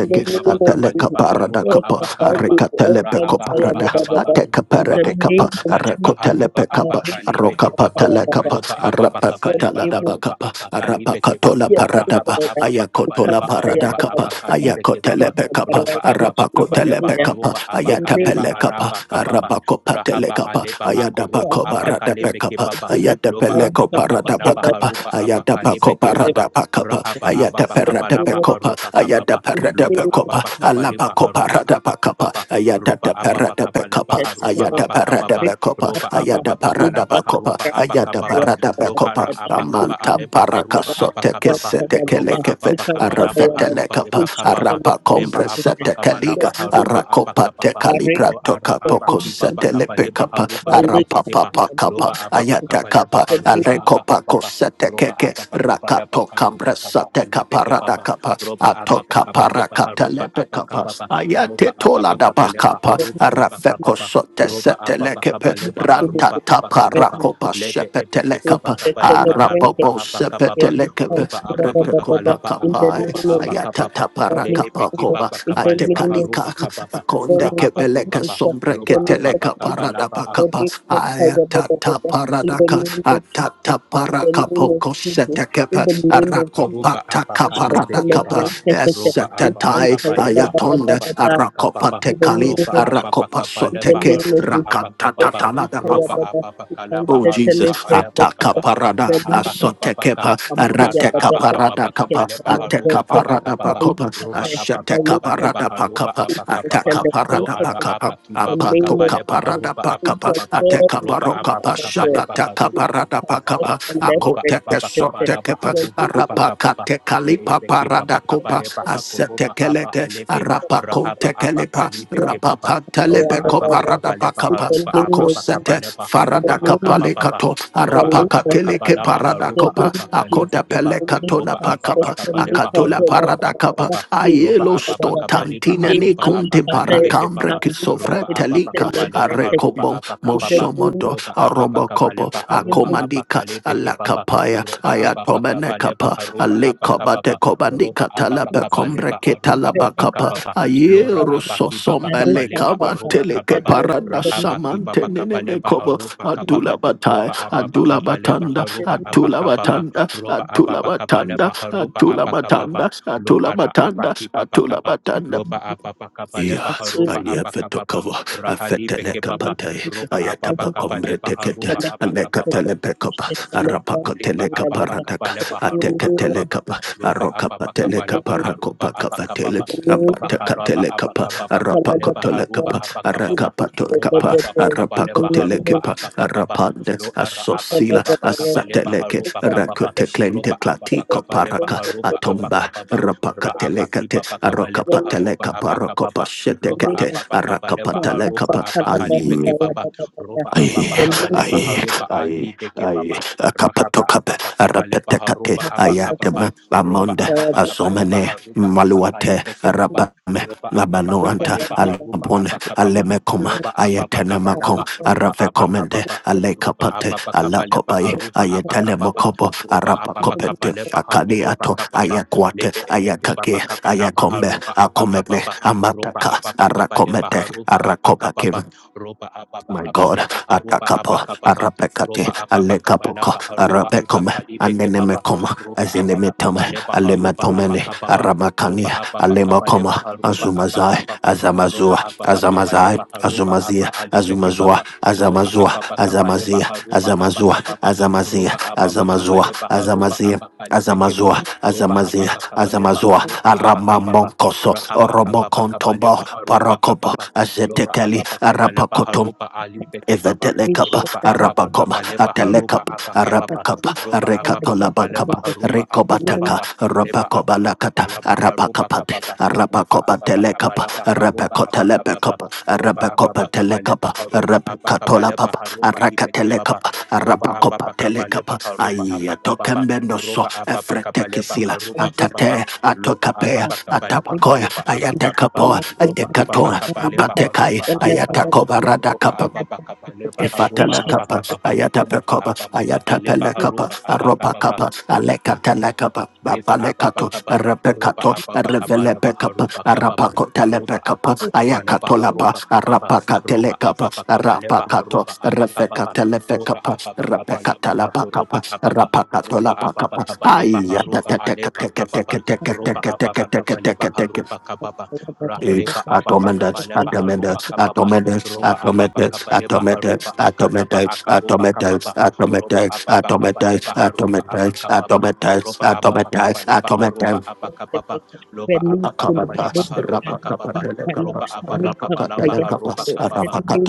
[SPEAKER 3] In the
[SPEAKER 2] Liba
[SPEAKER 1] a
[SPEAKER 3] name of
[SPEAKER 2] bakaba
[SPEAKER 1] tele
[SPEAKER 3] Jesus.
[SPEAKER 2] leba
[SPEAKER 1] caparada
[SPEAKER 2] haruba
[SPEAKER 3] Yes,
[SPEAKER 1] capa,
[SPEAKER 3] I
[SPEAKER 1] a
[SPEAKER 3] thank
[SPEAKER 2] abakababa.
[SPEAKER 3] you. I
[SPEAKER 1] recatele
[SPEAKER 3] thank
[SPEAKER 1] peco
[SPEAKER 2] Rahaba
[SPEAKER 1] parada,
[SPEAKER 3] you, Abba,
[SPEAKER 1] a
[SPEAKER 2] abakababa.
[SPEAKER 1] teca
[SPEAKER 3] In
[SPEAKER 2] Roba
[SPEAKER 3] the
[SPEAKER 1] parade capa,
[SPEAKER 3] name of
[SPEAKER 2] abakaba
[SPEAKER 1] a
[SPEAKER 2] leba
[SPEAKER 3] Jesus.
[SPEAKER 1] recotele
[SPEAKER 2] haruba
[SPEAKER 3] I will
[SPEAKER 1] pecapa,
[SPEAKER 3] come,
[SPEAKER 2] abakalibe
[SPEAKER 3] come,
[SPEAKER 2] kebaba.
[SPEAKER 3] come,
[SPEAKER 1] kapatala
[SPEAKER 3] Abba,
[SPEAKER 1] kapa
[SPEAKER 3] Abba.
[SPEAKER 2] Roba
[SPEAKER 1] arapa
[SPEAKER 2] abakaba
[SPEAKER 3] what
[SPEAKER 2] leba
[SPEAKER 1] katala
[SPEAKER 3] you
[SPEAKER 1] daba
[SPEAKER 3] would
[SPEAKER 2] haruba
[SPEAKER 1] kapa arapa
[SPEAKER 2] abakalibe ba
[SPEAKER 1] katola
[SPEAKER 3] yes super
[SPEAKER 2] Rahaba
[SPEAKER 1] paradaba
[SPEAKER 3] you
[SPEAKER 2] abakaba
[SPEAKER 3] can
[SPEAKER 1] ayakotola
[SPEAKER 2] leba
[SPEAKER 3] say
[SPEAKER 1] parada
[SPEAKER 2] haruba
[SPEAKER 3] about
[SPEAKER 1] kapa
[SPEAKER 3] the
[SPEAKER 2] abakalibe
[SPEAKER 3] you can
[SPEAKER 2] kebaba.
[SPEAKER 1] ayakotelepe
[SPEAKER 3] number
[SPEAKER 1] kapa
[SPEAKER 2] Roba
[SPEAKER 3] one which
[SPEAKER 1] arapa
[SPEAKER 3] you
[SPEAKER 2] abakaba
[SPEAKER 3] would need
[SPEAKER 2] leba
[SPEAKER 1] kotelepe kapa
[SPEAKER 2] haruba
[SPEAKER 3] the name
[SPEAKER 2] abakaleba
[SPEAKER 1] ayatapele kapa
[SPEAKER 2] araba kababa.
[SPEAKER 1] arapa kopatele
[SPEAKER 2] Rahaba
[SPEAKER 1] kapa
[SPEAKER 2] aleba
[SPEAKER 1] ayadapa
[SPEAKER 2] akoroba
[SPEAKER 3] call has
[SPEAKER 1] koparadepe
[SPEAKER 2] abakalebe
[SPEAKER 1] kapa
[SPEAKER 3] to
[SPEAKER 2] kebaba.
[SPEAKER 3] be the or
[SPEAKER 1] ayadapele
[SPEAKER 2] Loba
[SPEAKER 3] we can
[SPEAKER 2] abakaba
[SPEAKER 3] have
[SPEAKER 1] koparadapa
[SPEAKER 3] the
[SPEAKER 2] leba
[SPEAKER 3] but
[SPEAKER 1] kapa
[SPEAKER 2] haruba
[SPEAKER 1] ayadapa
[SPEAKER 2] abakalebe
[SPEAKER 3] it's for the
[SPEAKER 2] kebaba.
[SPEAKER 1] koparadapa kapa
[SPEAKER 2] Rahaba
[SPEAKER 3] you
[SPEAKER 2] abakaba
[SPEAKER 1] ayadaperedepe
[SPEAKER 2] leba
[SPEAKER 1] kopa
[SPEAKER 2] aruba kababa.
[SPEAKER 3] will be
[SPEAKER 2] Loba
[SPEAKER 1] ayadaperedepe
[SPEAKER 3] able
[SPEAKER 2] apa
[SPEAKER 1] kopa
[SPEAKER 2] apa
[SPEAKER 3] to
[SPEAKER 2] kapa
[SPEAKER 1] alapa
[SPEAKER 2] leba haruba
[SPEAKER 1] koparadapa
[SPEAKER 2] apa kapa
[SPEAKER 1] kapa
[SPEAKER 2] ba. Roba apa apa
[SPEAKER 1] ayadaperedepe
[SPEAKER 2] kapa
[SPEAKER 1] kapa
[SPEAKER 2] leba
[SPEAKER 3] test
[SPEAKER 2] haruba
[SPEAKER 3] more
[SPEAKER 2] apa kapa ba.
[SPEAKER 3] big
[SPEAKER 1] ayadaperedepe kopa
[SPEAKER 2] Roba apa
[SPEAKER 3] papa
[SPEAKER 2] apa kapa
[SPEAKER 3] who's
[SPEAKER 2] leba
[SPEAKER 3] back
[SPEAKER 1] bakopa
[SPEAKER 2] haruba
[SPEAKER 3] around
[SPEAKER 2] apa
[SPEAKER 3] and
[SPEAKER 1] ayada
[SPEAKER 2] kapa
[SPEAKER 3] say
[SPEAKER 2] ba.
[SPEAKER 3] about the
[SPEAKER 1] barada
[SPEAKER 3] Papa,
[SPEAKER 1] bakopa
[SPEAKER 2] Lokara apa
[SPEAKER 3] who
[SPEAKER 2] kapa
[SPEAKER 1] amanta
[SPEAKER 3] comes
[SPEAKER 2] aleba
[SPEAKER 3] here,
[SPEAKER 1] paraka
[SPEAKER 2] haruba
[SPEAKER 3] but
[SPEAKER 2] apa
[SPEAKER 1] sote
[SPEAKER 3] you can
[SPEAKER 2] kapa
[SPEAKER 3] say about
[SPEAKER 2] ba.
[SPEAKER 3] the you can say
[SPEAKER 1] kesete
[SPEAKER 3] about
[SPEAKER 2] Roba
[SPEAKER 3] the
[SPEAKER 1] kelekefe
[SPEAKER 2] apa
[SPEAKER 3] you
[SPEAKER 2] apa
[SPEAKER 3] can
[SPEAKER 2] kapa
[SPEAKER 3] say about
[SPEAKER 2] leba
[SPEAKER 3] the
[SPEAKER 1] arafetele
[SPEAKER 3] Papa,
[SPEAKER 2] haruba
[SPEAKER 1] kapa
[SPEAKER 2] apa
[SPEAKER 3] which is
[SPEAKER 2] kapa ba.
[SPEAKER 3] the
[SPEAKER 1] arapa
[SPEAKER 2] Leba
[SPEAKER 1] kombre
[SPEAKER 2] apa apa
[SPEAKER 1] sete
[SPEAKER 2] kapa
[SPEAKER 1] keliga
[SPEAKER 2] leba
[SPEAKER 3] most important
[SPEAKER 2] haruba apa
[SPEAKER 1] arakopa
[SPEAKER 2] kapa
[SPEAKER 1] te
[SPEAKER 2] ba.
[SPEAKER 3] fabric
[SPEAKER 1] kalibra
[SPEAKER 2] Lo ara
[SPEAKER 1] toka
[SPEAKER 3] the
[SPEAKER 2] apa
[SPEAKER 3] main
[SPEAKER 2] kiba apa
[SPEAKER 1] sete
[SPEAKER 2] kapa
[SPEAKER 1] lepe
[SPEAKER 2] leba haruba
[SPEAKER 3] the lake
[SPEAKER 1] arapa
[SPEAKER 2] ebeke
[SPEAKER 3] and
[SPEAKER 2] deba.
[SPEAKER 1] papa
[SPEAKER 3] the
[SPEAKER 1] kapa
[SPEAKER 3] main
[SPEAKER 2] Loba apa apa
[SPEAKER 1] ayada
[SPEAKER 2] kapa
[SPEAKER 1] kapa
[SPEAKER 2] leba
[SPEAKER 3] the
[SPEAKER 2] haruba
[SPEAKER 3] main
[SPEAKER 2] apa
[SPEAKER 1] arekopa
[SPEAKER 2] kapa ba.
[SPEAKER 1] kosete
[SPEAKER 2] Roba
[SPEAKER 1] keke
[SPEAKER 2] apa apa kapa leba
[SPEAKER 1] rakato
[SPEAKER 2] haruba
[SPEAKER 1] kambre
[SPEAKER 2] kapa
[SPEAKER 1] sate
[SPEAKER 2] alibeke
[SPEAKER 1] kaparada
[SPEAKER 2] baba
[SPEAKER 1] kapa
[SPEAKER 2] roba
[SPEAKER 1] ato
[SPEAKER 2] apa apa apa leba
[SPEAKER 1] parakata
[SPEAKER 2] haruba
[SPEAKER 1] lepe
[SPEAKER 2] apa
[SPEAKER 1] kapa
[SPEAKER 2] kababa roba
[SPEAKER 1] ayate
[SPEAKER 2] apa
[SPEAKER 1] tola
[SPEAKER 2] apa
[SPEAKER 1] da
[SPEAKER 2] kaba leba
[SPEAKER 1] bakapa
[SPEAKER 2] haruba apa
[SPEAKER 1] arafeko
[SPEAKER 2] kababa
[SPEAKER 1] sote
[SPEAKER 2] roba
[SPEAKER 1] sete
[SPEAKER 2] apa apa
[SPEAKER 3] the
[SPEAKER 2] kaba
[SPEAKER 1] lekepe
[SPEAKER 3] main
[SPEAKER 2] leba haruba
[SPEAKER 3] celebrity
[SPEAKER 1] ranta
[SPEAKER 2] apa kababa
[SPEAKER 1] Aparakopa
[SPEAKER 2] lebe ebe kiba
[SPEAKER 1] shepetelekapa.
[SPEAKER 2] apa kaba liba
[SPEAKER 3] celebrate
[SPEAKER 2] aruba
[SPEAKER 1] Arapopo
[SPEAKER 2] apa kababa
[SPEAKER 3] every
[SPEAKER 1] sepetelekapa.
[SPEAKER 3] time
[SPEAKER 2] roba apa apa kaba
[SPEAKER 1] Repekopa
[SPEAKER 2] laba
[SPEAKER 3] in
[SPEAKER 2] ako
[SPEAKER 3] the
[SPEAKER 1] kapai.
[SPEAKER 2] roba
[SPEAKER 3] name of
[SPEAKER 2] apa kababa
[SPEAKER 1] Ayatata
[SPEAKER 2] le
[SPEAKER 3] Next
[SPEAKER 2] ebe
[SPEAKER 1] parakapa
[SPEAKER 3] over
[SPEAKER 2] kiba
[SPEAKER 1] koba.
[SPEAKER 2] apa
[SPEAKER 3] in the
[SPEAKER 2] kaba leba
[SPEAKER 3] name of
[SPEAKER 1] Atekalika
[SPEAKER 2] haruba
[SPEAKER 3] Jesus.
[SPEAKER 2] kababa
[SPEAKER 3] the
[SPEAKER 1] akonda
[SPEAKER 3] lift up
[SPEAKER 2] rahaba
[SPEAKER 1] kebeleka
[SPEAKER 2] kibaba
[SPEAKER 3] Tanisha.
[SPEAKER 1] sombre
[SPEAKER 3] We
[SPEAKER 2] loba
[SPEAKER 3] lift
[SPEAKER 2] apa
[SPEAKER 3] up
[SPEAKER 2] apa
[SPEAKER 1] keteleka
[SPEAKER 2] kaba
[SPEAKER 3] Tanisha.
[SPEAKER 1] parada
[SPEAKER 2] laba
[SPEAKER 3] We
[SPEAKER 1] pakapa.
[SPEAKER 3] lift up Kaya Baba
[SPEAKER 1] Ayatata
[SPEAKER 3] Baba. In the
[SPEAKER 1] paradaka.
[SPEAKER 3] name of
[SPEAKER 1] Atata
[SPEAKER 3] Jesus. The name
[SPEAKER 1] parakapo
[SPEAKER 3] of Jesus. In
[SPEAKER 1] setekepa,
[SPEAKER 3] the name of
[SPEAKER 1] Arakopa
[SPEAKER 2] Roba
[SPEAKER 3] Jesus.
[SPEAKER 2] apa
[SPEAKER 3] Ashka
[SPEAKER 2] kalibe
[SPEAKER 1] takaparada
[SPEAKER 2] ke
[SPEAKER 1] kapa.
[SPEAKER 3] Kalabra.
[SPEAKER 2] papa.
[SPEAKER 3] Tata.
[SPEAKER 2] Roba
[SPEAKER 3] In
[SPEAKER 2] apa
[SPEAKER 1] Esetetai.
[SPEAKER 2] pakapa leba
[SPEAKER 1] Ayatonda.
[SPEAKER 2] haruba apa
[SPEAKER 1] Arakopa
[SPEAKER 2] kapapa.
[SPEAKER 3] the
[SPEAKER 1] tekali.
[SPEAKER 3] name of
[SPEAKER 2] Roba
[SPEAKER 3] Jesus.
[SPEAKER 2] apa
[SPEAKER 1] Arakopa
[SPEAKER 2] pakapa
[SPEAKER 3] In the
[SPEAKER 2] leba
[SPEAKER 1] soteke.
[SPEAKER 3] name of
[SPEAKER 2] haruba
[SPEAKER 3] Jesus,
[SPEAKER 2] apa
[SPEAKER 1] Rakanta
[SPEAKER 3] we
[SPEAKER 2] kapapa.
[SPEAKER 1] Tatala
[SPEAKER 3] can
[SPEAKER 1] da
[SPEAKER 3] pray
[SPEAKER 2] Roba
[SPEAKER 1] papa.
[SPEAKER 3] about that.
[SPEAKER 2] apa
[SPEAKER 3] We can
[SPEAKER 2] pakalaba
[SPEAKER 1] Oh Jesus,
[SPEAKER 3] certainly
[SPEAKER 2] aruba
[SPEAKER 3] pray for
[SPEAKER 2] alaba
[SPEAKER 1] ataka
[SPEAKER 3] people.
[SPEAKER 2] kapa.
[SPEAKER 3] In
[SPEAKER 1] parada,
[SPEAKER 3] the
[SPEAKER 2] Rahaba
[SPEAKER 3] name of
[SPEAKER 2] ki
[SPEAKER 1] asote
[SPEAKER 2] papa
[SPEAKER 3] Jesus, we
[SPEAKER 1] kepa,
[SPEAKER 3] can
[SPEAKER 2] Lo
[SPEAKER 3] pray
[SPEAKER 2] ara
[SPEAKER 1] arate
[SPEAKER 3] about that.
[SPEAKER 2] apa
[SPEAKER 3] But
[SPEAKER 2] kapapa
[SPEAKER 1] kaparada
[SPEAKER 3] we
[SPEAKER 2] kapa
[SPEAKER 1] kapa,
[SPEAKER 2] leba
[SPEAKER 3] certainly pray for
[SPEAKER 1] ateka
[SPEAKER 2] haruba apa
[SPEAKER 3] people.
[SPEAKER 1] parada
[SPEAKER 3] But
[SPEAKER 2] kapapa.
[SPEAKER 3] we
[SPEAKER 1] bakoba,
[SPEAKER 3] can
[SPEAKER 2] Roba
[SPEAKER 3] pray.
[SPEAKER 2] apa
[SPEAKER 1] ashete
[SPEAKER 3] But we
[SPEAKER 2] pakapa
[SPEAKER 3] can
[SPEAKER 2] leba
[SPEAKER 1] kaparada
[SPEAKER 3] pray.
[SPEAKER 2] haruba
[SPEAKER 1] bakapa,
[SPEAKER 3] We
[SPEAKER 2] apa kapapa.
[SPEAKER 1] ateka
[SPEAKER 3] certainly pray
[SPEAKER 2] Lo
[SPEAKER 1] parada
[SPEAKER 3] for
[SPEAKER 2] ara
[SPEAKER 3] people.
[SPEAKER 1] bakapa,
[SPEAKER 2] apa ki
[SPEAKER 3] In the
[SPEAKER 2] papa
[SPEAKER 3] name
[SPEAKER 1] apato
[SPEAKER 2] kapa
[SPEAKER 3] of
[SPEAKER 2] leba
[SPEAKER 3] Jesus,
[SPEAKER 1] kaparada
[SPEAKER 2] haruba apa
[SPEAKER 1] bakapa,
[SPEAKER 3] we are
[SPEAKER 2] kapapa.
[SPEAKER 3] there
[SPEAKER 1] ateka
[SPEAKER 3] with
[SPEAKER 2] Roba
[SPEAKER 3] you,
[SPEAKER 1] baroka
[SPEAKER 2] apa
[SPEAKER 3] our
[SPEAKER 2] pakapa
[SPEAKER 1] pashapa,
[SPEAKER 2] leba
[SPEAKER 3] God.
[SPEAKER 1] ateka
[SPEAKER 3] We
[SPEAKER 2] haruba
[SPEAKER 3] can
[SPEAKER 1] parada
[SPEAKER 2] apa
[SPEAKER 3] pray
[SPEAKER 2] kapapa
[SPEAKER 1] bakapa,
[SPEAKER 3] certainly
[SPEAKER 2] roba
[SPEAKER 3] pray
[SPEAKER 1] akote
[SPEAKER 3] for
[SPEAKER 2] ababa kaba
[SPEAKER 3] people.
[SPEAKER 1] kesote
[SPEAKER 2] laba
[SPEAKER 1] kepa,
[SPEAKER 3] In the
[SPEAKER 2] haruba
[SPEAKER 3] name of Jesus,
[SPEAKER 2] abaka
[SPEAKER 1] arapaka
[SPEAKER 2] baba le
[SPEAKER 1] tekalipa
[SPEAKER 2] ebe ke baba
[SPEAKER 1] parada
[SPEAKER 2] kaba
[SPEAKER 1] kopa,
[SPEAKER 2] le baha koroba
[SPEAKER 1] azete
[SPEAKER 2] aba
[SPEAKER 1] telete
[SPEAKER 2] elebe
[SPEAKER 1] arapa
[SPEAKER 2] rahaba
[SPEAKER 1] konte
[SPEAKER 2] abaka
[SPEAKER 1] kelepa
[SPEAKER 2] libe
[SPEAKER 3] we
[SPEAKER 2] ke baba
[SPEAKER 1] rapapa
[SPEAKER 3] can pray
[SPEAKER 2] roba
[SPEAKER 1] telebe
[SPEAKER 3] about
[SPEAKER 2] ababa
[SPEAKER 3] that.
[SPEAKER 1] koparada
[SPEAKER 2] kaba
[SPEAKER 3] But
[SPEAKER 2] le baha
[SPEAKER 1] pakapa
[SPEAKER 2] roba
[SPEAKER 3] the name of
[SPEAKER 2] ababa
[SPEAKER 3] Jesus,
[SPEAKER 2] kaba
[SPEAKER 1] akosete
[SPEAKER 2] le baha roba
[SPEAKER 1] farada
[SPEAKER 3] the
[SPEAKER 2] akaba
[SPEAKER 1] kapale
[SPEAKER 2] baba
[SPEAKER 1] kato
[SPEAKER 2] roba
[SPEAKER 1] arapa
[SPEAKER 3] name
[SPEAKER 2] ababa
[SPEAKER 3] of
[SPEAKER 1] katele
[SPEAKER 2] kaba
[SPEAKER 1] ke
[SPEAKER 3] Jesus.
[SPEAKER 2] la baha
[SPEAKER 1] parada
[SPEAKER 3] the
[SPEAKER 2] roba
[SPEAKER 1] kopa
[SPEAKER 3] name of
[SPEAKER 2] abaka libe
[SPEAKER 1] akoda
[SPEAKER 2] ke ba
[SPEAKER 1] pele katona
[SPEAKER 2] roba ababa
[SPEAKER 1] pakapa
[SPEAKER 3] the
[SPEAKER 2] kaba le
[SPEAKER 3] Lord
[SPEAKER 2] baha
[SPEAKER 3] and the
[SPEAKER 1] akatola
[SPEAKER 2] roba
[SPEAKER 3] Lord
[SPEAKER 1] parada
[SPEAKER 3] the
[SPEAKER 2] abaka
[SPEAKER 1] kapa
[SPEAKER 2] baba
[SPEAKER 3] Lord,
[SPEAKER 2] roba
[SPEAKER 3] thank you,
[SPEAKER 1] ayelo
[SPEAKER 2] ababa
[SPEAKER 1] sto
[SPEAKER 2] kaba le
[SPEAKER 3] And
[SPEAKER 2] baha
[SPEAKER 1] tantina ne
[SPEAKER 2] roba
[SPEAKER 1] konte
[SPEAKER 2] abaka
[SPEAKER 1] para
[SPEAKER 2] libe
[SPEAKER 3] the-
[SPEAKER 2] ke
[SPEAKER 1] kambre
[SPEAKER 2] baba
[SPEAKER 3] and
[SPEAKER 1] kisofre
[SPEAKER 2] roba ababa
[SPEAKER 1] telika
[SPEAKER 2] kaba le baha roba
[SPEAKER 1] arekobo
[SPEAKER 2] abaka baba
[SPEAKER 1] moshomodo
[SPEAKER 2] roba apapa kapale
[SPEAKER 1] arobokobo
[SPEAKER 2] baha roba
[SPEAKER 3] of the
[SPEAKER 1] akomandika
[SPEAKER 2] apakale beki papa
[SPEAKER 1] alakapaya
[SPEAKER 2] roba apapa kapale
[SPEAKER 1] ayatomenekapa
[SPEAKER 2] baha roba apakapapa
[SPEAKER 1] alekobatekobanika
[SPEAKER 2] roba apapa
[SPEAKER 3] the
[SPEAKER 2] kapale ba
[SPEAKER 3] name of
[SPEAKER 2] aruba
[SPEAKER 1] talapekombreketalabakapa
[SPEAKER 2] apakapapa lora
[SPEAKER 3] the Lord,
[SPEAKER 2] apaki baba
[SPEAKER 3] and the
[SPEAKER 2] kapale
[SPEAKER 3] Lord,
[SPEAKER 2] ba aruba kapapa
[SPEAKER 3] of
[SPEAKER 2] rahaba ki baba kapale ba
[SPEAKER 1] ayerusosombelekavantelekeparanashamantenenemekobo
[SPEAKER 2] aruba
[SPEAKER 1] adula
[SPEAKER 2] kapapa
[SPEAKER 1] batai
[SPEAKER 2] loba apapa
[SPEAKER 1] adula
[SPEAKER 2] kapale
[SPEAKER 1] batanda
[SPEAKER 2] baha
[SPEAKER 3] the
[SPEAKER 2] roba
[SPEAKER 3] Lord,
[SPEAKER 1] adula
[SPEAKER 2] apakapapa
[SPEAKER 1] batanda
[SPEAKER 2] roba
[SPEAKER 1] adula
[SPEAKER 2] apapa kapale
[SPEAKER 1] batanda
[SPEAKER 2] baha roba
[SPEAKER 1] adula
[SPEAKER 2] apakapapa
[SPEAKER 1] batanda
[SPEAKER 2] lo
[SPEAKER 1] adula
[SPEAKER 2] ara
[SPEAKER 1] batanda
[SPEAKER 2] apaki baba
[SPEAKER 1] adula
[SPEAKER 2] kapa
[SPEAKER 1] batanda
[SPEAKER 2] loba apapa kapale
[SPEAKER 1] Iya,
[SPEAKER 3] and
[SPEAKER 2] baha
[SPEAKER 3] so
[SPEAKER 2] roba
[SPEAKER 1] aya feto
[SPEAKER 2] apakapapa
[SPEAKER 1] kovo,
[SPEAKER 2] rahali
[SPEAKER 1] afete
[SPEAKER 2] beki
[SPEAKER 1] leka
[SPEAKER 2] papa
[SPEAKER 1] patei,
[SPEAKER 2] roba
[SPEAKER 1] aya
[SPEAKER 2] apa pa
[SPEAKER 1] tapa
[SPEAKER 2] kapa
[SPEAKER 1] kombre
[SPEAKER 2] lepa
[SPEAKER 1] tekete,
[SPEAKER 2] haruba apa
[SPEAKER 1] aneka
[SPEAKER 2] kapa
[SPEAKER 1] telepekopa, arapa
[SPEAKER 2] Leba
[SPEAKER 1] koteleka
[SPEAKER 2] ababa kaba
[SPEAKER 1] paradaka,
[SPEAKER 2] leba haruba
[SPEAKER 1] ateke
[SPEAKER 2] kababa.
[SPEAKER 1] telekapa,
[SPEAKER 2] Roba
[SPEAKER 1] aroka
[SPEAKER 2] ababa kaba
[SPEAKER 1] pateleka
[SPEAKER 2] leba haruba
[SPEAKER 1] parakopa kavatele,
[SPEAKER 2] abakababa. Loba
[SPEAKER 1] abate
[SPEAKER 2] karaba
[SPEAKER 1] katelekapa,
[SPEAKER 2] abakababa
[SPEAKER 3] Thank
[SPEAKER 2] kaba
[SPEAKER 1] arapa
[SPEAKER 2] leba haruba
[SPEAKER 1] kotolekapa,
[SPEAKER 2] abakababa.
[SPEAKER 1] Arakapator
[SPEAKER 2] Roba
[SPEAKER 1] Kappa,
[SPEAKER 2] ababa kaba leba haruba
[SPEAKER 1] Arapacotelekepa,
[SPEAKER 2] abakababa.
[SPEAKER 1] Arapande,
[SPEAKER 2] Lo ara abaki
[SPEAKER 1] Asosila,
[SPEAKER 2] baba kaba leba
[SPEAKER 1] Asateleke,
[SPEAKER 2] haruba kababa.
[SPEAKER 1] Rakote Clente
[SPEAKER 2] Roba ababa
[SPEAKER 1] Clatiko
[SPEAKER 2] kaba leba
[SPEAKER 1] Paraca,
[SPEAKER 2] haruba
[SPEAKER 1] Atomba,
[SPEAKER 2] abakababa. Ra abaki
[SPEAKER 1] Rapacatelecate,
[SPEAKER 2] baba kaba leba haruba
[SPEAKER 1] Arocapateleca
[SPEAKER 2] abakababa. Loba
[SPEAKER 1] Parocopashetekete,
[SPEAKER 2] ababa kaba leba haruba
[SPEAKER 1] Aracapateleca,
[SPEAKER 2] abakalibe kebaba. Roba
[SPEAKER 1] Ay,
[SPEAKER 2] ababa kaba leba
[SPEAKER 1] ay,
[SPEAKER 2] haruba
[SPEAKER 1] ay,
[SPEAKER 2] ali beke
[SPEAKER 1] ay,
[SPEAKER 2] baba. Rahaba
[SPEAKER 1] akapatokape,
[SPEAKER 2] Ababa Kabale
[SPEAKER 1] arapetekate,
[SPEAKER 2] Baharuba
[SPEAKER 1] Ayatem
[SPEAKER 2] Abakababa Roba
[SPEAKER 1] amonde,
[SPEAKER 2] Ababa Kabale
[SPEAKER 1] azomene,
[SPEAKER 2] Baharuba
[SPEAKER 1] maluate,
[SPEAKER 2] Abakalibe Kebaba
[SPEAKER 1] arapame,
[SPEAKER 2] Roba Ababa
[SPEAKER 1] mabanoanta,
[SPEAKER 2] Kabale Baharuba
[SPEAKER 1] alabone,
[SPEAKER 2] Abakababa
[SPEAKER 1] alemekoma,
[SPEAKER 2] Loba Ababa
[SPEAKER 1] ayatenemakom,
[SPEAKER 2] Kabalaba Ruba
[SPEAKER 1] arafekomende,
[SPEAKER 2] Abakababa Roba
[SPEAKER 1] alekapate,
[SPEAKER 2] Ababa Kabale
[SPEAKER 1] alakobai,
[SPEAKER 2] Baharuba Abakababa
[SPEAKER 1] ayetelemokobo,
[SPEAKER 2] Roba Ababa
[SPEAKER 1] arapakopete,
[SPEAKER 2] Kabale Bahakuruba
[SPEAKER 1] akaliato,
[SPEAKER 2] Kababa
[SPEAKER 1] ayakwate,
[SPEAKER 2] Lebe Ebe
[SPEAKER 1] ayakake,
[SPEAKER 2] Kebaba Kabala
[SPEAKER 1] ayakombe,
[SPEAKER 2] Baharuba
[SPEAKER 1] akomeme,
[SPEAKER 2] Abakababa Roba
[SPEAKER 1] amataka,
[SPEAKER 2] Ababa Kabale
[SPEAKER 1] arakomete,
[SPEAKER 2] Baharuba
[SPEAKER 1] arakobake,
[SPEAKER 2] Abakababa Roba Ababa
[SPEAKER 1] my God,
[SPEAKER 2] Kabale Baharuba
[SPEAKER 1] Atakapo,
[SPEAKER 2] Abakababa
[SPEAKER 1] arapekati,
[SPEAKER 2] roba ababa kabala
[SPEAKER 1] Alekapoko,
[SPEAKER 2] baha roba
[SPEAKER 1] Arapekome,
[SPEAKER 2] ibakali beke baba
[SPEAKER 1] Anenemekoma,
[SPEAKER 2] roba ababa
[SPEAKER 1] Azinemetome,
[SPEAKER 2] kabale baha roba
[SPEAKER 1] Alematomene,
[SPEAKER 2] abaka baba roba
[SPEAKER 1] Aramakania,
[SPEAKER 2] ababa kabale
[SPEAKER 1] Alemakoma,
[SPEAKER 2] baha roba abaka
[SPEAKER 1] Azumazai,
[SPEAKER 2] baba roba
[SPEAKER 1] Azamazua,
[SPEAKER 2] ababa kabale
[SPEAKER 1] Azamazai,
[SPEAKER 2] baha roba aba
[SPEAKER 1] Azumazia,
[SPEAKER 2] ali beke
[SPEAKER 1] Azumazua,
[SPEAKER 2] baba roba
[SPEAKER 1] Azamazua,
[SPEAKER 2] ababa kabale
[SPEAKER 1] Azamazia,
[SPEAKER 2] baha roba abaka
[SPEAKER 1] Azamazua,
[SPEAKER 2] baba
[SPEAKER 1] Azamazia,
[SPEAKER 2] roba ababa
[SPEAKER 1] Azamazua,
[SPEAKER 2] kabale baha roba
[SPEAKER 1] Azamazia.
[SPEAKER 2] abaka beke baba
[SPEAKER 1] Azamazua,
[SPEAKER 2] roba
[SPEAKER 1] Azamazia,
[SPEAKER 2] ababa kabale baha
[SPEAKER 1] Azamazua,
[SPEAKER 2] roba abaka baba
[SPEAKER 1] Aramoncoso,
[SPEAKER 2] rahaba kababa kabale
[SPEAKER 1] Oromocontombo,
[SPEAKER 2] baha roba
[SPEAKER 1] Baracobo,
[SPEAKER 2] kababa loba
[SPEAKER 1] Azetekeli,
[SPEAKER 2] ababa kabala baha
[SPEAKER 1] Arapacotum,
[SPEAKER 2] roba ali beke baba
[SPEAKER 1] Evedelekapa,
[SPEAKER 2] ropa apa pa kapa
[SPEAKER 1] Arabakoma,
[SPEAKER 2] lepa
[SPEAKER 3] you.
[SPEAKER 2] harupa
[SPEAKER 1] Atelekapa,
[SPEAKER 2] apa kapa pa
[SPEAKER 3] Thank
[SPEAKER 1] Arabakapa,
[SPEAKER 2] ropa apa pa kapa lepa
[SPEAKER 1] Rekatolabakapa,
[SPEAKER 2] harupa apa kapa
[SPEAKER 1] Rekobataka,
[SPEAKER 2] pa lepa apa pa kapa
[SPEAKER 1] Rabakobalakata,
[SPEAKER 2] lepa harupa
[SPEAKER 1] Arabakapate,
[SPEAKER 2] kapa pa ropa apa pa kapa
[SPEAKER 1] Arabakobatelekapa,
[SPEAKER 2] lepa harupa apa kapa pa
[SPEAKER 1] Arabakotelebekapa,
[SPEAKER 2] ropa apa pa kapa lepa
[SPEAKER 1] Arabakopatelekapa,
[SPEAKER 2] harupa apa kapa lepa
[SPEAKER 1] Arabakatolapapa,
[SPEAKER 2] harupa ipeke papa
[SPEAKER 1] Arakatelekapa,
[SPEAKER 2] ropa apa pa kapa lepa
[SPEAKER 1] Arabakopatelekapa,
[SPEAKER 2] harupa apa kapa pa
[SPEAKER 1] Ayatokembenoso,
[SPEAKER 2] ropa apa pa kapa lepa
[SPEAKER 1] Efretekisila,
[SPEAKER 2] harupa kapa pa
[SPEAKER 1] Atate,
[SPEAKER 2] ropa apa
[SPEAKER 1] Atokapea,
[SPEAKER 2] pa kapa lepa
[SPEAKER 1] Atapakoya,
[SPEAKER 2] harupa apa kapa pa
[SPEAKER 1] Ayatekapoa,
[SPEAKER 2] ropa apa pa
[SPEAKER 1] Atekatora,
[SPEAKER 2] kapa lepa
[SPEAKER 1] Apatekai,
[SPEAKER 2] harupa
[SPEAKER 1] ayatakoba
[SPEAKER 2] apa kapa pa roba
[SPEAKER 1] Ayatakobaradakapa,
[SPEAKER 2] ababa kaba leba haruba
[SPEAKER 1] Ifatala kapa,
[SPEAKER 2] abaka baba
[SPEAKER 1] ayatape
[SPEAKER 2] roba
[SPEAKER 1] kopa,
[SPEAKER 2] ababa kaba
[SPEAKER 1] ayatape
[SPEAKER 2] leba
[SPEAKER 1] le kapa,
[SPEAKER 2] haruba abaka
[SPEAKER 1] aropa
[SPEAKER 2] baba,
[SPEAKER 1] kapa, alekate le kapa,
[SPEAKER 2] Liba ababa
[SPEAKER 1] apalekato,
[SPEAKER 2] kaba, roba
[SPEAKER 1] repekato,
[SPEAKER 2] ababa kaba
[SPEAKER 1] revelepe
[SPEAKER 2] laba
[SPEAKER 1] kapa,
[SPEAKER 2] haruba kababa,
[SPEAKER 1] arapako telepe
[SPEAKER 2] roba
[SPEAKER 1] kapa,
[SPEAKER 2] ababa kaba laba
[SPEAKER 1] ayakato lapa,
[SPEAKER 2] haruba kababa,
[SPEAKER 1] arapakate le
[SPEAKER 2] roba
[SPEAKER 1] kapa,
[SPEAKER 2] ababa kaba laba
[SPEAKER 1] arapakato,
[SPEAKER 2] haruba abakababa,
[SPEAKER 1] refekate lepe
[SPEAKER 2] roba
[SPEAKER 1] kapa,
[SPEAKER 2] ababa kaba laba
[SPEAKER 1] repekate lapa kapa,
[SPEAKER 2] hakuroba kababa,
[SPEAKER 1] arapakato
[SPEAKER 2] roba
[SPEAKER 1] lapa
[SPEAKER 2] ababa
[SPEAKER 1] kapa,
[SPEAKER 2] kaba leba haruba
[SPEAKER 1] ayatate teke
[SPEAKER 2] aleba
[SPEAKER 1] teke teke
[SPEAKER 2] kababa,
[SPEAKER 1] teke
[SPEAKER 2] roba
[SPEAKER 1] teke
[SPEAKER 2] ababa
[SPEAKER 1] teke
[SPEAKER 2] kaba
[SPEAKER 1] teke
[SPEAKER 2] leba
[SPEAKER 1] teke teke
[SPEAKER 2] haruba kababa, raheleba ababa kaba
[SPEAKER 1] Atomendex,
[SPEAKER 2] leba haruba
[SPEAKER 1] atomendex,
[SPEAKER 2] kababa,
[SPEAKER 1] atomendex,
[SPEAKER 2] roba ababa
[SPEAKER 1] atomendex,
[SPEAKER 2] kaba leba haruba
[SPEAKER 1] atomendex,
[SPEAKER 2] akalaba
[SPEAKER 1] atomendex,
[SPEAKER 2] akaruba kababa,
[SPEAKER 1] atomendex,
[SPEAKER 2] roba
[SPEAKER 1] atomendex,
[SPEAKER 2] ababa kaba
[SPEAKER 1] atomendex,
[SPEAKER 2] leba haruba
[SPEAKER 1] atomendex,
[SPEAKER 2] abakababa
[SPEAKER 1] atomendex,
[SPEAKER 2] ropa apa pa kapa
[SPEAKER 1] atomendex,
[SPEAKER 2] lepa
[SPEAKER 1] atomendex,
[SPEAKER 2] haropa apa kapa pa lopa apa pa lepa
[SPEAKER 1] Akabantas,
[SPEAKER 2] haropa kapa ropa
[SPEAKER 1] Rapakapatelekapas,
[SPEAKER 2] apa pa kapa haropa
[SPEAKER 1] Rapakatelekapas,
[SPEAKER 2] kapa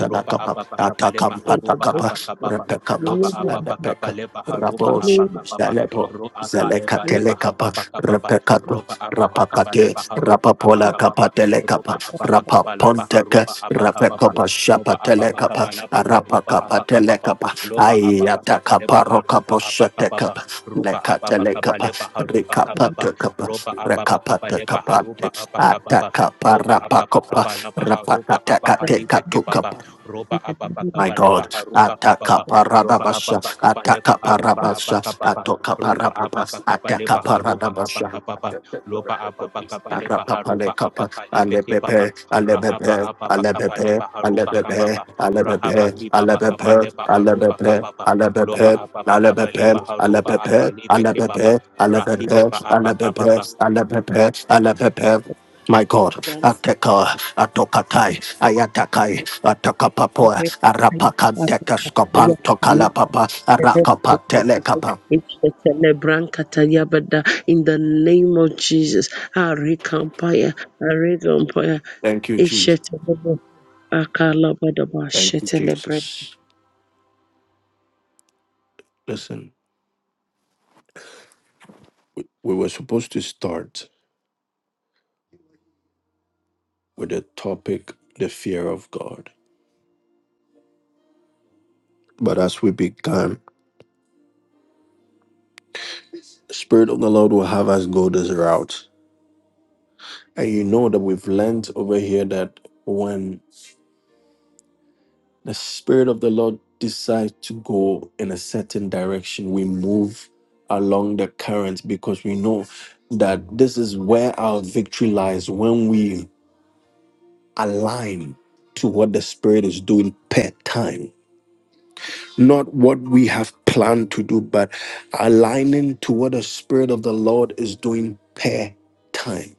[SPEAKER 2] ropa apa pa kapa lepa haropa apa
[SPEAKER 1] Atakampatakapas,
[SPEAKER 2] kapa lopa
[SPEAKER 1] Repekapas,
[SPEAKER 2] apa pa
[SPEAKER 1] Alepeka,
[SPEAKER 2] lepa haropa
[SPEAKER 1] Rabosh,
[SPEAKER 2] apa kapa pa
[SPEAKER 1] Zalebo,
[SPEAKER 2] ro aka lepa hapa
[SPEAKER 1] Zalekatelekapa,
[SPEAKER 2] pa
[SPEAKER 1] Repekato,
[SPEAKER 2] ropa apa pa kapa
[SPEAKER 1] Rapakate,
[SPEAKER 2] lepa haropa apa
[SPEAKER 1] Rapapola
[SPEAKER 2] kapa ropa
[SPEAKER 1] Kapatelekapa,
[SPEAKER 2] apa pa kapa
[SPEAKER 1] Rapaponteka,
[SPEAKER 2] haropa apa kapa
[SPEAKER 1] Rapekopa
[SPEAKER 2] ropa apa pa
[SPEAKER 1] Shapatelekapa,
[SPEAKER 2] kapa haropa apa kapa
[SPEAKER 1] Rapakapatelekapa,
[SPEAKER 2] lopa apa pa lepa haropa apa kapa
[SPEAKER 1] Ayatakaparokaposhatekapa,
[SPEAKER 2] roba ababa kaba
[SPEAKER 1] Lekatelekapa,
[SPEAKER 2] leba haruba kababa
[SPEAKER 1] Rekapata kapa,
[SPEAKER 2] roba ababa kaba
[SPEAKER 1] rekapata
[SPEAKER 2] leba
[SPEAKER 1] kapa,
[SPEAKER 2] haruba abakababa
[SPEAKER 1] ataka
[SPEAKER 2] roba
[SPEAKER 1] parapa
[SPEAKER 2] ababa
[SPEAKER 1] kopa,
[SPEAKER 2] kaba laba
[SPEAKER 1] rapata
[SPEAKER 2] aruba
[SPEAKER 1] teka
[SPEAKER 3] you.
[SPEAKER 1] teka
[SPEAKER 2] abahalibe
[SPEAKER 1] tu
[SPEAKER 2] kebaba
[SPEAKER 1] kapa.
[SPEAKER 2] roba
[SPEAKER 3] in the
[SPEAKER 2] ababa
[SPEAKER 3] name of
[SPEAKER 1] My
[SPEAKER 2] kaba
[SPEAKER 3] Jesus.
[SPEAKER 2] leba
[SPEAKER 1] God,
[SPEAKER 2] haruba
[SPEAKER 1] ataka
[SPEAKER 2] kababa roba
[SPEAKER 1] parabasha,
[SPEAKER 2] ababa kaba
[SPEAKER 1] ataka
[SPEAKER 2] leba haruba
[SPEAKER 1] parabasha,
[SPEAKER 2] abakababa
[SPEAKER 1] atoka
[SPEAKER 2] roba ababa
[SPEAKER 1] parabas,
[SPEAKER 2] kaba
[SPEAKER 1] ataka
[SPEAKER 2] leba haruba
[SPEAKER 1] parabasha.
[SPEAKER 2] abakababa loba ababa kaba leba haruba
[SPEAKER 1] Arapapalekapa,
[SPEAKER 2] abakalibe kebaba
[SPEAKER 1] alepepe,
[SPEAKER 2] rahaba
[SPEAKER 1] alepepe,
[SPEAKER 2] ababa kaba
[SPEAKER 1] alepepe,
[SPEAKER 2] leba haruba
[SPEAKER 1] alepepe,
[SPEAKER 2] kababa
[SPEAKER 1] alepepe,
[SPEAKER 2] rahaba
[SPEAKER 1] alepepe,
[SPEAKER 2] kibaba
[SPEAKER 1] alepepe,
[SPEAKER 2] kaba leba aruba
[SPEAKER 1] alepepe,
[SPEAKER 2] kababa Loba
[SPEAKER 1] alepepe,
[SPEAKER 2] ababa kabaliba
[SPEAKER 1] alepepe,
[SPEAKER 2] haruba
[SPEAKER 1] alepepe,
[SPEAKER 2] akalibe kebaba.
[SPEAKER 1] alepepe,
[SPEAKER 2] Rakide ba abakababa.
[SPEAKER 1] alepepe, alepepe, alepepe. My God,
[SPEAKER 3] Grant
[SPEAKER 1] Ateka, Atokatai, Ayatakai,
[SPEAKER 3] our
[SPEAKER 1] Atakapapoa,
[SPEAKER 3] break fire, our
[SPEAKER 1] Arapakanteka,
[SPEAKER 3] break
[SPEAKER 1] Skopanto,
[SPEAKER 3] fire, and let
[SPEAKER 1] Kalapapa,
[SPEAKER 3] us celebrate
[SPEAKER 1] Arakapa,
[SPEAKER 3] the people.
[SPEAKER 1] Telekapa.
[SPEAKER 3] It's the celebrant Katayabada in the name of Jesus. Arikampaya, Arikampaya,
[SPEAKER 1] Thank you, Jesus.
[SPEAKER 3] Ishetelebe, Akalabadaba,
[SPEAKER 1] Thank you,
[SPEAKER 3] celebrate
[SPEAKER 1] Jesus. Listen. we we were supposed to start with the topic the fear of god but as we began the spirit of the lord will have us go this route and you know that we've learned over here that when the spirit of the lord decides to go in a certain direction we move along the current because we know that this is where our victory lies when we align to what the spirit is doing per time not what we have planned to do, but aligning to what the Spirit of the Lord is doing per time.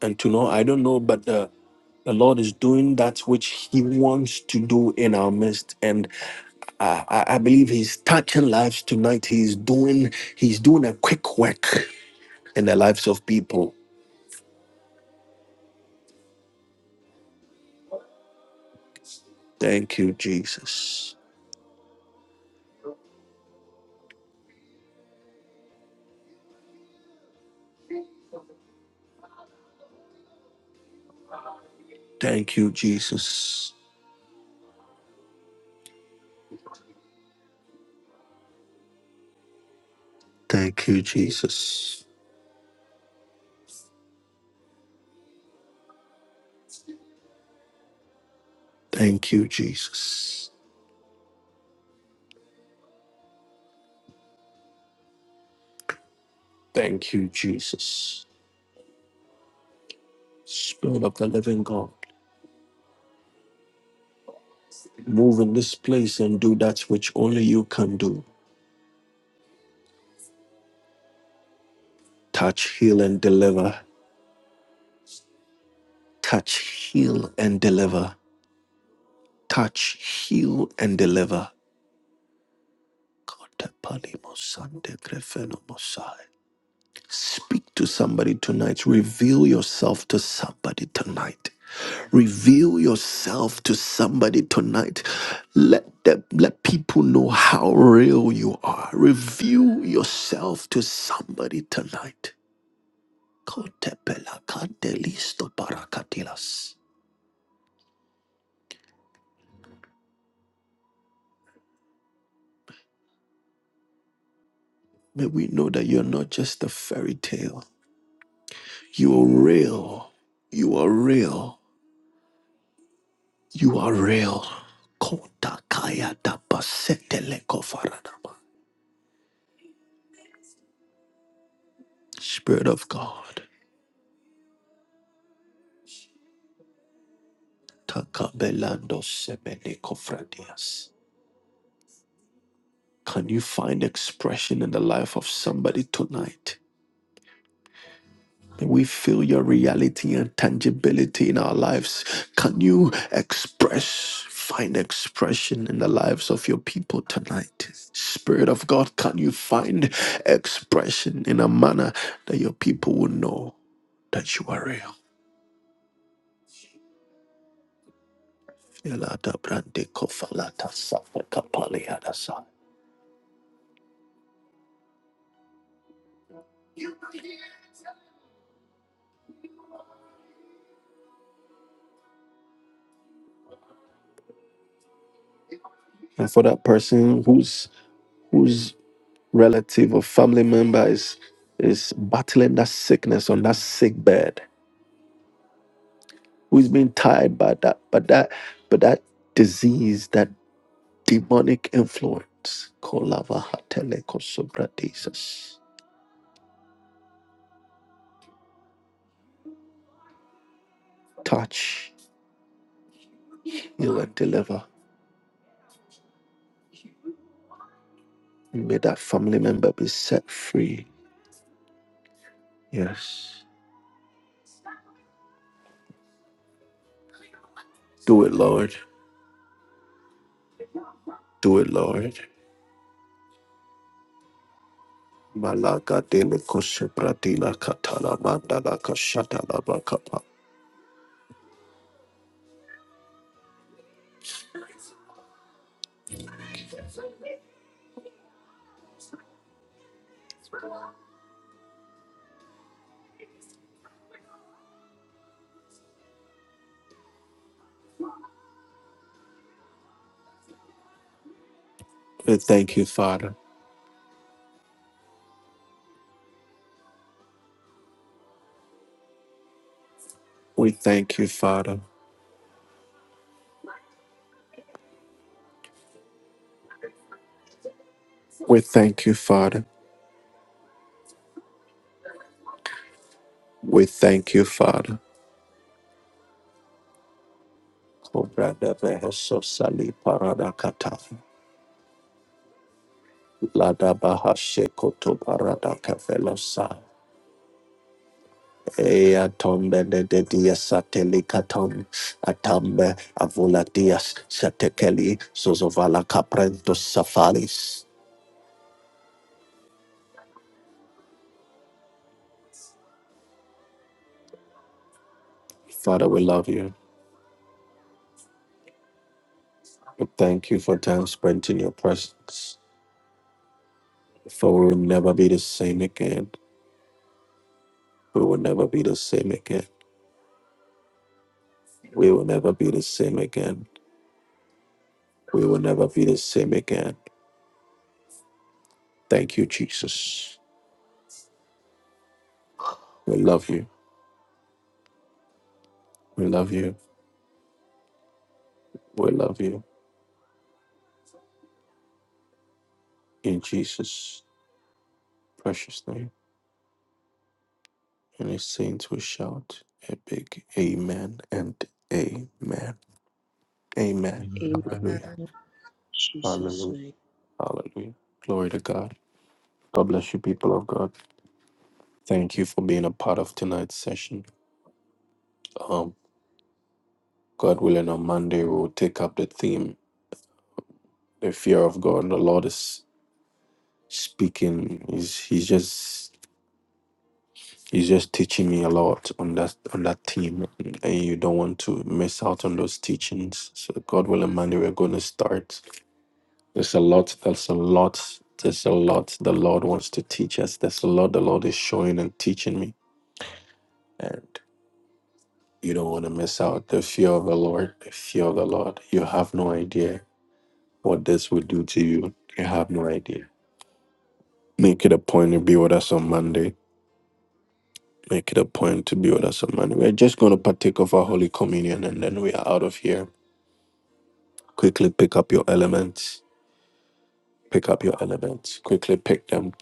[SPEAKER 1] And to know, I don't know, but the, the Lord is doing that which He wants to do in our midst. And uh, I, I believe He's touching lives tonight. He's doing He's doing a quick work in the lives of people. Thank you, Jesus. Thank you, Jesus. Thank you, Jesus. Thank you, Jesus. Thank you, Jesus. Spirit of the living God, move in this place and do that which only you can do. Touch, heal, and deliver. Touch, heal, and deliver. Touch, heal, and deliver. God, the Palimo Sande Grefeno Mosai. Speak to somebody tonight. Reveal yourself to somebody tonight. Reveal yourself to somebody tonight. Let them, let people know how real you are. Reveal yourself to somebody tonight. Kotepela kantelisto parakatilas. May we know that you're not just a fairy tale. You are real. You are real. You are real. Kota kaya da basetele kofarada. Spirit of God, Takabelando Semene Kofradias. Can you find expression in the life of somebody tonight? May we feel your reality and tangibility in our lives. Can you express, find expression in the lives of your people tonight? Spirit of God, can you find expression in a manner that your people will know that you are real? Elata brande kofalata safa kapaliadasa. And for that person whose whose relative or family member is is battling that sickness on that sick bed, who's been tied by that, but that, but that disease, that demonic influence. Kolavahatelekosovradesus. Touch, heal, and deliver. May that family member be set free. Yes. Do it, Lord. Do it, Lord. Malaga de la Kosopratila Katala Mandala Kashatala bakapa. We thank you, Father. We thank you, Father. We thank you, Father. We thank you, Father. Cobra de Vehoso Sali Parada Kataf. Lada Bahashe Koto Parada Kafelosa. Ea tombe de de dia sateli katom atambe avoladias satekeli sozovala caprento safalis. Father, we love you. We thank you for time spent in your presence, for we will never be the same again. We will never be the same again. We will never be the same again. We will never be the same again. Thank you, Jesus. We love you. We love you. We love you. In Jesus' precious name. And his saints will shout a big amen and amen. Amen.
[SPEAKER 3] in
[SPEAKER 2] Amen.
[SPEAKER 1] Hallelujah.
[SPEAKER 4] Amen.
[SPEAKER 3] Jesus'
[SPEAKER 1] Hallelujah.
[SPEAKER 3] name.
[SPEAKER 1] Hallelujah. Glory to God. God bless you, people of God. Thank you for being a part of tonight's session. Um, God willing, on Monday, we'll take up the theme the fear of God. the Lord is speaking. He's he's just he's just teaching me a lot on that on that theme. And you don't want to miss out on those teachings. So God willing, Monday we're gonna start. There's a lot, there's a lot, there's a lot the Lord wants to teach us. There's a lot the Lord is showing and teaching me. And you don't want to miss out. The fear of the Lord, the fear of the Lord. You have no idea what this will do to you. You have no idea. Make it a point to be with us on Monday Make it a point to be with us, man. We're just going to partake of our Holy Communion and then we are out of here. Quickly pick up your elements. Pick up your elements. Quickly pick them.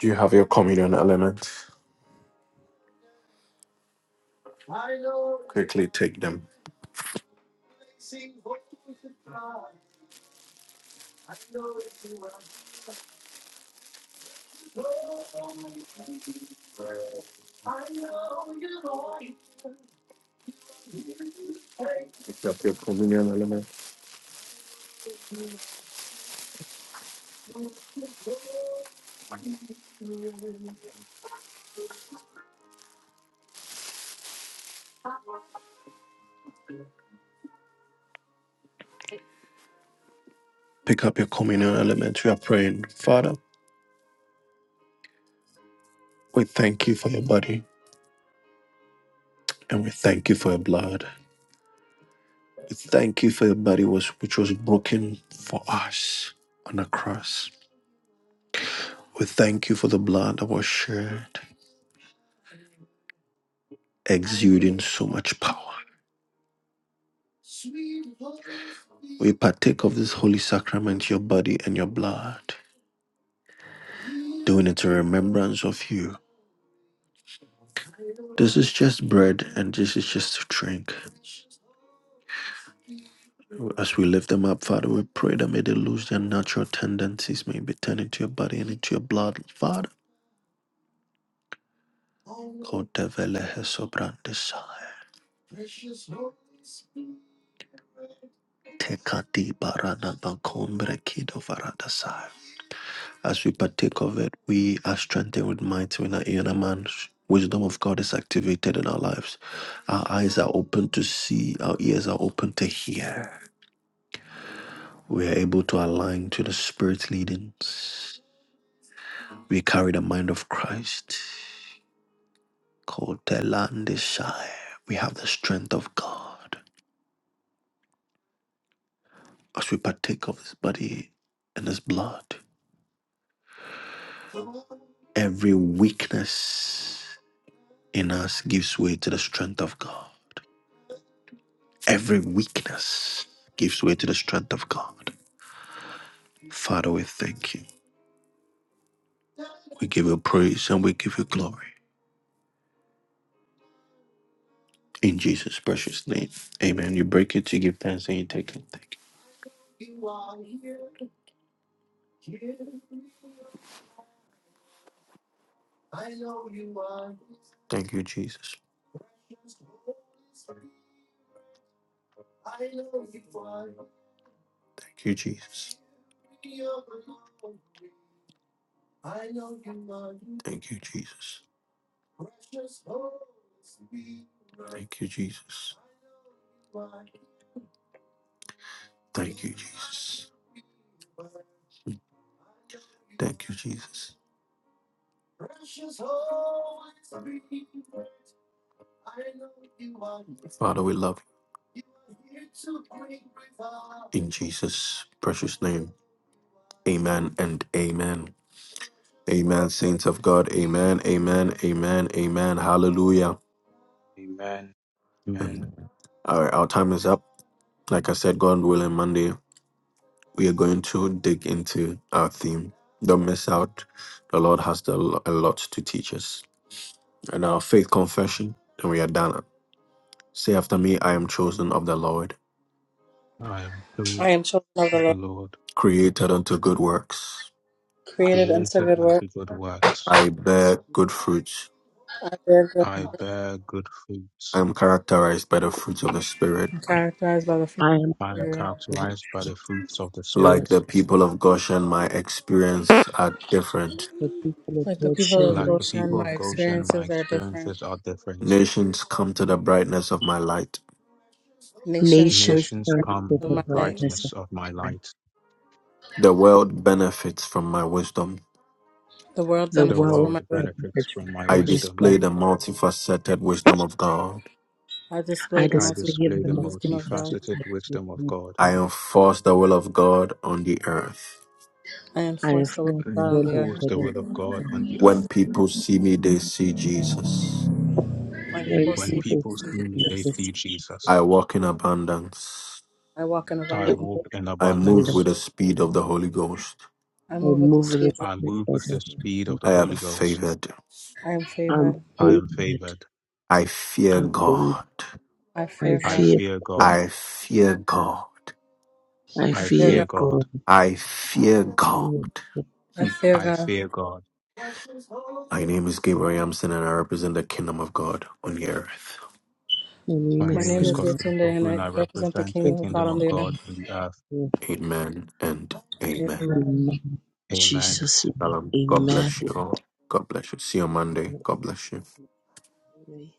[SPEAKER 1] Do you have your communion elements? Quickly take them. Pick up your communion element. Pick up your communion element. We are praying, Father, we thank you for your body and we thank you for your blood. We thank you for your body was which was broken for us on the cross. We thank you for the blood that was shed. exuding so much power. We partake of this holy sacrament, your body and your blood, doing it in remembrance of you. This is just bread and this is just drink. As we lift them up, Father, we pray that may they lose their natural tendencies, may be turned into your body and into your blood, Father. Kotevelehe sobrandesai. Tekati barana bakombre kido varadasai. As we partake of it, we are strengthened with might when our inner man. wisdom of God is activated in our lives. Our eyes are open to see, our ears are open to hear. We are able to align to the Spirit's leadings. We carry the mind of Christ. Kotelandesai. We have the strength of God. As we partake of His body and His blood, every weakness in us gives way to the strength of God. Every weakness gives way to the strength of God. Father, we thank you. We give you praise and we give you glory. In Jesus' precious name. Amen. You break it, you give thanks, and you take it. Thank you. Thank you, Jesus. Thank you, Jesus. Thank you, Jesus. Thank you, Jesus. Thank you, Jesus. Thank you, Jesus. Father, we love you. In Jesus' precious name. Amen and amen. Amen, saints of God. Amen, amen, amen, amen. Hallelujah.
[SPEAKER 2] Amen.
[SPEAKER 1] All
[SPEAKER 2] Amen.
[SPEAKER 1] right, our time is up. Like I said, God willing, Monday, we are going to dig into our theme. Don't miss out. The Lord has the, a lot to teach us. And our faith confession, and we are done. Say after me, I am chosen of the Lord,
[SPEAKER 2] I am good.
[SPEAKER 4] I am children of the
[SPEAKER 2] with the
[SPEAKER 4] Lord,
[SPEAKER 2] Lord,
[SPEAKER 1] created unto good works.
[SPEAKER 4] created unto
[SPEAKER 2] created
[SPEAKER 4] good work.
[SPEAKER 2] unto good works.
[SPEAKER 1] I bear good fruits.
[SPEAKER 4] I bear good
[SPEAKER 2] I bear good
[SPEAKER 1] I
[SPEAKER 2] fruits.
[SPEAKER 1] am characterized by the fruits of the Spirit.
[SPEAKER 4] and characterized by the fruit
[SPEAKER 3] I am
[SPEAKER 2] I
[SPEAKER 4] of the
[SPEAKER 2] am
[SPEAKER 4] Spirit.
[SPEAKER 3] the
[SPEAKER 2] characterized by the
[SPEAKER 3] Lord's
[SPEAKER 2] fruits of the
[SPEAKER 3] Spirit,
[SPEAKER 2] Spirit.
[SPEAKER 1] Like the people of Goshen, my experience are different.
[SPEAKER 3] the people of
[SPEAKER 4] Like the
[SPEAKER 3] God
[SPEAKER 4] people
[SPEAKER 3] shed
[SPEAKER 4] of
[SPEAKER 2] Like
[SPEAKER 3] my
[SPEAKER 2] the
[SPEAKER 4] Goshen,
[SPEAKER 3] feet.
[SPEAKER 2] people
[SPEAKER 4] my
[SPEAKER 2] of Goshen, my
[SPEAKER 4] experiences are different.
[SPEAKER 2] experiences are different.
[SPEAKER 1] Nations come to the brightness of my light.
[SPEAKER 4] Nations come
[SPEAKER 3] Nations
[SPEAKER 2] Nations
[SPEAKER 3] dance
[SPEAKER 4] brightness
[SPEAKER 2] come
[SPEAKER 3] to
[SPEAKER 2] to
[SPEAKER 4] of
[SPEAKER 3] the
[SPEAKER 2] the
[SPEAKER 4] my light.
[SPEAKER 3] brightness of
[SPEAKER 2] brightness of my
[SPEAKER 3] my light.
[SPEAKER 2] light.
[SPEAKER 1] The world benefits from my wisdom.
[SPEAKER 4] The world
[SPEAKER 3] The
[SPEAKER 2] The
[SPEAKER 4] benefits
[SPEAKER 3] world
[SPEAKER 4] from
[SPEAKER 2] world
[SPEAKER 4] my wisdom.
[SPEAKER 2] benefits
[SPEAKER 3] celebrates
[SPEAKER 2] from
[SPEAKER 3] with
[SPEAKER 2] my
[SPEAKER 1] I
[SPEAKER 3] the
[SPEAKER 2] wisdom.
[SPEAKER 3] wisdom
[SPEAKER 1] display the multifaceted wisdom of God.
[SPEAKER 4] I display
[SPEAKER 3] I
[SPEAKER 4] the
[SPEAKER 2] I
[SPEAKER 3] despair
[SPEAKER 2] display
[SPEAKER 3] of
[SPEAKER 2] the
[SPEAKER 4] multifaceted
[SPEAKER 3] my
[SPEAKER 4] wisdom of
[SPEAKER 3] teachers
[SPEAKER 4] God.
[SPEAKER 2] multifaceted
[SPEAKER 3] except for
[SPEAKER 2] wisdom of God.
[SPEAKER 1] I
[SPEAKER 3] God.
[SPEAKER 1] enforce the will of God on the earth.
[SPEAKER 4] I
[SPEAKER 3] I am
[SPEAKER 4] enforce the word
[SPEAKER 3] full
[SPEAKER 2] and
[SPEAKER 4] of God on
[SPEAKER 3] full
[SPEAKER 4] the
[SPEAKER 3] of
[SPEAKER 4] earth.
[SPEAKER 2] enforce the
[SPEAKER 3] burden.
[SPEAKER 2] will of God on the earth.
[SPEAKER 1] When people see me, they see Jesus.
[SPEAKER 4] My
[SPEAKER 3] When
[SPEAKER 4] people
[SPEAKER 2] When
[SPEAKER 4] see me,
[SPEAKER 3] people
[SPEAKER 2] people see
[SPEAKER 3] see me,
[SPEAKER 2] me, they
[SPEAKER 3] they
[SPEAKER 2] see
[SPEAKER 3] see Jesus.
[SPEAKER 1] I
[SPEAKER 2] Jesus.
[SPEAKER 1] walk in abundance.
[SPEAKER 4] I walk in
[SPEAKER 2] I
[SPEAKER 3] I
[SPEAKER 4] abundance.
[SPEAKER 2] walk
[SPEAKER 3] walk
[SPEAKER 2] in
[SPEAKER 1] I move
[SPEAKER 3] under.
[SPEAKER 1] with
[SPEAKER 2] abundance.
[SPEAKER 3] I
[SPEAKER 1] the speed of the Holy Ghost.
[SPEAKER 4] I move with the
[SPEAKER 3] move the
[SPEAKER 4] speed. of
[SPEAKER 2] I
[SPEAKER 4] light.
[SPEAKER 3] spirit
[SPEAKER 2] move
[SPEAKER 3] of
[SPEAKER 2] with
[SPEAKER 3] the
[SPEAKER 2] the
[SPEAKER 3] Holy
[SPEAKER 2] speed of the
[SPEAKER 1] I am
[SPEAKER 2] Holy
[SPEAKER 3] Ghost.
[SPEAKER 2] Ghost.
[SPEAKER 1] favored.
[SPEAKER 4] I am
[SPEAKER 3] I'm
[SPEAKER 4] favored.
[SPEAKER 2] I am
[SPEAKER 3] folded.
[SPEAKER 2] favored.
[SPEAKER 1] I fear
[SPEAKER 3] I'm folded.
[SPEAKER 1] God.
[SPEAKER 4] I
[SPEAKER 3] I
[SPEAKER 4] fear
[SPEAKER 2] I
[SPEAKER 4] God.
[SPEAKER 3] fear
[SPEAKER 2] fear God.
[SPEAKER 3] God.
[SPEAKER 1] I fear God.
[SPEAKER 3] I
[SPEAKER 4] I
[SPEAKER 2] I
[SPEAKER 4] fear
[SPEAKER 3] fear
[SPEAKER 2] fear
[SPEAKER 4] God.
[SPEAKER 2] God.
[SPEAKER 3] God.
[SPEAKER 1] I fear God.
[SPEAKER 3] Yes.
[SPEAKER 1] Hmm.
[SPEAKER 4] I fear
[SPEAKER 2] I
[SPEAKER 4] God.
[SPEAKER 2] fear God.
[SPEAKER 1] My name is Gabriel Yamson and I represent the kingdom of God on the earth.
[SPEAKER 3] My name
[SPEAKER 2] My
[SPEAKER 4] My
[SPEAKER 3] is
[SPEAKER 2] name
[SPEAKER 4] name
[SPEAKER 2] is
[SPEAKER 4] is
[SPEAKER 3] Cinnamon.
[SPEAKER 2] Godfrey
[SPEAKER 4] Yatunde and
[SPEAKER 2] Opoku and
[SPEAKER 4] I
[SPEAKER 2] I
[SPEAKER 4] represent the
[SPEAKER 2] represent the
[SPEAKER 3] Thank
[SPEAKER 4] kingdom of
[SPEAKER 3] you,
[SPEAKER 2] kingdom
[SPEAKER 4] God on
[SPEAKER 2] of
[SPEAKER 4] the earth.
[SPEAKER 2] God on the earth.
[SPEAKER 3] Jesus.
[SPEAKER 1] Amen and amen.
[SPEAKER 4] Amen.
[SPEAKER 3] Amen.
[SPEAKER 2] Amen.
[SPEAKER 3] Jesus'
[SPEAKER 1] Shalom.
[SPEAKER 3] name.
[SPEAKER 1] God bless you all. God bless you. See you on Monday. God bless you.
[SPEAKER 3] Amen.